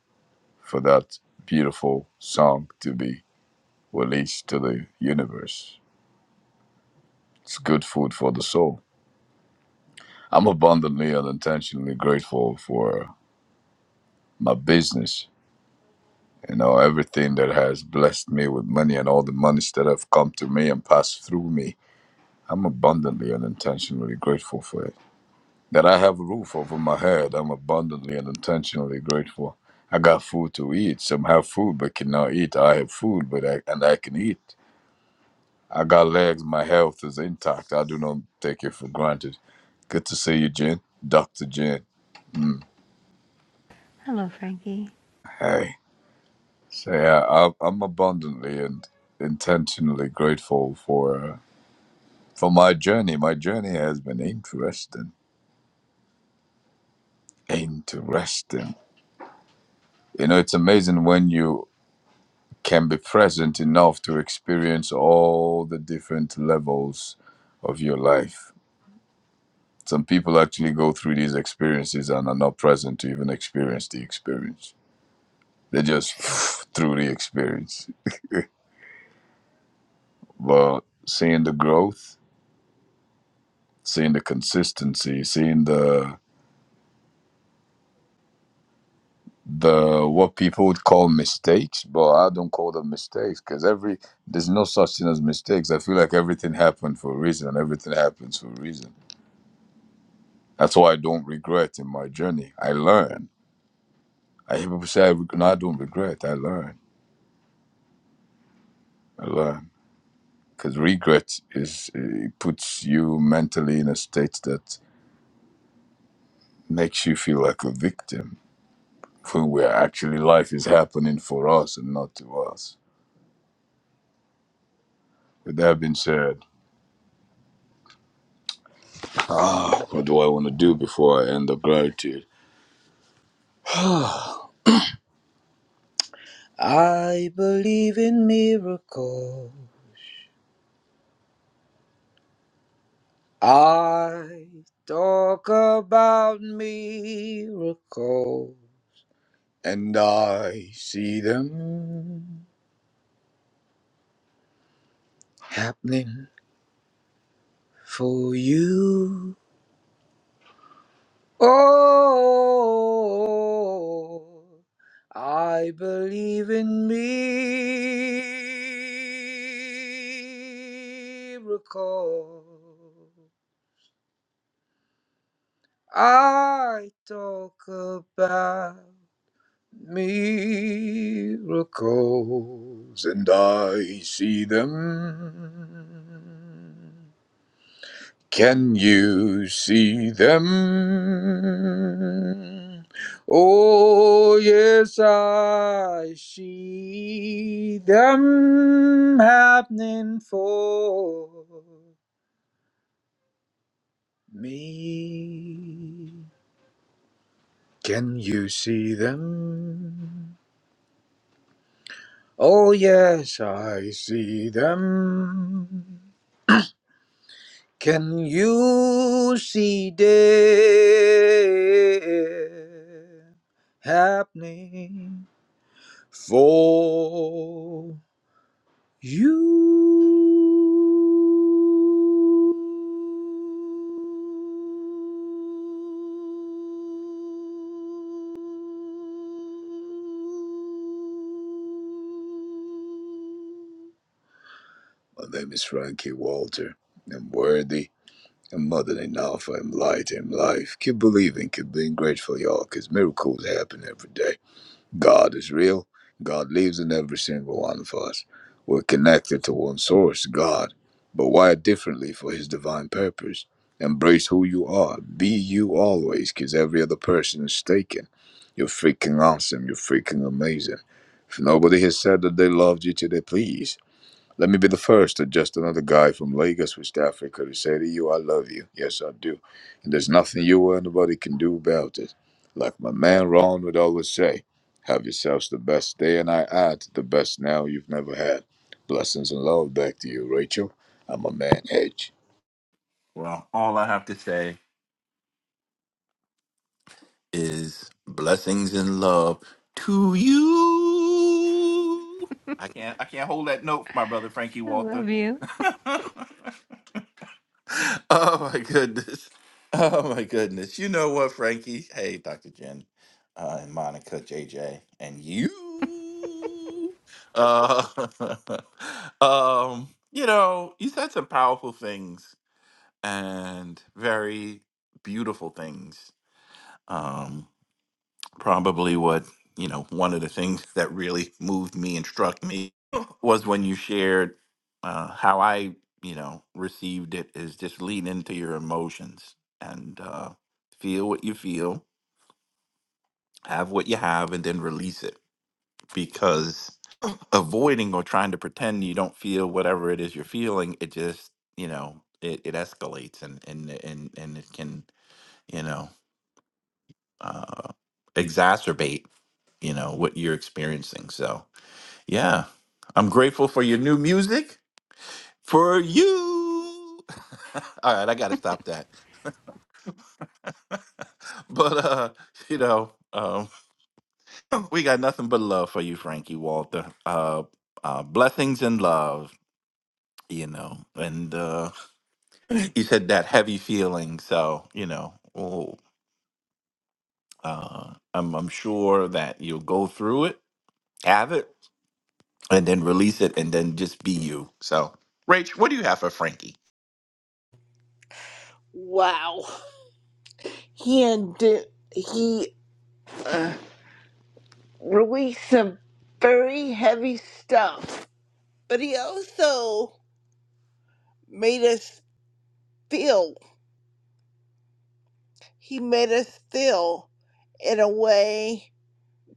Speaker 17: for that beautiful song to be released to the universe. It's good food for the soul. I'm abundantly and intentionally grateful for my business. You know, everything that has blessed me with money and all the monies that have come to me and passed through me. I'm abundantly and intentionally grateful for it. That I have a roof over my head, I'm abundantly and intentionally grateful. I got food to eat. Some have food but cannot eat. I have food but I, and I can eat. I got legs, my health is intact. I do not take it for granted. Good to see you, Jen. Dr. Jen.
Speaker 18: Hello, Frankie.
Speaker 17: Hey. So yeah, I, I'm abundantly and intentionally grateful for uh, for my journey. My journey has been interesting, interesting. You know, it's amazing when you can be present enough to experience all the different levels of your life. Some people actually go through these experiences and are not present to even experience the experience. They just <sniffs> through the experience. But seeing the growth, seeing the consistency, seeing the the what people would call mistakes, but I don't call them mistakes because every there's no such thing as mistakes. I feel like everything happened for a reason. Everything happens for a reason. That's why I don't regret in my journey. I learn. I hear people say, I reg- "No, I don't regret. I learn. I learn." Because regret is it puts you mentally in a state that makes you feel like a victim when we're actually life is happening for us and not to us. With that being said, what do I want to do before I end the gratitude? <sighs> I believe in miracles. I talk about miracles. And I see them happening for you. Oh, I believe in miracles. I talk about miracles and I see them. Can you see them? Oh, yes, I see them happening for me. Can you see them? Oh, yes, I see them. Can you see them happening for you? My name is Frankie Walter. I'm worthy. I'm more than enough. I'm light. I'm life. Keep believing. Keep being grateful, y'all, because miracles happen every day. God is real. God lives in every single one of us. We're connected to one source, God, but wired differently for His divine purpose. Embrace who you are. Be you always, because every other person is taken. You're freaking awesome. You're freaking amazing. If nobody has said that they loved you today, please. Let me be the first or just another guy from Lagos, West Africa, to say to you, I love you. Yes, I do. And there's nothing you or anybody can do about it. Like my man Ron would always say, have yourselves the best day, and I add, the best now you've never had. Blessings and love back to you, Rachel. I'm a man, Edge.
Speaker 14: Well, all I have to say is blessings and love to you. I can't I can't hold that note, my brother Frankie
Speaker 18: I
Speaker 14: Walter.
Speaker 18: love you.
Speaker 14: <laughs> Oh my goodness. Oh my goodness. You know what, Frankie? Hey, Dr. Jen uh, and Monica, JJ, and you. Uh, <laughs> um, you know, you said some powerful things and very beautiful things. Um, probably what you know one of the things that really moved me and struck me was when you shared uh, how i you know received it is just lean into your emotions and uh, feel what you feel have what you have and then release it because avoiding or trying to pretend you don't feel whatever it is you're feeling it just you know it, it escalates and and and and it can you know uh, exacerbate you know what you're experiencing so Yeah. I'm grateful for your new music. For you. <laughs> All right, I gotta stop that. <laughs> but uh, you know, um, <laughs> we got nothing but love for you, Frankie Walter. Uh, uh blessings and love, you know. And uh <laughs> you said that heavy feeling, so you know, oh uh I'm I'm sure that you'll go through it, have it, and then release it and then just be you. So Rach, what do you have for Frankie?
Speaker 15: Wow, he and he uh, released some very heavy stuff, but he also made us feel. He made us feel in a way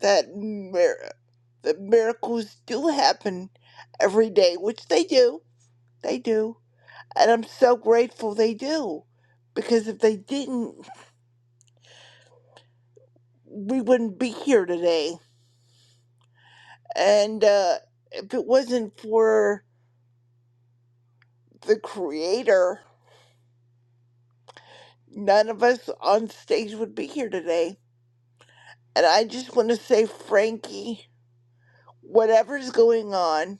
Speaker 15: that mir- that miracles do happen every day, which they do, they do, and I'm so grateful they do, because if they didn't, we wouldn't be here today. And uh, if it wasn't for the Creator, none of us on stage would be here today. And I just want to say, Frankie, whatever's going on,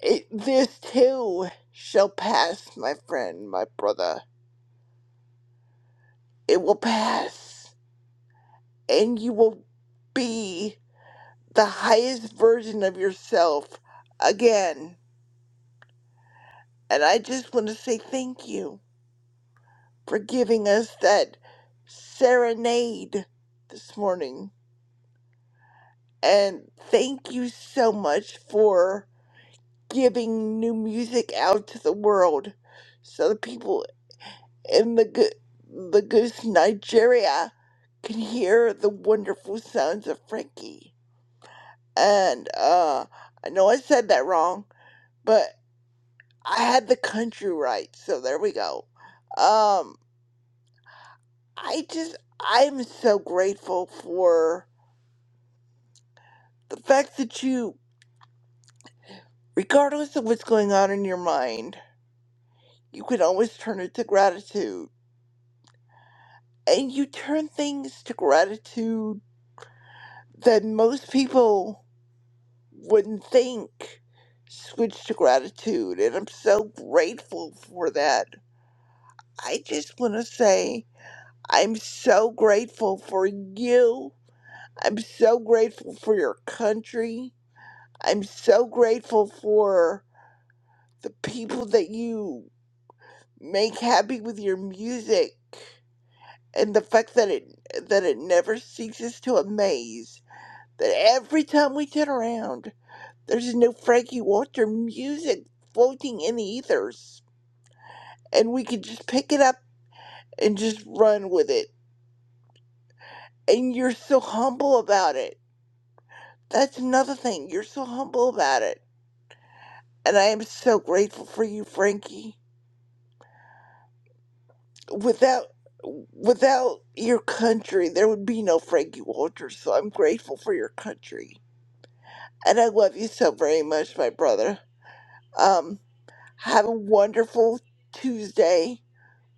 Speaker 15: it, this too shall pass, my friend, my brother It will pass, and you will be the highest version of yourself again. And I just want to say thank you for giving us that serenade this morning. And thank you so much for giving new music out to the world so the people in the good the goose Nigeria can hear the wonderful sounds of Frankie. and uh, I know I said that wrong, but I had the country right, so there we go. Um, I just I'm so grateful for the fact that you, regardless of what's going on in your mind, you can always turn it to gratitude, and you turn things to gratitude that most people wouldn't think switch to gratitude and i'm so grateful for that i just want to say I'm so grateful for you. I'm so grateful for your country. I'm so grateful for the people that you make happy with your music and the fact that it that it never ceases to amaze that every time we turn around there's a new Frankie Walter music floating in the ethers and we can just pick it up and just run with it and you're so humble about it That's another thing. You're so humble about it. And I am so grateful for you, Frankie. Without without your country, there would be no Frankie Walters, so I'm grateful for your country. And I love you so very much, my brother. Um, have a wonderful Tuesday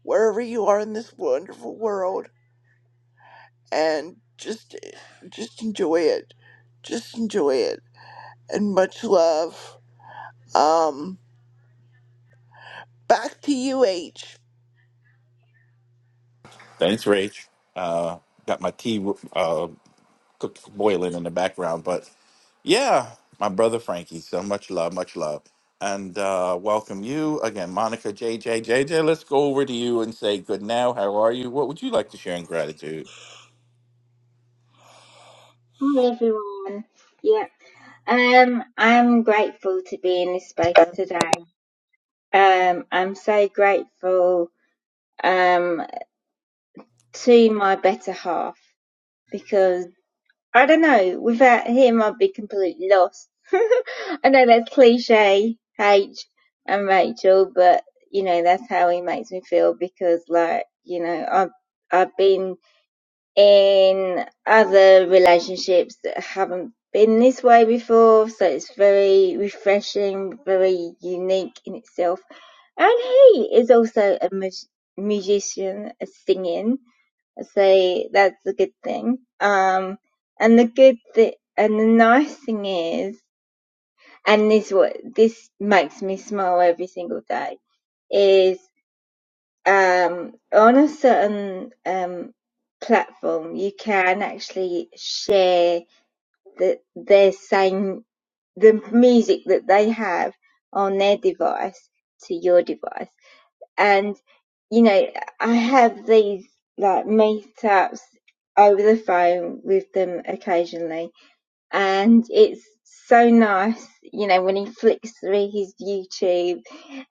Speaker 15: wherever you are in this wonderful world and just just enjoy it. Just enjoy it. And much love. Um back to you H.
Speaker 14: Thanks, Rach. Uh, got my tea uh, cook, boiling in the background, but yeah, my brother Frankie. So much love, much love, and uh, welcome you again, Monica, JJ, JJ. Let's go over to you and say good now. How are you? What would you like to share in gratitude?
Speaker 11: Hi everyone. Yeah. Um I'm grateful to be in this space today. Um I'm so grateful um to my better half because I don't know. Without him, I'd be completely lost. <laughs> I know that's cliche, H and Rachel, but you know that's how he makes me feel because, like, you know, I've I've been in other relationships that haven't been this way before, so it's very refreshing, very unique in itself. And he is also a mu- musician, a singing say that's a good thing. Um, and the good thing and the nice thing is, and this what this makes me smile every single day is um, on a certain um, platform you can actually share the their same the music that they have on their device to your device and you know i have these like meetups over the phone with them occasionally and it's so nice you know when he flicks through his youtube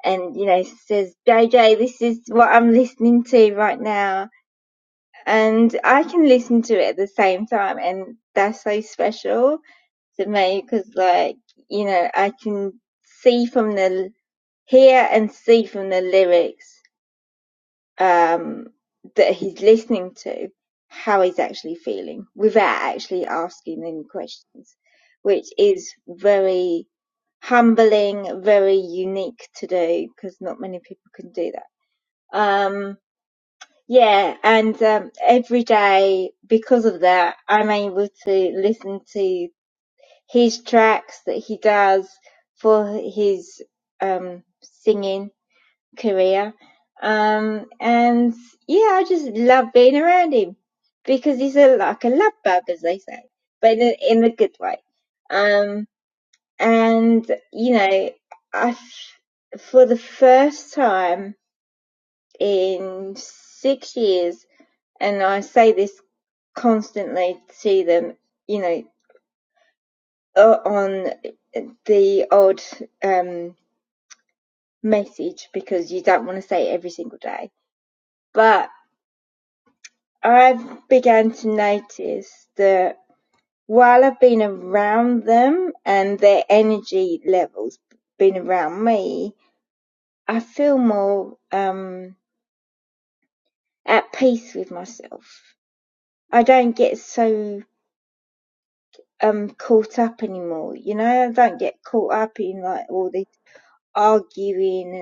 Speaker 11: and you know says jj this is what i'm listening to right now and i can listen to it at the same time and that's so special to me because like you know i can see from the hear and see from the lyrics um, that he's listening to how he's actually feeling without actually asking any questions, which is very humbling, very unique to do because not many people can do that. Um, yeah, and um, every day because of that, I'm able to listen to his tracks that he does for his um, singing career. Um, and yeah, I just love being around him because he's a, like a love bug, as they say, but in a, in a good way. Um, and you know, I, f- for the first time in six years, and I say this constantly to them, you know, o- on the odd um, message because you don't want to say it every single day, but I've began to notice that while I've been around them and their energy levels been around me, I feel more um, at peace with myself. I don't get so um, caught up anymore, you know. I don't get caught up in like all this arguing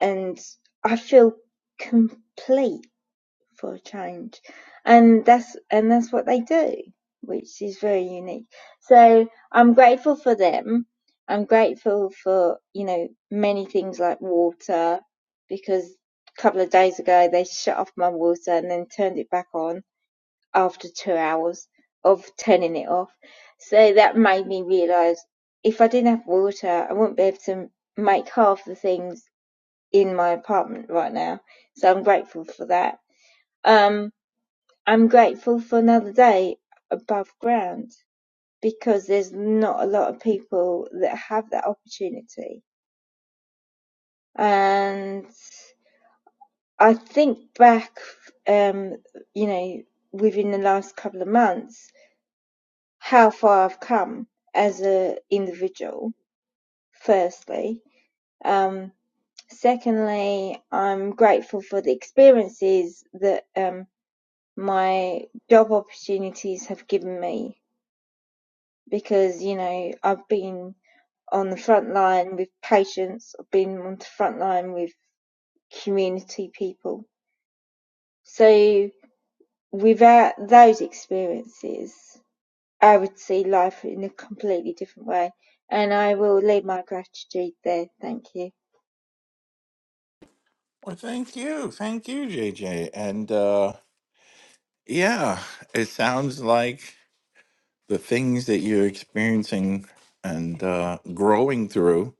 Speaker 11: and and I feel complete. for a change, and that's and that's what they do, which is very unique. So I'm grateful for them. I'm grateful for you know many things like water, because a couple of days ago they shut off my water and then turned it back on after two hours of turning it off. So that made me realise if I didn't have water, I wouldn't be able to make half the things in my apartment right now. So I'm grateful for that. Um, I'm grateful for another day above ground because there's not a lot of people that have that opportunity. And I think back, um, you know, within the last couple of months, how far I've come as an individual, firstly. Um, secondly, I'm grateful for the experiences that um, my job opportunities have given me because, you know, I've been on the front line with patients, I've been on the front line with community people. So without those experiences, I would see life in a completely different way. And I will leave my gratitude there. Thank you.
Speaker 14: Well, thank you, thank you, JJ, and uh, yeah, it sounds like the things that you're experiencing and uh, growing through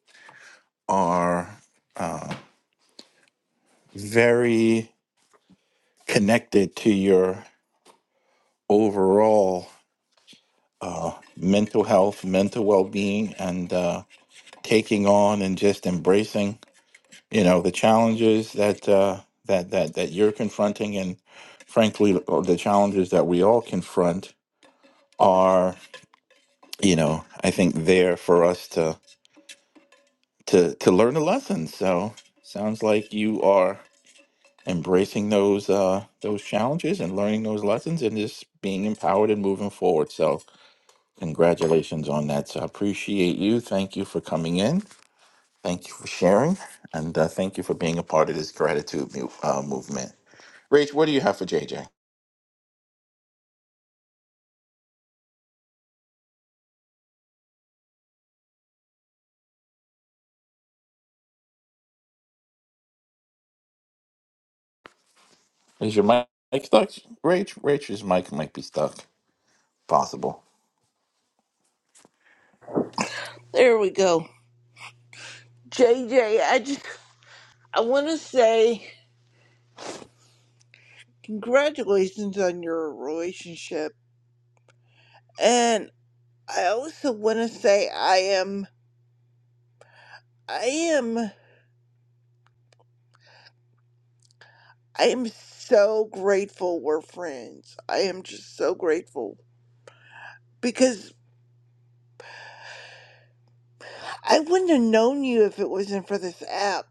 Speaker 14: are uh, very connected to your overall uh, mental health, mental well being, and uh, taking on and just embracing, you know, the challenges that uh, that that that you're confronting, and frankly, uh, the challenges that we all confront are, you know, I think there for us to to to learn a lesson. So sounds like you are embracing those uh those challenges and learning those lessons and just being empowered and moving forward so Congratulations on that. So I appreciate you. Thank you for coming in. Thank you for sharing. And uh, thank you for being a part of this gratitude mu- uh, movement. Rach, what do you have for JJ? Is your mic stuck? Rach, Rach's mic might be stuck. Possible.
Speaker 15: There we go. JJ, I just I want to say congratulations on your relationship, and I also want to say I am I am I am so grateful we're friends. I am just so grateful because I wouldn't have known you if it wasn't for this app,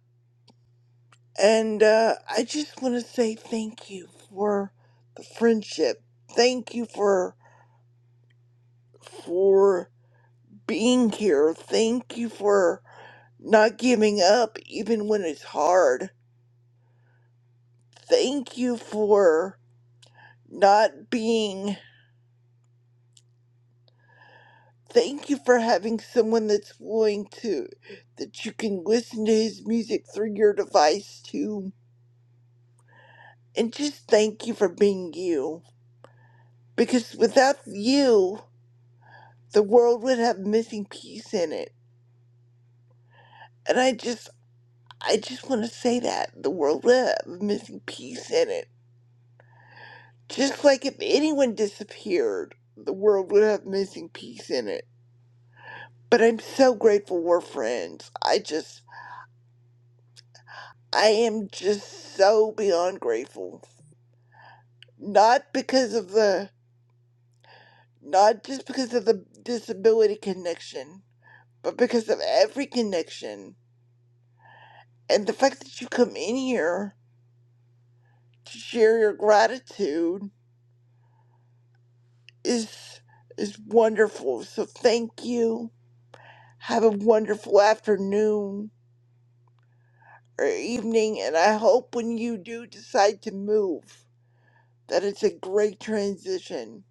Speaker 15: and uh, I just want to say thank you for the friendship. Thank you for for being here. Thank you for not giving up even when it's hard. Thank you for not being thank you for having someone that's willing to that you can listen to his music through your device too. And just thank you for being you. Because without you, the world would have missing piece in it. And I just I just want to say that the world would have a missing piece in it. Just like if anyone disappeared, the world would have missing piece in it But I'm so grateful we're friends. I just, I am just so beyond grateful. Not because of the, not just because of the disability connection, but because of every connection. And the fact that you come in here to share your gratitude is, is wonderful. So thank you. Have a wonderful afternoon or evening. And I hope when you do decide to move, that it's a great transition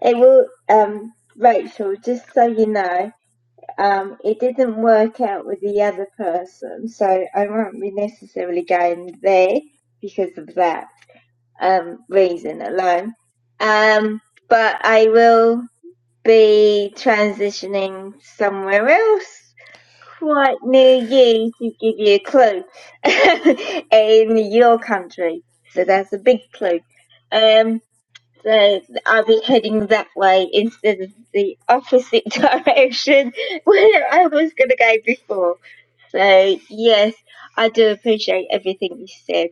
Speaker 11: It will, um, Rachel, just so you know, um, it didn't work out with the other person, so I won't be necessarily going there because of that. um, reason alone. Um, but I will be transitioning somewhere else quite near you to give you a clue <laughs> in your country. So that's a big clue. Um, so I'll be heading that way instead of the opposite <laughs> direction where I was going to go before. So yes, I do appreciate everything you said.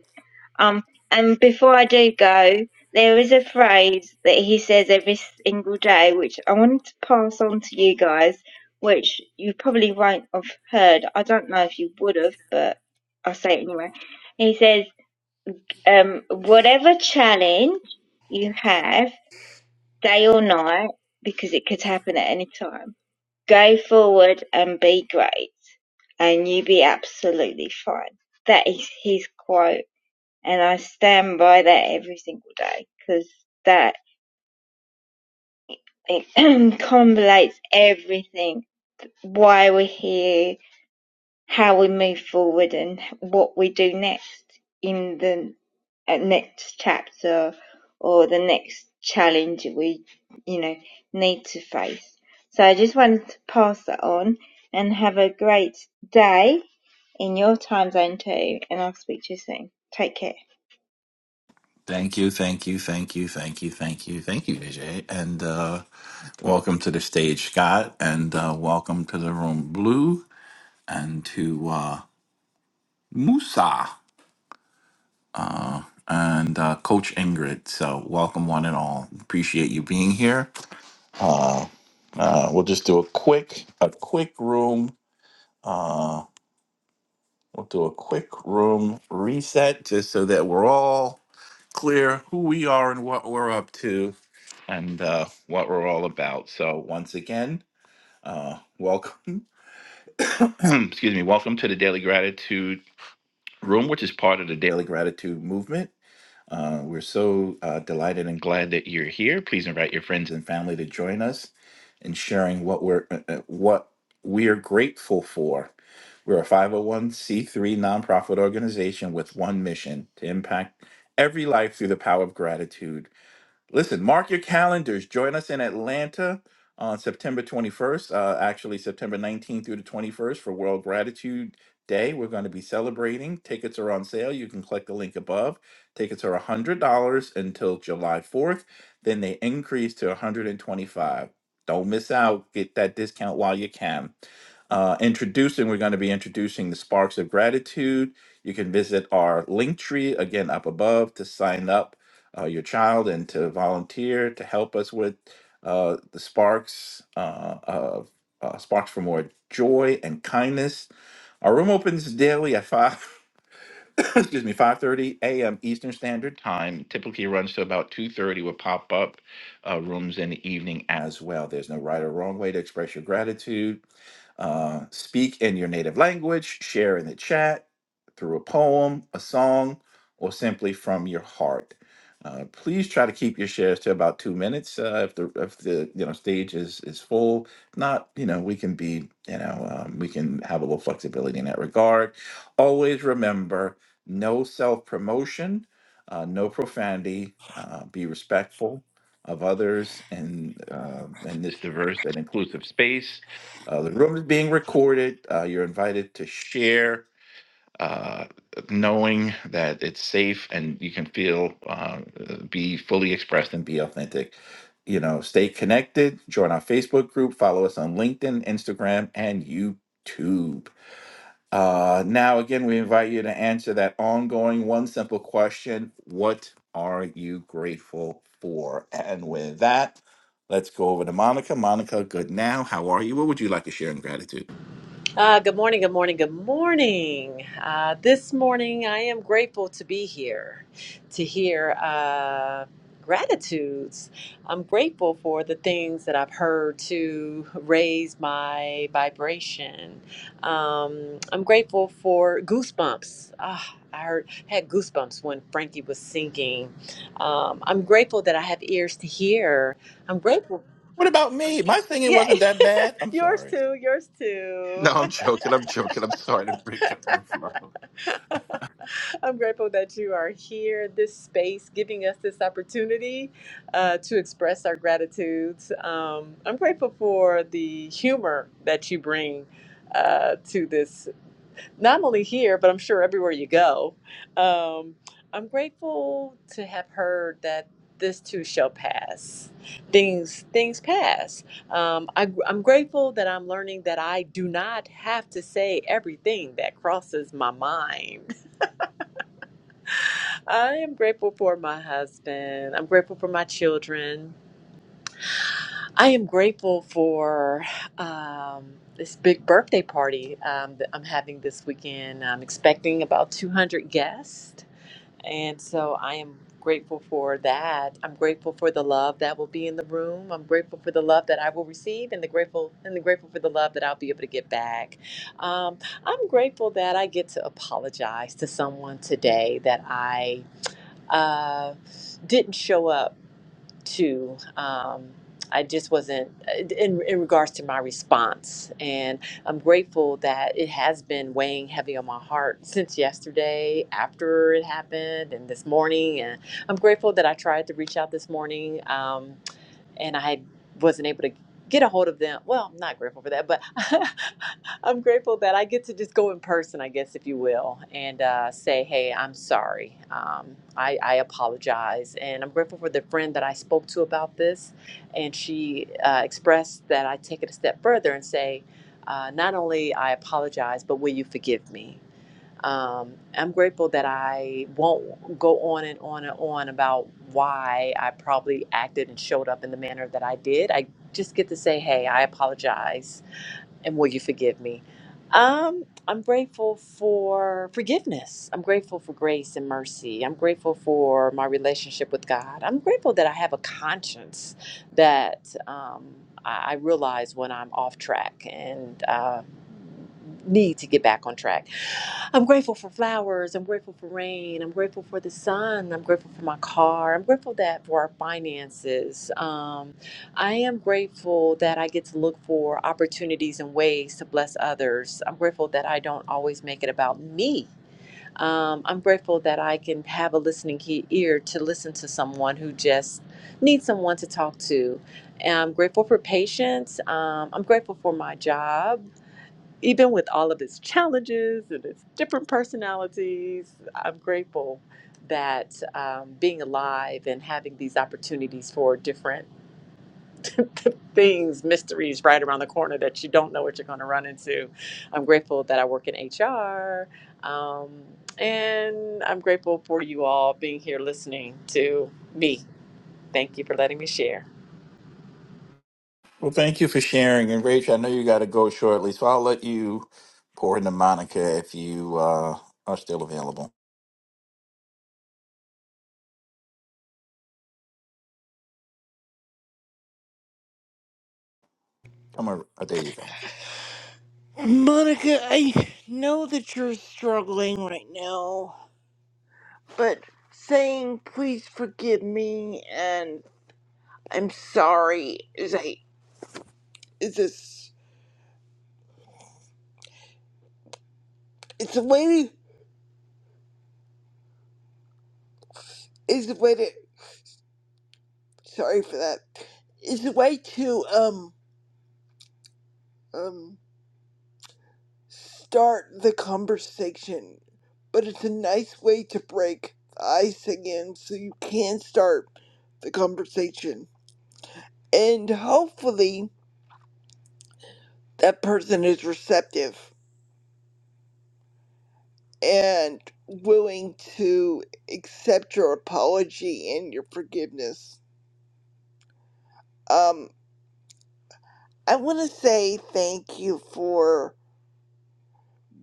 Speaker 11: Um, and before I do go, there is a phrase that he says every single day, which I wanted to pass on to you guys, which you probably won't have heard. I don't know if you would have, but I'll say it anyway. He says, um, whatever challenge you have, day or night, because it could happen at any time, go forward and be great, and you'll be absolutely fine. That is his quote and I stand by that every single day because that it <clears throat> convolutes everything why we're here, how we move forward, and what we do next in the uh, next chapter or the next challenge we you know need to face. So I just wanted to pass that on and have a great day in your time zone too. And I'll speak to you soon. Take care.
Speaker 14: Thank you, thank you, thank you, thank you, thank you, thank you, JJ. And uh, welcome to the stage, Scott. And uh, welcome to the room, Blue, and to uh, Musa. uh, and uh, Coach Ingrid. So, welcome one and all. Appreciate you being here. Uh, uh, we'll just do a quick, a quick room. Uh, we'll do a quick room reset just so that we're all clear who we are and what we're up to and uh, what we're all about. So, once again, uh, welcome. <clears throat> excuse me. Welcome to the Daily Gratitude Room, which is part of the Daily Gratitude Movement. Uh, we're so uh, delighted and glad that you're here. Please invite your friends and family to join us in sharing what we're uh, uh, what we are grateful for. We're a 501c3 nonprofit organization with one mission to impact every life through the power of gratitude. Listen, mark your calendars. Join us in Atlanta on September 21st, uh, actually September 19th through the 21st for World Gratitude Day. We're going to be celebrating. Tickets are on sale. You can click the link above. Tickets are $100 until July 4th. Then they increase to 125 Don't miss out. Get that discount while you can. Uh, introducing, we're going to be introducing the Sparks of Gratitude. You can visit our link tree again up above to sign up uh, your child and to volunteer to help us with uh, the sparks uh, of uh, sparks for more joy and kindness. Our room opens daily at 5 <coughs> excuse me, 5:30 a.m. Eastern Standard Time. Typically runs to about 2:30 with pop-up uh, rooms in the evening as well. There's no right or wrong way to express your gratitude. Uh, speak in your native language, share in the chat through a poem, a song, or simply from your heart. Uh, please try to keep your shares to about two minutes. Uh, if the if the you know stage is is full, not you know we can be you know um, we can have a little flexibility in that regard. Always remember no self promotion, uh, no profanity, uh, be respectful of others and uh, in this diverse and inclusive space. Uh, the room is being recorded. Uh, you're invited to share uh, knowing that it's safe and you can feel, uh, be fully expressed and be authentic. You know, stay connected, join our Facebook group, follow us on LinkedIn, Instagram, and YouTube. Uh, now, again, we invite you to answer that ongoing one simple question What are you grateful for? And with that, let's go over to Monica. Monica, good now. How are you? What would you like to share in gratitude?
Speaker 19: Uh, good morning, good morning, good morning. Uh, this morning, I am grateful to be here to hear uh, gratitudes. I'm grateful for the things that I've heard to raise my vibration. Um, I'm grateful for goosebumps. Ah, I heard, had goosebumps when Frankie was singing. Um, I'm grateful that I have ears to hear. I'm grateful.
Speaker 14: What about me? My singing
Speaker 19: Yeah,
Speaker 14: wasn't that bad.
Speaker 19: <laughs>
Speaker 14: I'm
Speaker 19: yours
Speaker 14: sorry.
Speaker 19: too, yours too.
Speaker 14: No, I'm joking. I'm joking. I'm sorry to break up your flow.
Speaker 19: I'm grateful that you are here, this space, giving us this opportunity uh, to express our gratitudes. Um, I'm grateful for the humor that you bring uh, to this, not only here, but I'm sure everywhere you go. Um, I'm grateful to have heard that this too shall pass. Things things pass. Um, I, I'm grateful that I'm learning that I do not have to say everything that crosses my mind. I am grateful for my husband. I'm grateful for my children. I am grateful for um, this big birthday party um, that I'm having this weekend. I'm expecting about 200 guests. And so I am grateful for that. I'm grateful for the love that will be in the room. I'm grateful for the love that I will receive and the grateful and the grateful for the love that I'll be able to get back. Um, I'm grateful that I get to apologize to someone today that I uh, didn't show up to. Um, I just wasn't uh, in in regards to my response, and I'm grateful that it has been weighing heavy on my heart since yesterday, after it happened, and this morning. And I'm grateful that I tried to reach out this morning. Um, and I wasn't able to get a hold of them. Well, I'm not grateful for that, but <laughs> I'm grateful that I get to just go in person, I guess, if you will, and uh, say, hey, I'm sorry. Um, I, I apologize. And I'm grateful for the friend that I spoke to about this. And she uh, expressed that I take it a step further and say, uh, not only I apologize, but will you forgive me? Um, I'm grateful that I won't go on and on and on about why I probably acted and showed up in the manner that I did. I just get to say, hey, I apologize and will you forgive me? Um, I'm grateful for forgiveness. I'm grateful for grace and mercy. I'm grateful for my relationship with God. I'm grateful that I have a conscience that um, I I realize when I'm off track and uh, need to get back on track. I'm grateful for flowers. I'm grateful for rain. I'm grateful for the sun. I'm grateful for my car. I'm grateful that for our finances. Um, I am grateful that I get to look for opportunities and ways to bless others. I'm grateful that I don't always make it about me. Um, I'm grateful that I can have a listening key ear to listen to someone who just needs someone to talk to. And I'm grateful for patience. Um, I'm grateful for my job even with all of its challenges and its different personalities, I'm grateful that um, being alive and having these opportunities for different <laughs> things, mysteries right around the corner that you don't know what you're going to run into. I'm grateful that I work in HR. Um, and I'm grateful for you all being here listening to me. Thank you for letting me share.
Speaker 14: Well, thank you for sharing. And Rach, I know you got to go shortly, so I'll let you pour into Monica if you uh, are still available. Come on. Oh, there you go.
Speaker 15: Monica, I know that you're struggling right now, but saying please forgive me and I'm sorry is a is this it's a way to is a way to sorry for that is a way to um um start the conversation, but it's a nice way to break the ice again so you can start the conversation and hopefully that person is receptive and willing to accept your apology and your forgiveness. Um, I want to say thank you for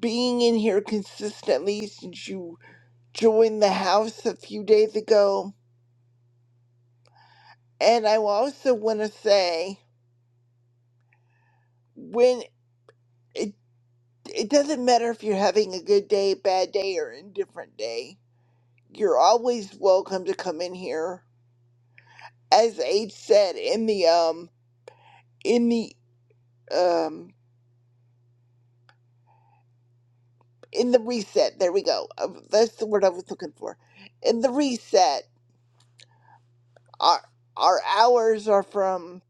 Speaker 15: being in here consistently since you joined the house a few days ago. And I also want to say when it, it doesn't matter if you're having a good day, bad day, or indifferent day, you're always welcome to come in here. As H said in the um in the um in the reset. There we go. Um, That's the word I was looking for. In the reset, our our hours are from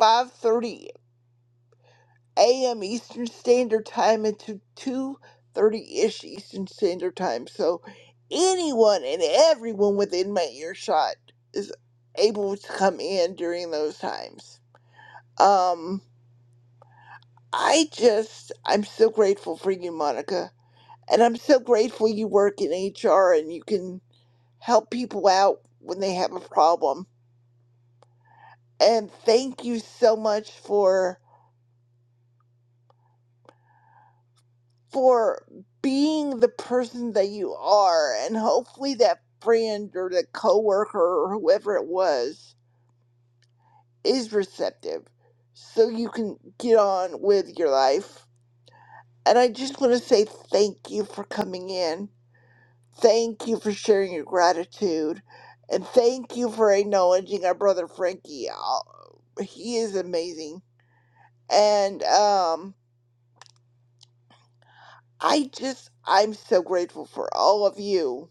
Speaker 15: 5:30 a.m. Eastern Standard Time into 2:30 ish Eastern Standard Time. So anyone and everyone within my earshot is able to come in during those times. Um, I just I'm so grateful for you, Monica, and I'm so grateful you work in HR and you can help people out when they have a problem. And thank you so much for for being the person that you are and hopefully that friend or the coworker or whoever it was is receptive so you can get on with your life. And I just want to say thank you for coming in. Thank you for sharing your gratitude. And thank you for acknowledging our brother Frankie. Uh, He is amazing And um, I just, I'm so grateful for all of you.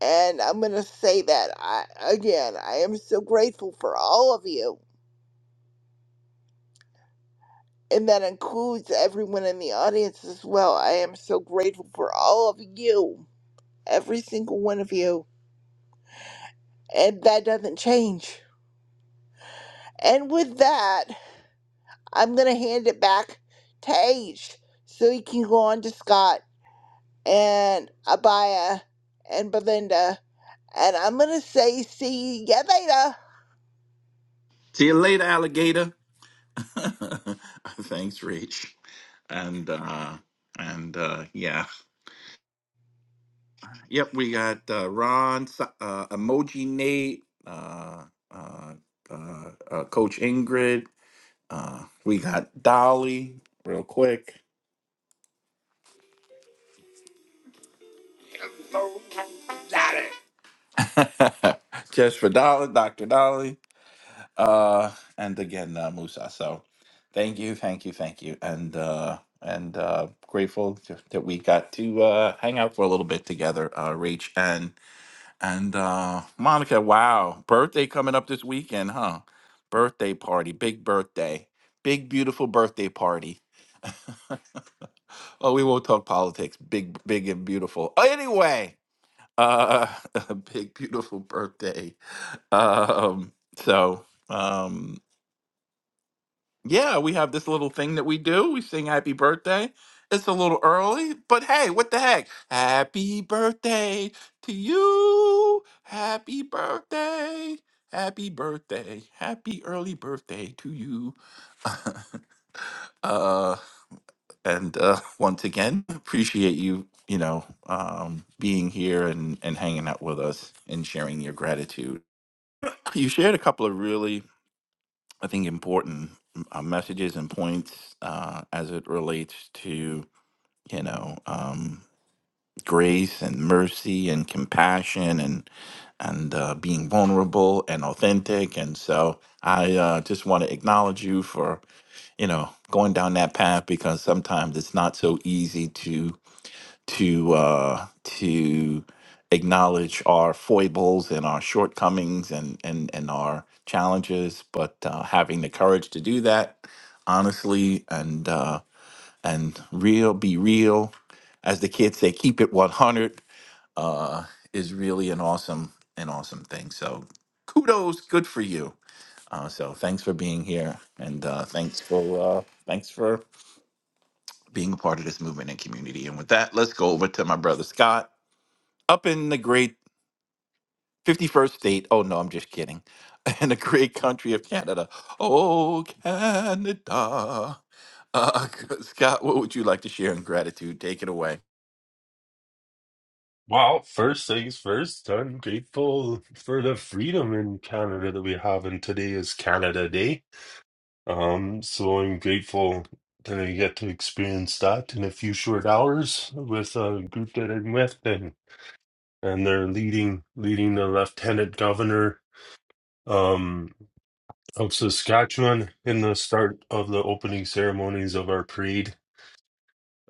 Speaker 15: And I'm going to say that I, again. I am so grateful for all of you. And that includes everyone in the audience as well. I am so grateful for all of you, every single one of you. And that doesn't change. And with that, I'm going to hand it back to H so he can go on to Scott and Abaya and Belinda. And I'm going to say, see ya later.
Speaker 14: See you later, alligator. <laughs> Thanks, Rach. And uh, and uh, yeah, yep. We got uh, Ron, Si- uh, Emoji Nate, uh, uh, uh, uh, Coach Ingrid. Uh, we got Dolly. Real quick. Dolly. <laughs> Just for Dolly, Dr. Dolly, uh, and again, uh, Musa. So thank you, thank you, thank you. And, uh, and uh, grateful to, that we got to uh, hang out for a little bit together, uh, Rach and and uh, Monica. Wow, birthday coming up this weekend, huh? Birthday party, big birthday, big beautiful birthday party. <laughs> oh, we won't talk politics. Big, big and beautiful. Anyway, uh, <laughs> a big beautiful birthday. Um, so um, yeah, we have this little thing that we do. We sing happy birthday. It's a little early, but hey, what the heck? Happy birthday to you. Happy birthday. Happy birthday. Happy early birthday to you. <laughs> uh and uh <laughs> once again appreciate you you know um being here and and hanging out with us and sharing your gratitude You shared a couple of really, I think, important uh, messages and points uh, as it relates to, you know, um, grace and mercy and compassion and and uh, being vulnerable and authentic. And so I uh, just want to acknowledge you for, you know, going down that path because sometimes it's not so easy to uh, to acknowledge our foibles and our shortcomings and and and our challenges, but uh, having the courage to do that honestly and uh, and real, be real, as the kids say, keep it one hundred uh, is really an awesome an awesome thing. So kudos, good for you. Uh, so thanks for being here, and uh, thanks for uh, thanks for being a part of this movement and community. And with that, let's go over to my brother Scott up in the great 51st state. Oh, no, I'm just kidding. <laughs> In the great country of Canada. Oh, Canada. Uh, <laughs> Scott, what would you like to share in gratitude? Take it away.
Speaker 20: Well, first things first, I'm grateful for the freedom in Canada that we have, and today is Canada Day. Um, so I'm grateful that I get to experience that in a few short hours with a group that I'm with, and and they're leading leading the Lieutenant Governor um of Saskatchewan in the start of the opening ceremonies of our parade.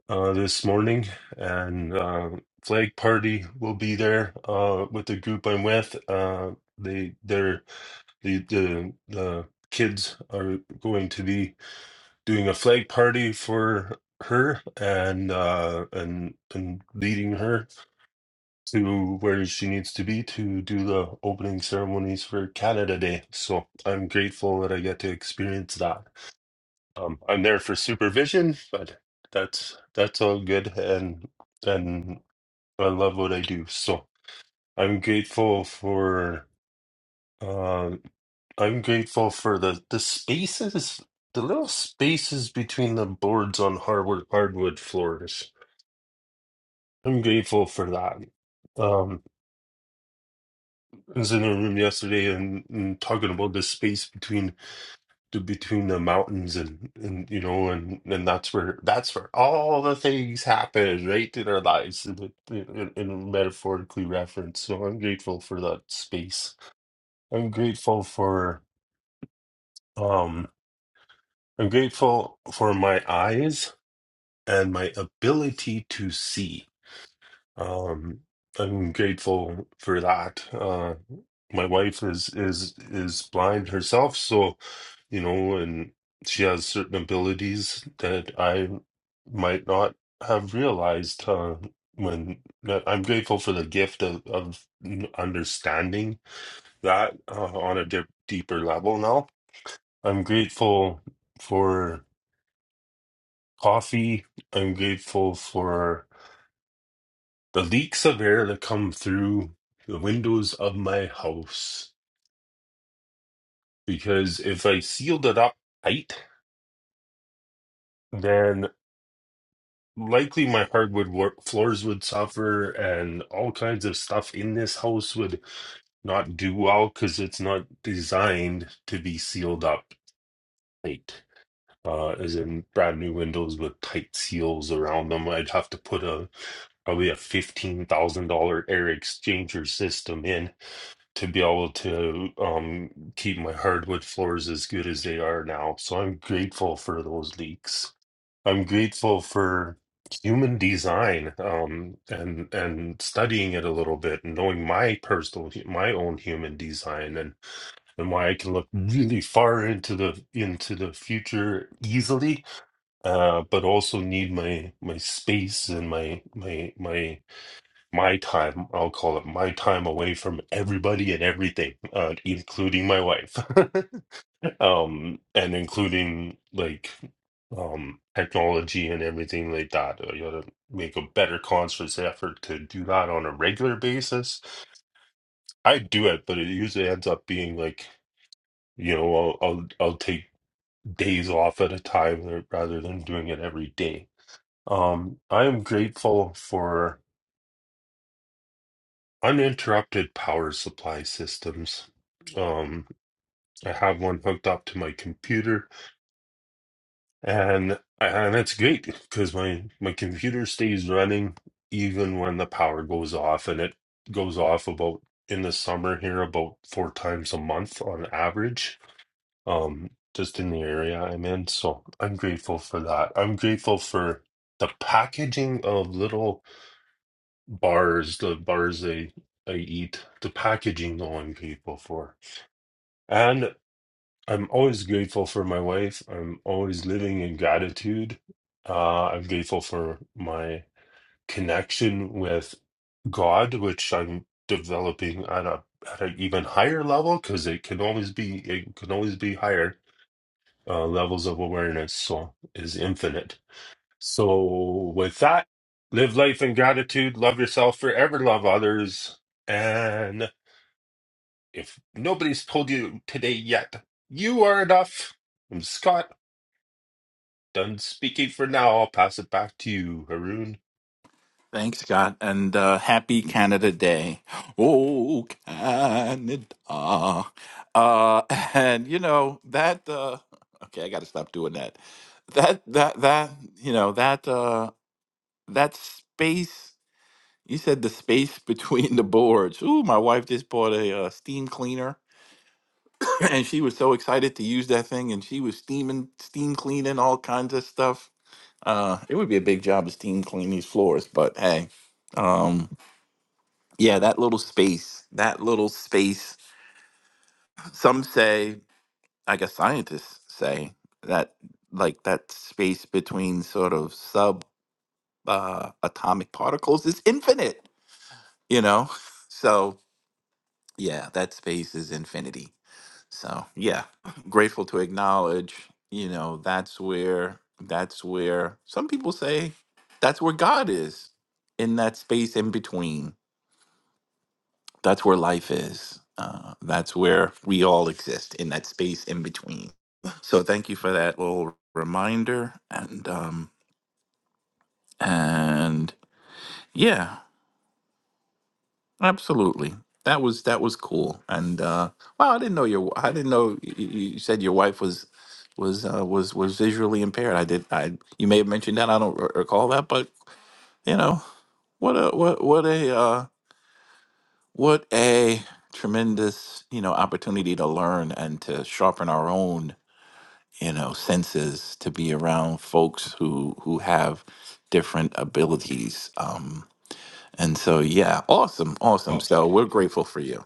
Speaker 20: uh, this morning, and uh, flag party will be there uh, with the group I'm with. Uh, they they're the the the kids are going to be doing a flag party for her and uh and and leading her to where she needs to be to do the opening ceremonies for Canada Day. So I'm grateful that I get to experience that. Um, I'm there for supervision, but that's that's all good, and and I love what I do. So I'm grateful for uh, I'm grateful for the the spaces, the little spaces between the boards on hardwood hardwood floors. I'm grateful for that. Um, I was in a room yesterday and, and talking about the space between to between the mountains and and you know and and that's where that's where all the things happen right in our lives in, the- in, in in metaphorically reference so i'm grateful for that space i'm grateful for um i'm grateful for my eyes and my ability to see Um, I'm grateful for that. Uh, my wife is is is blind herself, so you know, and she has certain abilities that I might not have realized. Uh, when that I'm grateful for the gift of of understanding that uh, on a dip, deeper level now. I'm grateful for coffee. I'm grateful for the leaks of air that come through the windows of my house because if I sealed it up tight, then likely my hardwood wo- floors would suffer and all kinds of stuff in this house would not do well because it's not designed to be sealed up tight. Uh, as in brand new windows with tight seals around them, I'd have to put a probably a fifteen thousand dollar air exchanger system in to be able to um, keep my hardwood floors as good as they are now. So I'm grateful for those leaks. I'm grateful for human design um, and and studying it a little bit and knowing my personal hu- my own human design and and why I can look really far into the into the future easily, uh, but also need my my space and my my my my time, I'll call it my time away from everybody and everything, uh, including my wife, <laughs> um, and including like um, technology and everything like that. uh, You gotta make a better conscious effort to do that on a regular basis. I do it, but it usually ends up being like, you know, I'll I'll, I'll take days off at a time uh, rather than doing it every day. Um, I am grateful for. uninterrupted power supply systems. Um, I have one hooked up to my computer, and and that's great because my my computer stays running even when the power goes off, and it goes off about in the summer here about four times a month on average. Um, just in the area I'm in, so I'm grateful for that. I'm grateful for the packaging of little bars, the bars they I eat, the packaging on people for. And I'm always grateful for my wife. I'm always living in gratitude. Uh, I'm grateful for my connection with God, which I'm developing at a at an even higher level because it can always be it can always be higher uh, levels of awareness. So is infinite. So, with that, live life in gratitude, love yourself, forever love others. And if nobody's told you today yet, you are enough. I'm Scott, done speaking for now. I'll pass it back to you, Haroon.
Speaker 14: Thanks, Scott, and uh, happy Canada Day. Oh, Canada. Uh, and, you know, that, uh, <laughs> okay, I got to stop doing that. That, that, that, you know, that, uh, that space You said the space <laughs> between the boards. Ooh, my wife just bought a uh, steam cleaner, <clears throat> <laughs> and she was so excited to use that thing, and she was steaming, steam cleaning all kinds of stuff. Uh, it would be a big job to steam clean these floors, but hey, um, yeah, that little space, that little space. Some say, I guess scientists say that, like that space between sort of sub uh, atomic particles is infinite. You know, <laughs> so yeah, that space is infinity. So yeah, grateful to acknowledge, you know, that's where that's where some people say that's where God is in that space in between. That's where life is. Uh, that's where we all exist in that space in between. So thank you for that little reminder and um and yeah Absolutely. That was that was cool. And uh wow, I didn't know your I didn't know you, you said your wife was was uh, was was visually impaired. I did I you may have mentioned that. I don't r- recall that, but you know, what a what what a uh what a tremendous, you know, opportunity to learn and to sharpen our own, you know, senses to be around folks who who have different abilities. Um and so yeah, awesome, awesome.
Speaker 20: Oh,
Speaker 14: So we're grateful for you.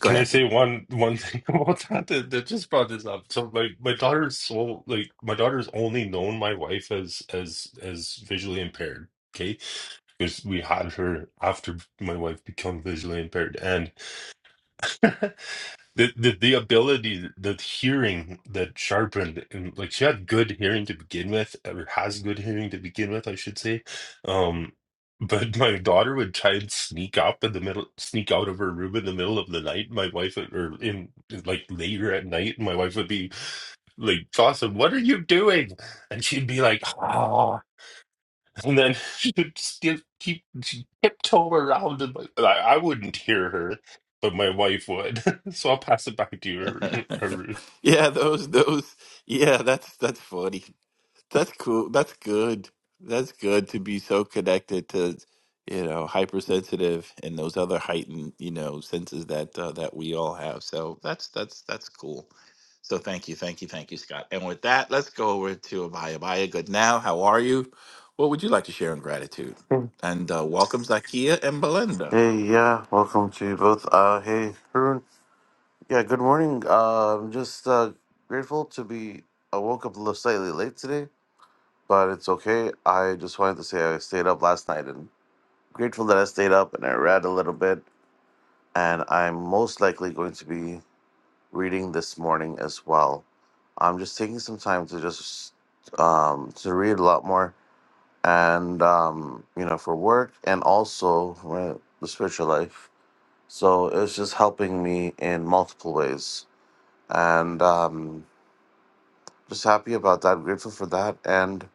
Speaker 14: Go
Speaker 20: can I
Speaker 14: ahead.
Speaker 20: say one one thing <laughs> about that, that that just brought this up? So my my daughter's so like my daughter's only known my wife as as as visually impaired. Okay, because we had her after my wife became visually impaired, and <laughs> the the the ability the hearing that sharpened and like she had good hearing to begin with or has good hearing to begin with i should say um but <laughs> my daughter would try and sneak up in the middle sneak out of her room in the middle of the night my wife would, or in like later at night my wife would be like dawson what are you doing and she'd be like "Ah." And then she would still keep she tiptoe around. And like, I I wouldn't hear her, but my wife would. <laughs> So I'll pass it back to you, Arun.
Speaker 14: <laughs> yeah, those those yeah, that's that's funny. That's cool. That's good. That's good to be so connected to you know hypersensitive and those other heightened you know senses that uh, that we all have. So that's that's that's cool. So thank you, thank you, thank you, Scott. And with that, let's go over to Abaya. Abaya, good now. How are you? What would you like to share in gratitude?
Speaker 21: Hey,
Speaker 14: And uh, welcome, Zakia and Belinda.
Speaker 21: yeah, welcome to you both. Uh, hey, Haroon. Yeah, good morning. Uh, I'm just uh, grateful to be. I woke up a little slightly late today, but it's okay. I just wanted to say I stayed up last night and grateful that I stayed up and I read a little bit. And I'm most likely going to be reading this morning as well. I'm just taking some time to just um, to read a lot more and, um, you know, for work and also for the spiritual life So it's just helping me in multiple ways, and um, just happy about that. Grateful for that, and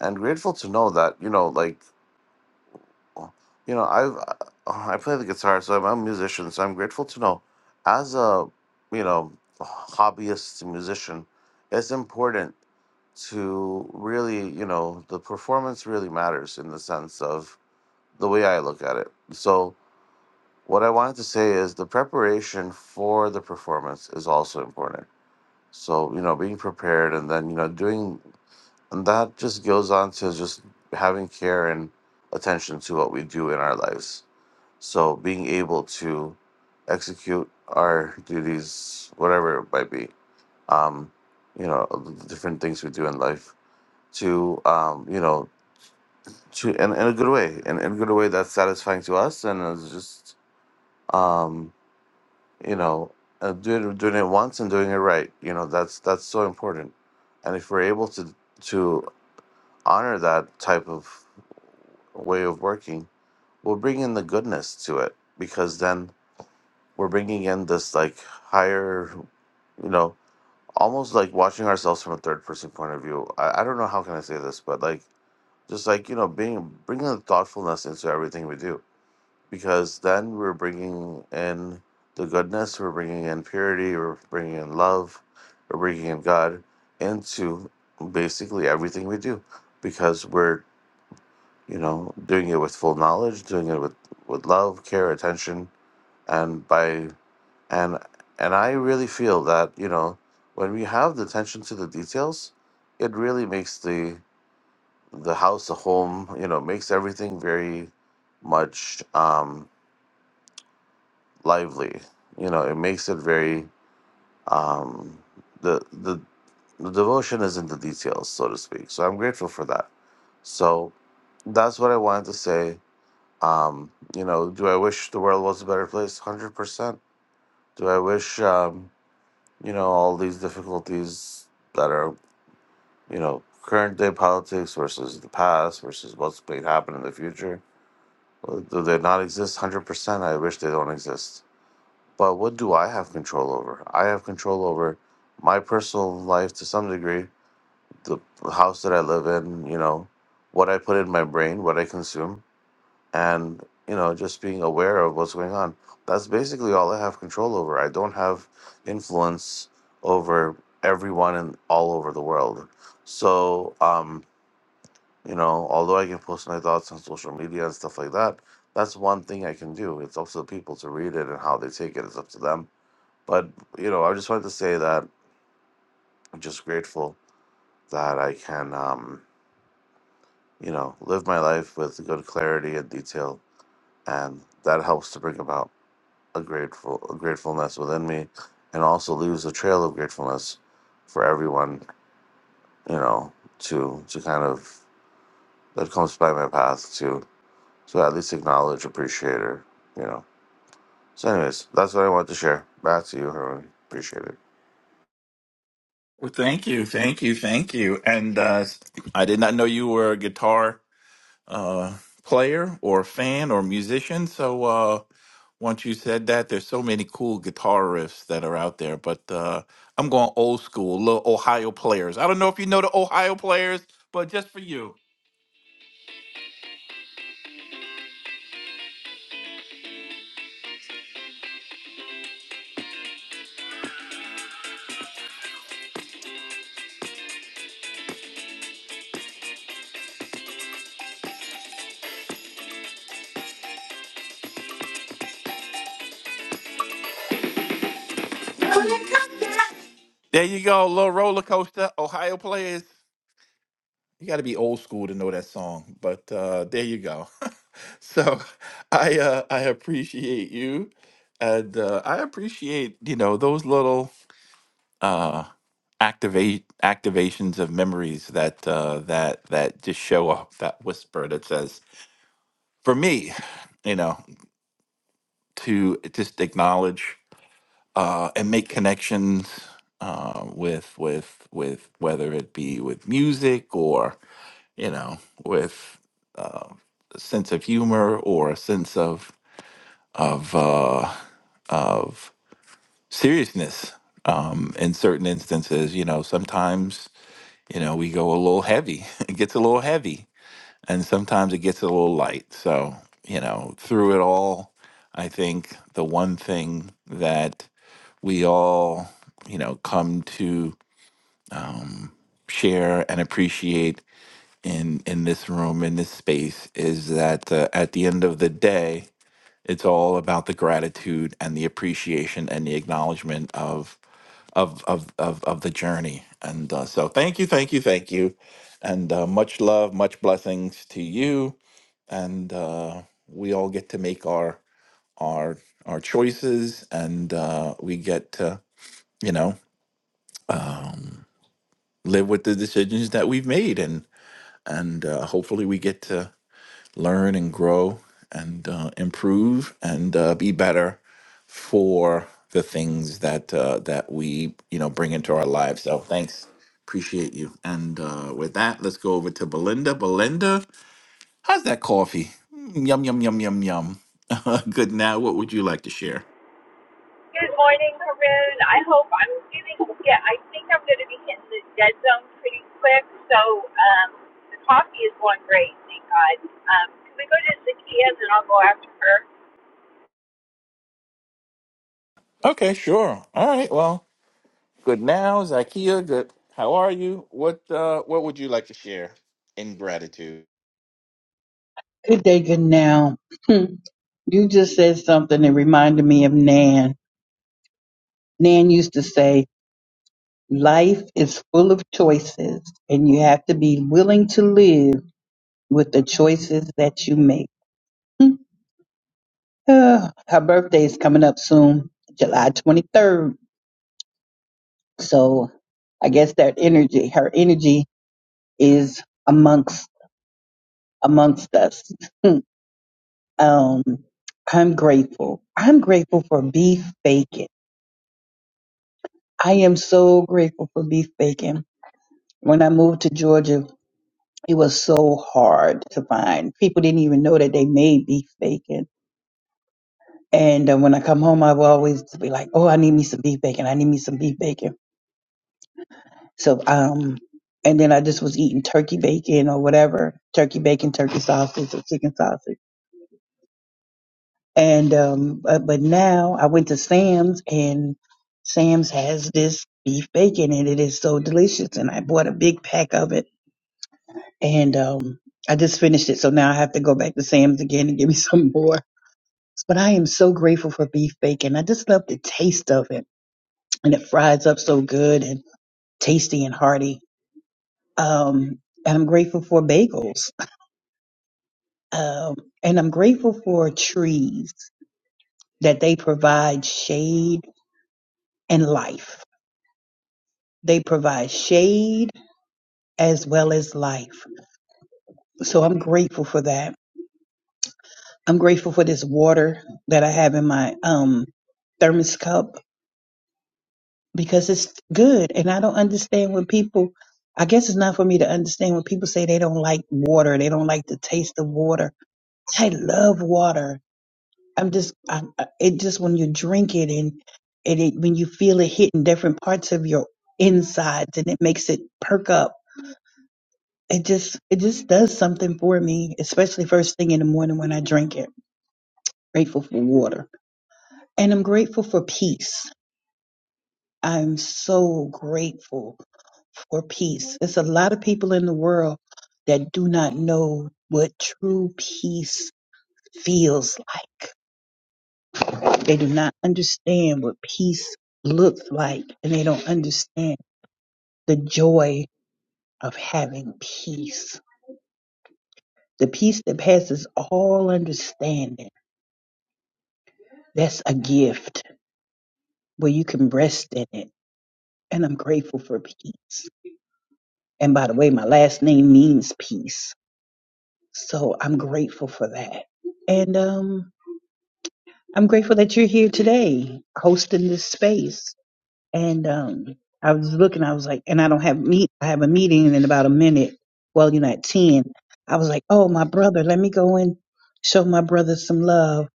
Speaker 21: and grateful to know that you know, like, you know, I've I I play the guitar, so I'm I'm a musician. So I'm grateful to know, as a you know, hobbyist musician, it's important to really you know the performance really matters in the sense of the way I look at it. So What I wanted to say is the preparation for the performance is also important. So, you know, being prepared and then, you know, doing, and that just goes on to just having care and attention to what we do in our lives. So, being able to execute our duties, whatever it might be, um, you know, the different things we do in life to, um, you know, to, in, in a good way, in, in a good way that's satisfying to us and is just, um, you know, uh, doing doing it once and doing it right. You know, that's that's so important. And if we're able to to honor that type of way of working, we'll bring in the goodness to it because then we're bringing in this like higher, you know, almost like watching ourselves from a third person point of view. I, I don't know how can I say this, but like just like you know, being bringing the thoughtfulness into everything we do because then we're bringing in the goodness, we're bringing in purity, we're bringing in love, we're bringing in God into basically everything we do because we're, you know, doing it with full knowledge, doing it with, with love, care, attention, and by and and I really feel that, you know, when we have the attention to the details, it really makes the the house a home, you know, makes everything very much Um, lively. You know, it makes it very um, the the the devotion is in the details, so to speak. So I'm grateful for that. So that's what I wanted to say. Um, you know, do I wish the world was a better place? Hundred percent. Do I wish um, you know all these difficulties that are you know current day politics versus the past versus what's going to happen in the future? uh, Do they not exist? Hundred percent. I wish they don't exist But what do I have control over? I have control over my personal life to some degree, the house that I live in, you know, what I put in my brain, what I consume, and, you know, just being aware of what's going on. That's basically all I have control over. I don't have influence over everyone in all over the world. So, um, you know, although I can post my thoughts on social media and stuff like that, that's one thing I can do. It's up to the people to read it and how they take it. It's up to them but you know i just wanted to say that i'm just grateful that i can um you know live my life with good clarity and detail and that helps to bring about a grateful a gratefulness within me and also leaves a trail of gratefulness for everyone you know to to kind of that comes by my path to to at least acknowledge appreciate or you know so anyways that's what i wanted to share back to you herman appreciate it
Speaker 14: Well, thank you, thank you, thank you. And uh, I did not know you were a guitar uh, player or fan or musician. So uh, once you said that, there's so many cool guitar riffs that are out there. But uh, I'm going old school, little Ohio players. I don't know if you know the Ohio players, but just for you, there you go, little roller coaster, Ohio players. you got to be old school to know that song but uh there you go <laughs> so i uh i appreciate you and uh i appreciate you know those little uh activate activations of memories that uh that that just show up that whisper that says for me you know to just acknowledge uh and make connections uh with with with whether it be with music you know, with uh, a sense of humor or a sense of of uh, of seriousness. Um, in certain instances, you know, sometimes you know we go a little heavy. <laughs> It gets a little heavy, and sometimes it gets a little light. So you know, through it all, I think the one thing that we all you know come to um, share and appreciate in in this room in this space is that uh, at the end of the day it's all about the gratitude and the appreciation and the acknowledgement of of of of, of the journey and uh, so thank you thank you thank you and uh, much love much blessings to you and uh, we all get to make our our our choices and uh, we get to you know um, live with the decisions that we've made and and uh, hopefully we get to learn and grow and uh, improve and uh, be better for the things that uh, that we you know bring into our lives. So thanks, appreciate you. And uh, with that, let's go over to Belinda. Belinda, how's that coffee? Mm, Yum yum yum yum yum. <laughs> good now. What would you like to share?
Speaker 22: Good morning, Haroon. I hope I'm feeling yeah, I think I'm gonna be hitting the dead zone pretty quick. So um the coffee is going great, thank God. Um can we go to Zacchaeus and I'll go after her?
Speaker 14: Okay, sure. All right. Well, good now, Zakia. Good. How are you? What uh, What would you like to share in gratitude?
Speaker 23: Good day, good now. <clears throat> you just said something that reminded me of Nan. Nan used to say, Life is full of choices, and you have to be willing to live with the choices that you make. <clears throat> Ah, <sighs> Her birthday is coming up soon, July 23rd. So I guess that energy, her energy is amongst amongst us. <laughs> um, I'm grateful. I'm grateful for beef bacon. I am so grateful for beef bacon. When I moved to Georgia, it was so hard to find. People didn't even know that they made beef bacon. And uh, when I come home, I will always be like, "Oh, I need me some beef bacon. I need me some beef bacon." So, um, and then I just was eating turkey bacon or whatever, turkey bacon, turkey sausage, or chicken sausage. And um, but, but now I went to Sam's, and Sam's has this beef bacon, and it is so delicious. And I bought a big pack of it and um, I just finished it. So now I have to go back to Sam's again and give me <laughs> some more. But I am so grateful for beef bacon. I just love the taste of it, and it fries up so good and tasty and hearty. Um, and I'm grateful for bagels, um, and I'm grateful for trees that they provide shade and life. They provide shade as well as life. So I'm grateful for that. I'm grateful for this water that I have in my um, thermos cup because it's good. And I don't understand when people, I guess it's not for me to understand when people say they don't like water, they don't like the taste of water. I love water. I'm just, I, I- it just when you drink it and, and it, when you feel it hitting different parts of your insides and it makes it perk up. It just, it just does something for me, especially first thing in the morning when I drink it. Grateful for water. And I'm grateful for peace. I'm so grateful for peace. There's a lot of people in the world that do not know what true peace feels like. They do not understand what peace looks like, and they don't understand the joy of having peace. The peace that passes all understanding, that's a gift where you can rest in it. And I'm grateful for peace. And by the way, my last name means peace. So I'm grateful for that. And um, I'm grateful that you're here today hosting this space. And um, I was looking, I was like, and I don't have meet, I have a meeting in about a minute. Well, you know, at 10. I was like, oh, my brother, let me go and show my brother some love.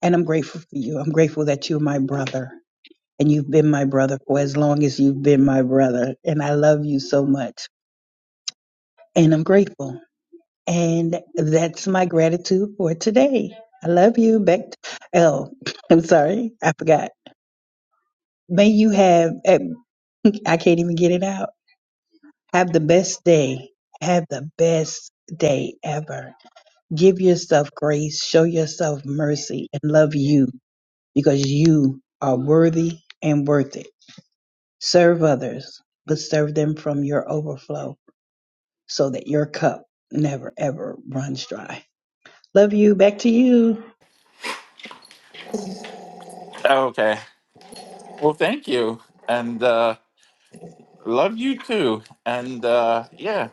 Speaker 23: And I'm grateful for you. I'm grateful that you're my brother. And you've been my brother for as long as you've been my brother. And I love you so much. And I'm grateful. And that's my gratitude for today. I love you. Back to L. <laughs> I'm sorry, I forgot. May you have, eh, I can't even get it out. Have the best day. Have the best day ever. Give yourself grace, show yourself mercy, and love you because you are worthy and worth it. Serve others, but serve them from your overflow so that your cup never ever runs dry. Love you. Back to you,
Speaker 14: Okay. Well, thank you. And uh, Love you too. And uh yeah.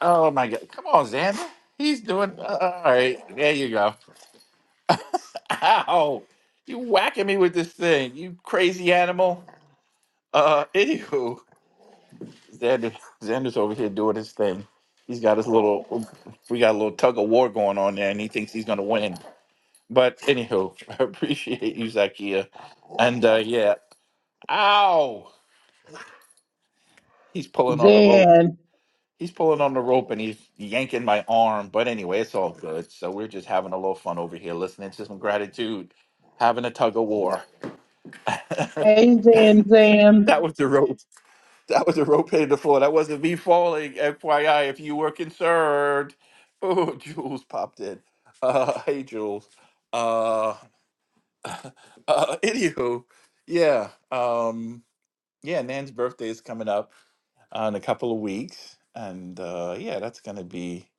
Speaker 14: Oh my god. Come on, Xander. He's doing uh, all right. There you go. <laughs> Ow. You whacking me with this thing, you crazy animal. Uh <laughs> anywho, Xander Xander's over here doing his thing. He's got his little we got a little tug of war going on there and he thinks he's gonna win. But anywho, <laughs> I appreciate you, Zakia. And uh yeah. Ow! He's pulling on the rope.
Speaker 23: Zan.
Speaker 14: He's pulling on the rope and he's yanking my arm. But anyway, it's all good. So we're just having a little fun over here, listening to some gratitude, having a tug of war. <laughs> that
Speaker 23: Hey, Zan Zan.
Speaker 14: was the rope. That was the rope hitting the floor. That wasn't me falling. FYI, if you were concerned. Oh, <laughs> Jules popped in. Uh, hey, Jules. Uh, <laughs> uh, anywho, yeah. Um, yeah, Nan's birthday is coming up uh, in a couple of weeks. And uh, yeah, that's going to be.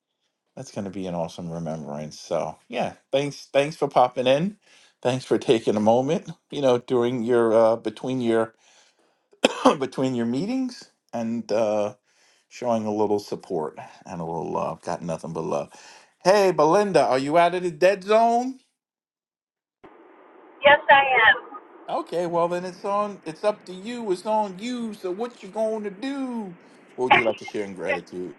Speaker 14: That's going to be an awesome remembrance. So, yeah, thanks thanks for popping in. Thanks for taking a moment, you know, during your uh between your <clears throat> between your meetings and uh showing a little support and a little love. Got nothing but love. Hey, Belinda, are you out of the dead zone?
Speaker 22: Yes I am.
Speaker 14: Okay, well then it's on it's up to you. It's on you. So what you going to do? What would you like to
Speaker 22: <laughs>
Speaker 14: share in gratitude?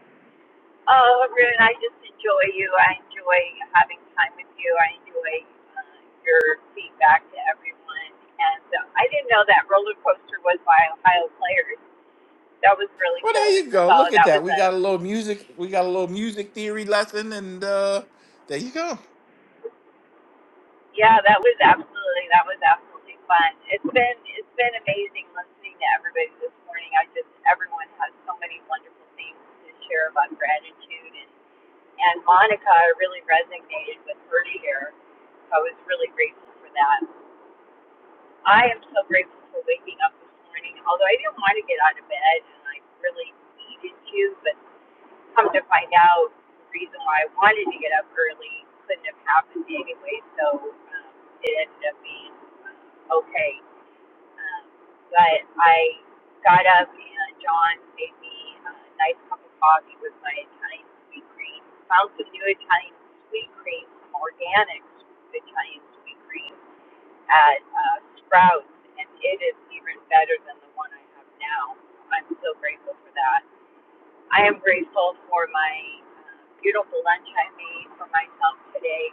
Speaker 22: oh Haroon, I just enjoy you. I enjoy having time with you. I enjoy uh, your feedback to everyone. And uh, I didn't know that roller coaster was by Ohio Players. That was really
Speaker 14: Well, there
Speaker 22: cool.
Speaker 14: you go.
Speaker 22: So
Speaker 14: Look at
Speaker 22: that was
Speaker 14: that. We
Speaker 22: a
Speaker 14: got a little music. We got a little music theory lesson and uh there you go.
Speaker 22: Yeah, that was absolutely that was absolutely fun. It's been it's been amazing listening to everybody this morning. I just everyone has so many wonderful things to share about gratitude and and Monica I really resonated with her here. I was really grateful for that. I am so grateful for waking up this morning. Although I didn't want to get out of bed and I really needed to, but come to find out the reason why I wanted to get up early couldn't have happened anyway. So um, it ended up being okay. Um, but I got up and John made me a nice cup of coffee with my Italian sweet cream. Found some new Italian sweet cream, some organic Italian sweet cream at uh, Sprouts, and it is even better than the one I have now. I'm so grateful for that. I am grateful for my uh, beautiful lunch I made for myself today.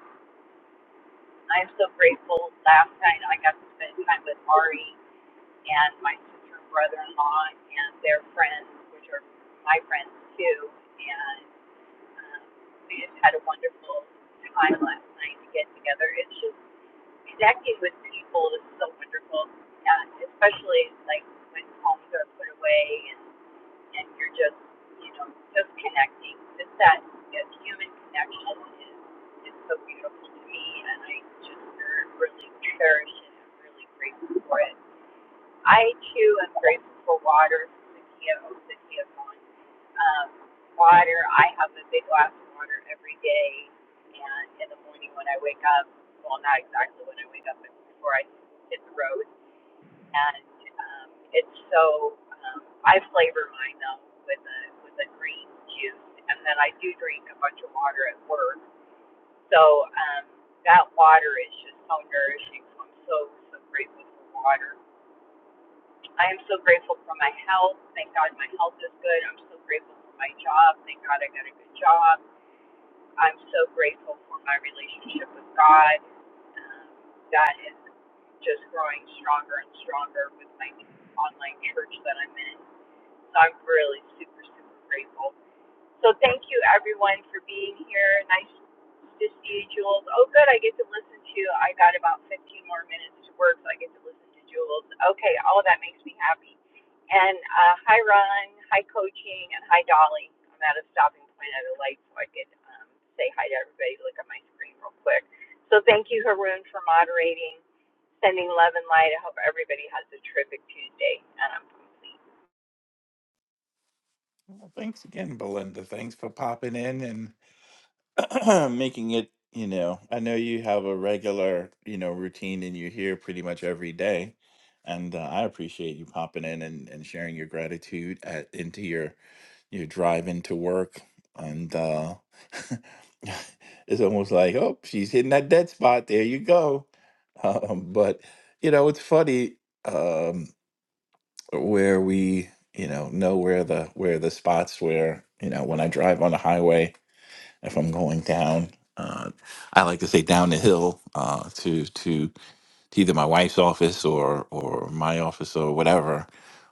Speaker 22: I'm so grateful. Last night I got to spend time with Ari and my sister and brother-in-law and their friends, which are my friends too. And um, we just had a wonderful time last night to get together. It's just connecting with people is so wonderful, uh, especially like when homes are put away and, and you're just, you know, just connecting. Just that, that human connection is, is so beautiful to me, and I just uh, really cherish it. I'm really grateful for it. I too am grateful for water from the Kiowa, the Kiowan. Um, water, I have a big glass of water every day, and in the morning when I wake up, well, not exactly when I wake up, but before I hit the road, and um, it's so um, I flavor mine though with a with a green juice, and then I do drink a bunch of water at work, so um, that water is just so nourishing. So I'm so so grateful for water I am so grateful for my health. Thank God my health is good. I'm so grateful for my job. Thank God I got a good job. I'm so grateful for my relationship with God. Um, that is just growing stronger and stronger with my online church that I'm in. So I'm really super, super grateful. So thank you everyone for being here. Nice to see you, Jules. Oh, good. I get to listen to. I got about 15 more minutes to work, so I get to listen to Jules. Okay, all of that makes me happy. And uh, hi, Ron. Hi, coaching, and hi, Dolly. I'm at a stopping point at a light, so I could um, say hi to everybody. Look at my screen real quick. So thank you, Haroon, for moderating, sending love and light. I hope everybody has a terrific Tuesday, and I'm complete.
Speaker 14: Well, thanks again, Belinda. Thanks for popping in and <clears throat> making it, you know, I know you have a regular, you know, routine and you're here pretty much every day. And uh, I appreciate you popping in and, and sharing your gratitude at, into your, your drive into work. And uh, <laughs> it's almost like, oh, she's hitting that dead spot. There you go. <laughs> Um, but, you know, it's funny. um, where we you know know where the where the spots where you know when i drive on the highway if i'm going down uh, i like to say down the hill uh, to to to either my wife's office or or my office or whatever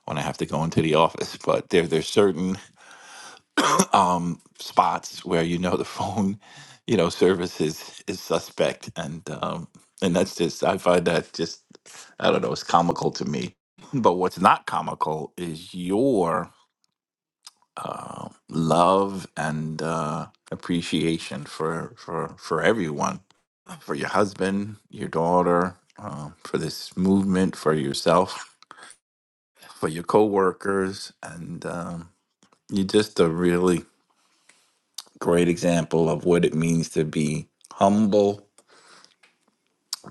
Speaker 14: when i have to go into the office but there there's certain um, spots where you know the <laughs> phone, you know, service is is suspect, and um, and that's just I find that just I don't know, it's comical to me. But what's not comical is your uh, love and uh, appreciation for for for everyone, for your husband, your daughter, uh, for this movement, for yourself, for your coworkers, and um, you're just a really great example of what it means to be humble,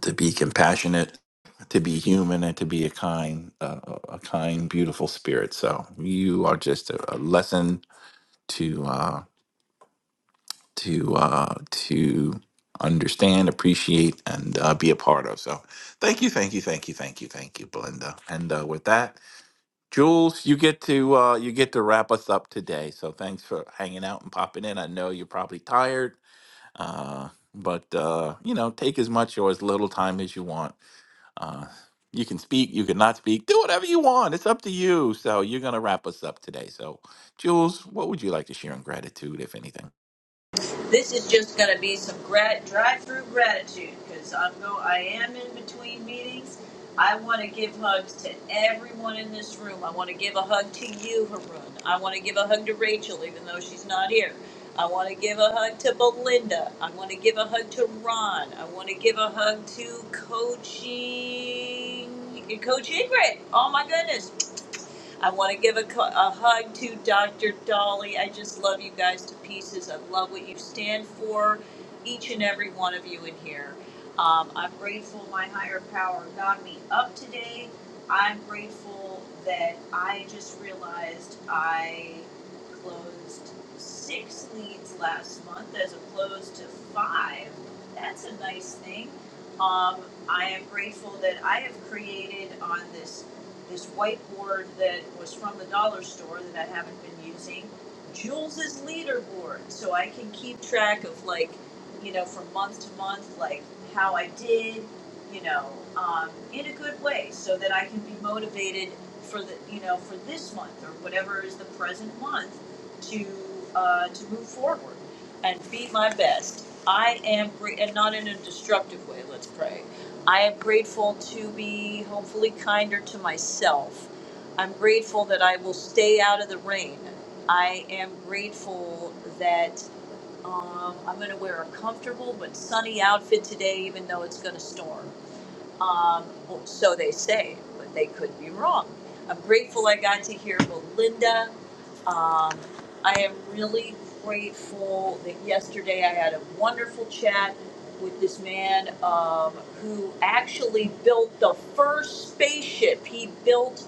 Speaker 14: to be compassionate, to be human, and to be a kind, uh, a kind, beautiful spirit. So you are just a, a lesson to uh, to uh, to understand, appreciate, and uh, be a part of. So thank you, thank you, thank you, thank you, thank you, Belinda. And uh, with that, Jules, you get to uh, you get to wrap us up today. So thanks for hanging out and popping in. I know you're probably tired Uh, but uh, you know, take as much or as little time as you want. Uh, you can speak, you can not speak, do whatever you want. It's up to you. So you're gonna wrap us up today. So, Jules, what would you like to share in gratitude, if anything?
Speaker 24: This is just going to be some grat- drive-through gratitude because I'm go. I am in between meetings. I want to give hugs to everyone in this room. I want to give a hug to you, Harun. I want to give a hug to Rachel, even though she's not here. I want to give a hug to Belinda. I want to give a hug to Ron. I want to give a hug to coaching, Coach Ingrid. Oh my goodness, I want to give a, cu- a hug to Dr. Dolly. I just love you guys to pieces. I love what you stand for, each and every one of you in here. Um, I'm grateful my higher power got me up today. I'm grateful that I just realized I closed six leads last month as opposed to five. That's a nice thing. Um, I am grateful that I have created on this this whiteboard that was from the dollar store that I haven't been using, Jules's leaderboard, so I can keep track of like, you know, from month to month, like how I did, you know, um, in a good way, so that I can be motivated for the, you know, for this month or whatever is the present month to uh, to move forward and be my best. I am great, and not in a destructive way. Let's pray. I am grateful to be hopefully kinder to myself. I'm grateful that I will stay out of the rain. I am grateful that um, I'm going to wear a comfortable but sunny outfit today, even though it's going to storm. Um, so they say, but they could be wrong. I'm grateful I got to hear Belinda. Um, I am really grateful that yesterday I had a wonderful chat with this man um, who actually built the first spaceship. He built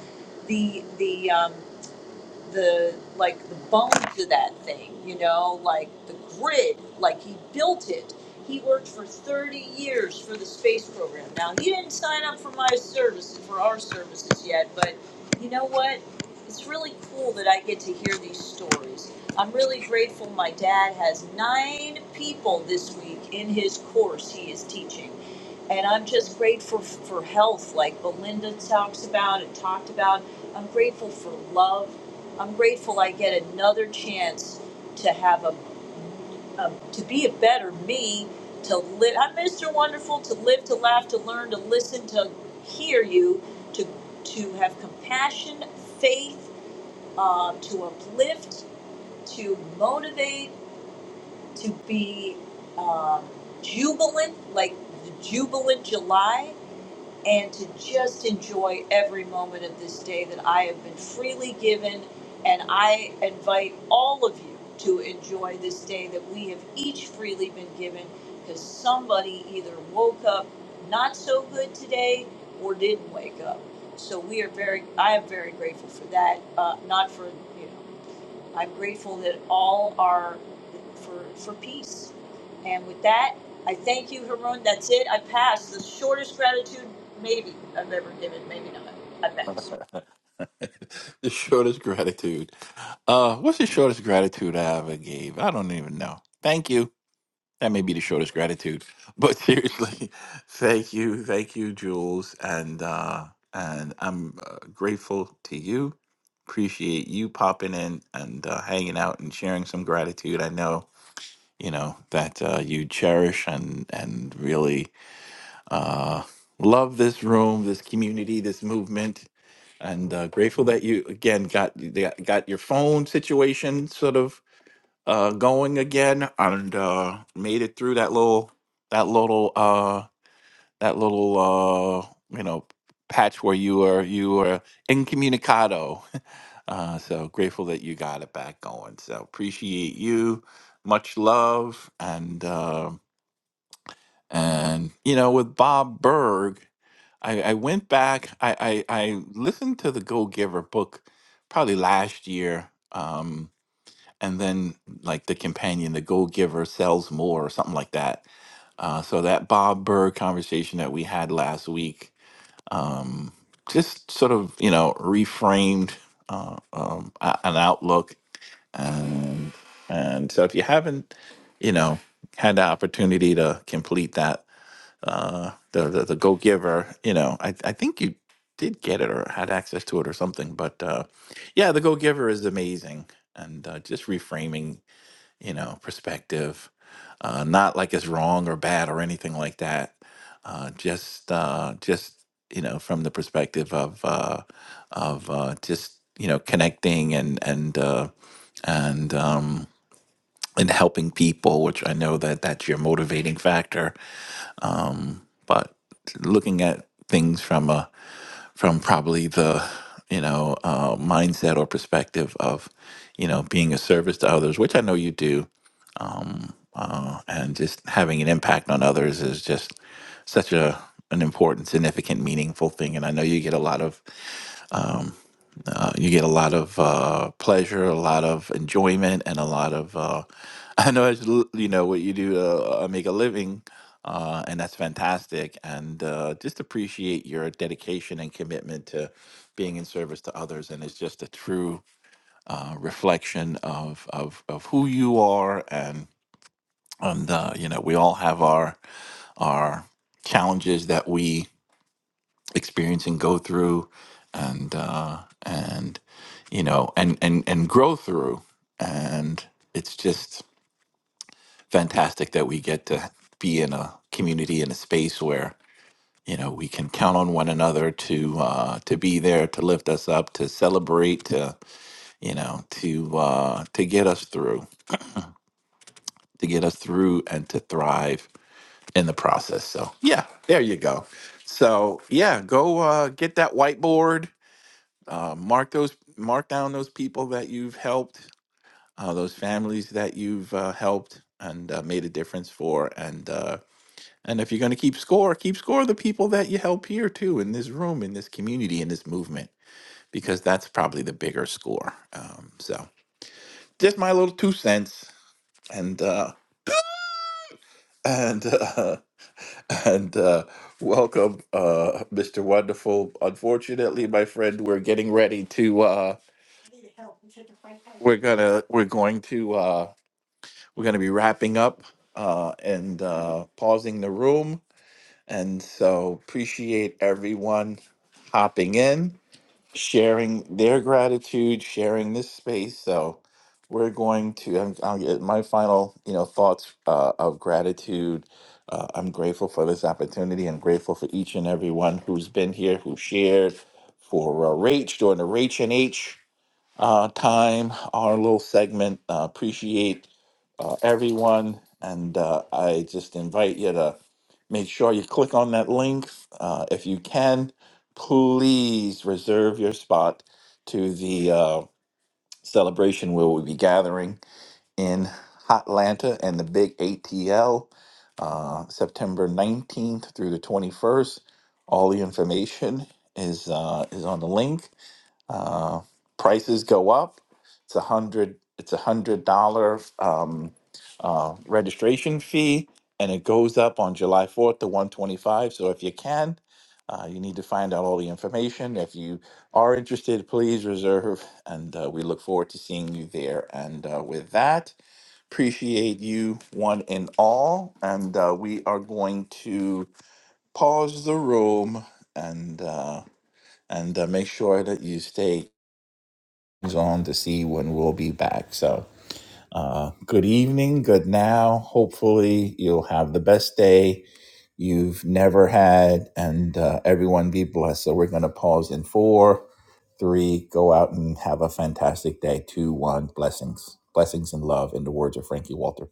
Speaker 24: the the um, the like the bones of that thing, you know, like the grid, like he built it. He worked for 30 years for the space program. Now he didn't sign up for my services, for our services yet, but you know what? It's really cool that I get to hear these stories. I'm really grateful my dad has nine people this week in his course he is teaching. And I'm just grateful f- for health, like Belinda talks about and talked about. I'm grateful for love. I'm grateful I get another chance to have a, a to be a better me, to live. I'm Mr. Wonderful to live, to laugh, to learn, to listen, to hear you, to to have compassion, faith, um, to uplift, to motivate, to be um, jubilant, like the jubilant July and to just enjoy every moment of this day that I have been freely given. And I invite all of you to enjoy this day that we have each freely been given because somebody either woke up not so good today or didn't wake up. So we are very, I am very grateful for that. Uh, not for, you know, I'm grateful that all are for, for peace. And with that, I thank you, Haroon. That's it. I passed the shortest gratitude maybe I've ever given. Maybe not. I passed.
Speaker 14: <laughs> the shortest gratitude. Uh, what's the shortest gratitude I ever gave? I don't even know. Thank you. That may be the shortest gratitude, but <laughs> seriously, thank you, thank you, Jules, and uh, and I'm uh, grateful to you. Appreciate you popping in and uh, hanging out and sharing some gratitude. I know you know that uh, you cherish and and really uh, love this room, this community, this movement, and uh, grateful that you again got got got your phone situation sort of uh going again and uh made it through that little that little uh that little uh you know patch where you were you were incommunicado <laughs> uh so grateful that you got it back going so appreciate you much love and uh and you know with bob berg i i went back i i, I listened to the go giver book probably last year Um, and then like the companion, the go giver, sells more or something like that. Uh, so that Bob Burr conversation that we had last week um, just sort of you know reframed uh, um, a- an outlook, and and so if you haven't you know had the opportunity to complete that uh, the the, the go giver, you know I I think you did get it or had access to it or something, but uh, yeah, the go giver is amazing, and uh, just reframing you know, perspective. Uh, not like it's wrong or bad or anything like that. Uh, just, uh, just you know, from the perspective of uh, of uh, just you know connecting and and uh, and um, and helping people, which I know that that's your motivating factor. Um, but looking at things from a from probably the you know uh, mindset or perspective of you know being a service to others, which I know you do, uh, and just having an impact on others is just such a an important, significant, meaningful thing. And I know you get a lot of um, uh, you get a lot of uh, pleasure, a lot of enjoyment, and a lot of uh, <laughs> I know it's, l- you know what you do to uh, make a living. Uh, and that's fantastic. And uh, just appreciate your dedication and commitment to being in service to others. And it's just a true uh, reflection of, of of who you are and uh, you know we all have our our challenges that we experience and go through and uh, and you know and and and grow through and it's just fantastic that we get to be in a community in a space where you know we can count on one another to uh, to be there to lift us up to celebrate to you know to uh, to get us through to get us through and to thrive in the process. So yeah, there you go. So yeah, go uh, get that whiteboard. Uh, mark those, mark down those people that you've helped, uh, those families that you've uh, helped and uh, made a difference for, and uh, and if you're going to keep score, keep score of the people that you help here too in this room, in this community, in this movement, because that's probably the bigger score. Um, so just my little two cents, and uh, and. <laughs> uh, and uh, welcome, uh, Mr. Wonderful. Unfortunately, my friend, we're getting ready to. Uh, we're gonna. We're going to. Uh, we're gonna be wrapping up uh, and uh, pausing the room. And so appreciate everyone hopping in sharing their gratitude, sharing this space. So we're going to. I'm, I'll get my final, you know, thoughts uh, of gratitude. Uh, I'm grateful for this opportunity. I'm grateful for each and every one who's been here, who shared, for uh, Rach during the Rach and H uh, time, our little segment. Uh, appreciate uh, everyone. And uh, I just invite you to make sure you click on that link. Uh, if you can, please reserve your spot to the uh, celebration where we'll be gathering in Hotlanta and the big ATL uh, September 19th through the 21st. All the information is uh, is on the link. Uh, prices go up. It's a hundred. It's a hundred dollar um, uh, registration fee, and it goes up on July fourth to one twenty five. So if you can, uh, you need to find out all the information. If you are interested, please reserve, and uh, we look forward to seeing you there. And uh, with that, appreciate you one and all, and uh, we are going to pause the room and. Uh, and uh, make sure that you stay on to see when we'll be back. So, uh, good evening, good now. Hopefully, you'll have the best day you've never had, and uh, everyone be blessed. So, we're going to pause in four, three, go out and have a fantastic day. Two, one, blessings. Blessings and love, in the words of Frankie Walter.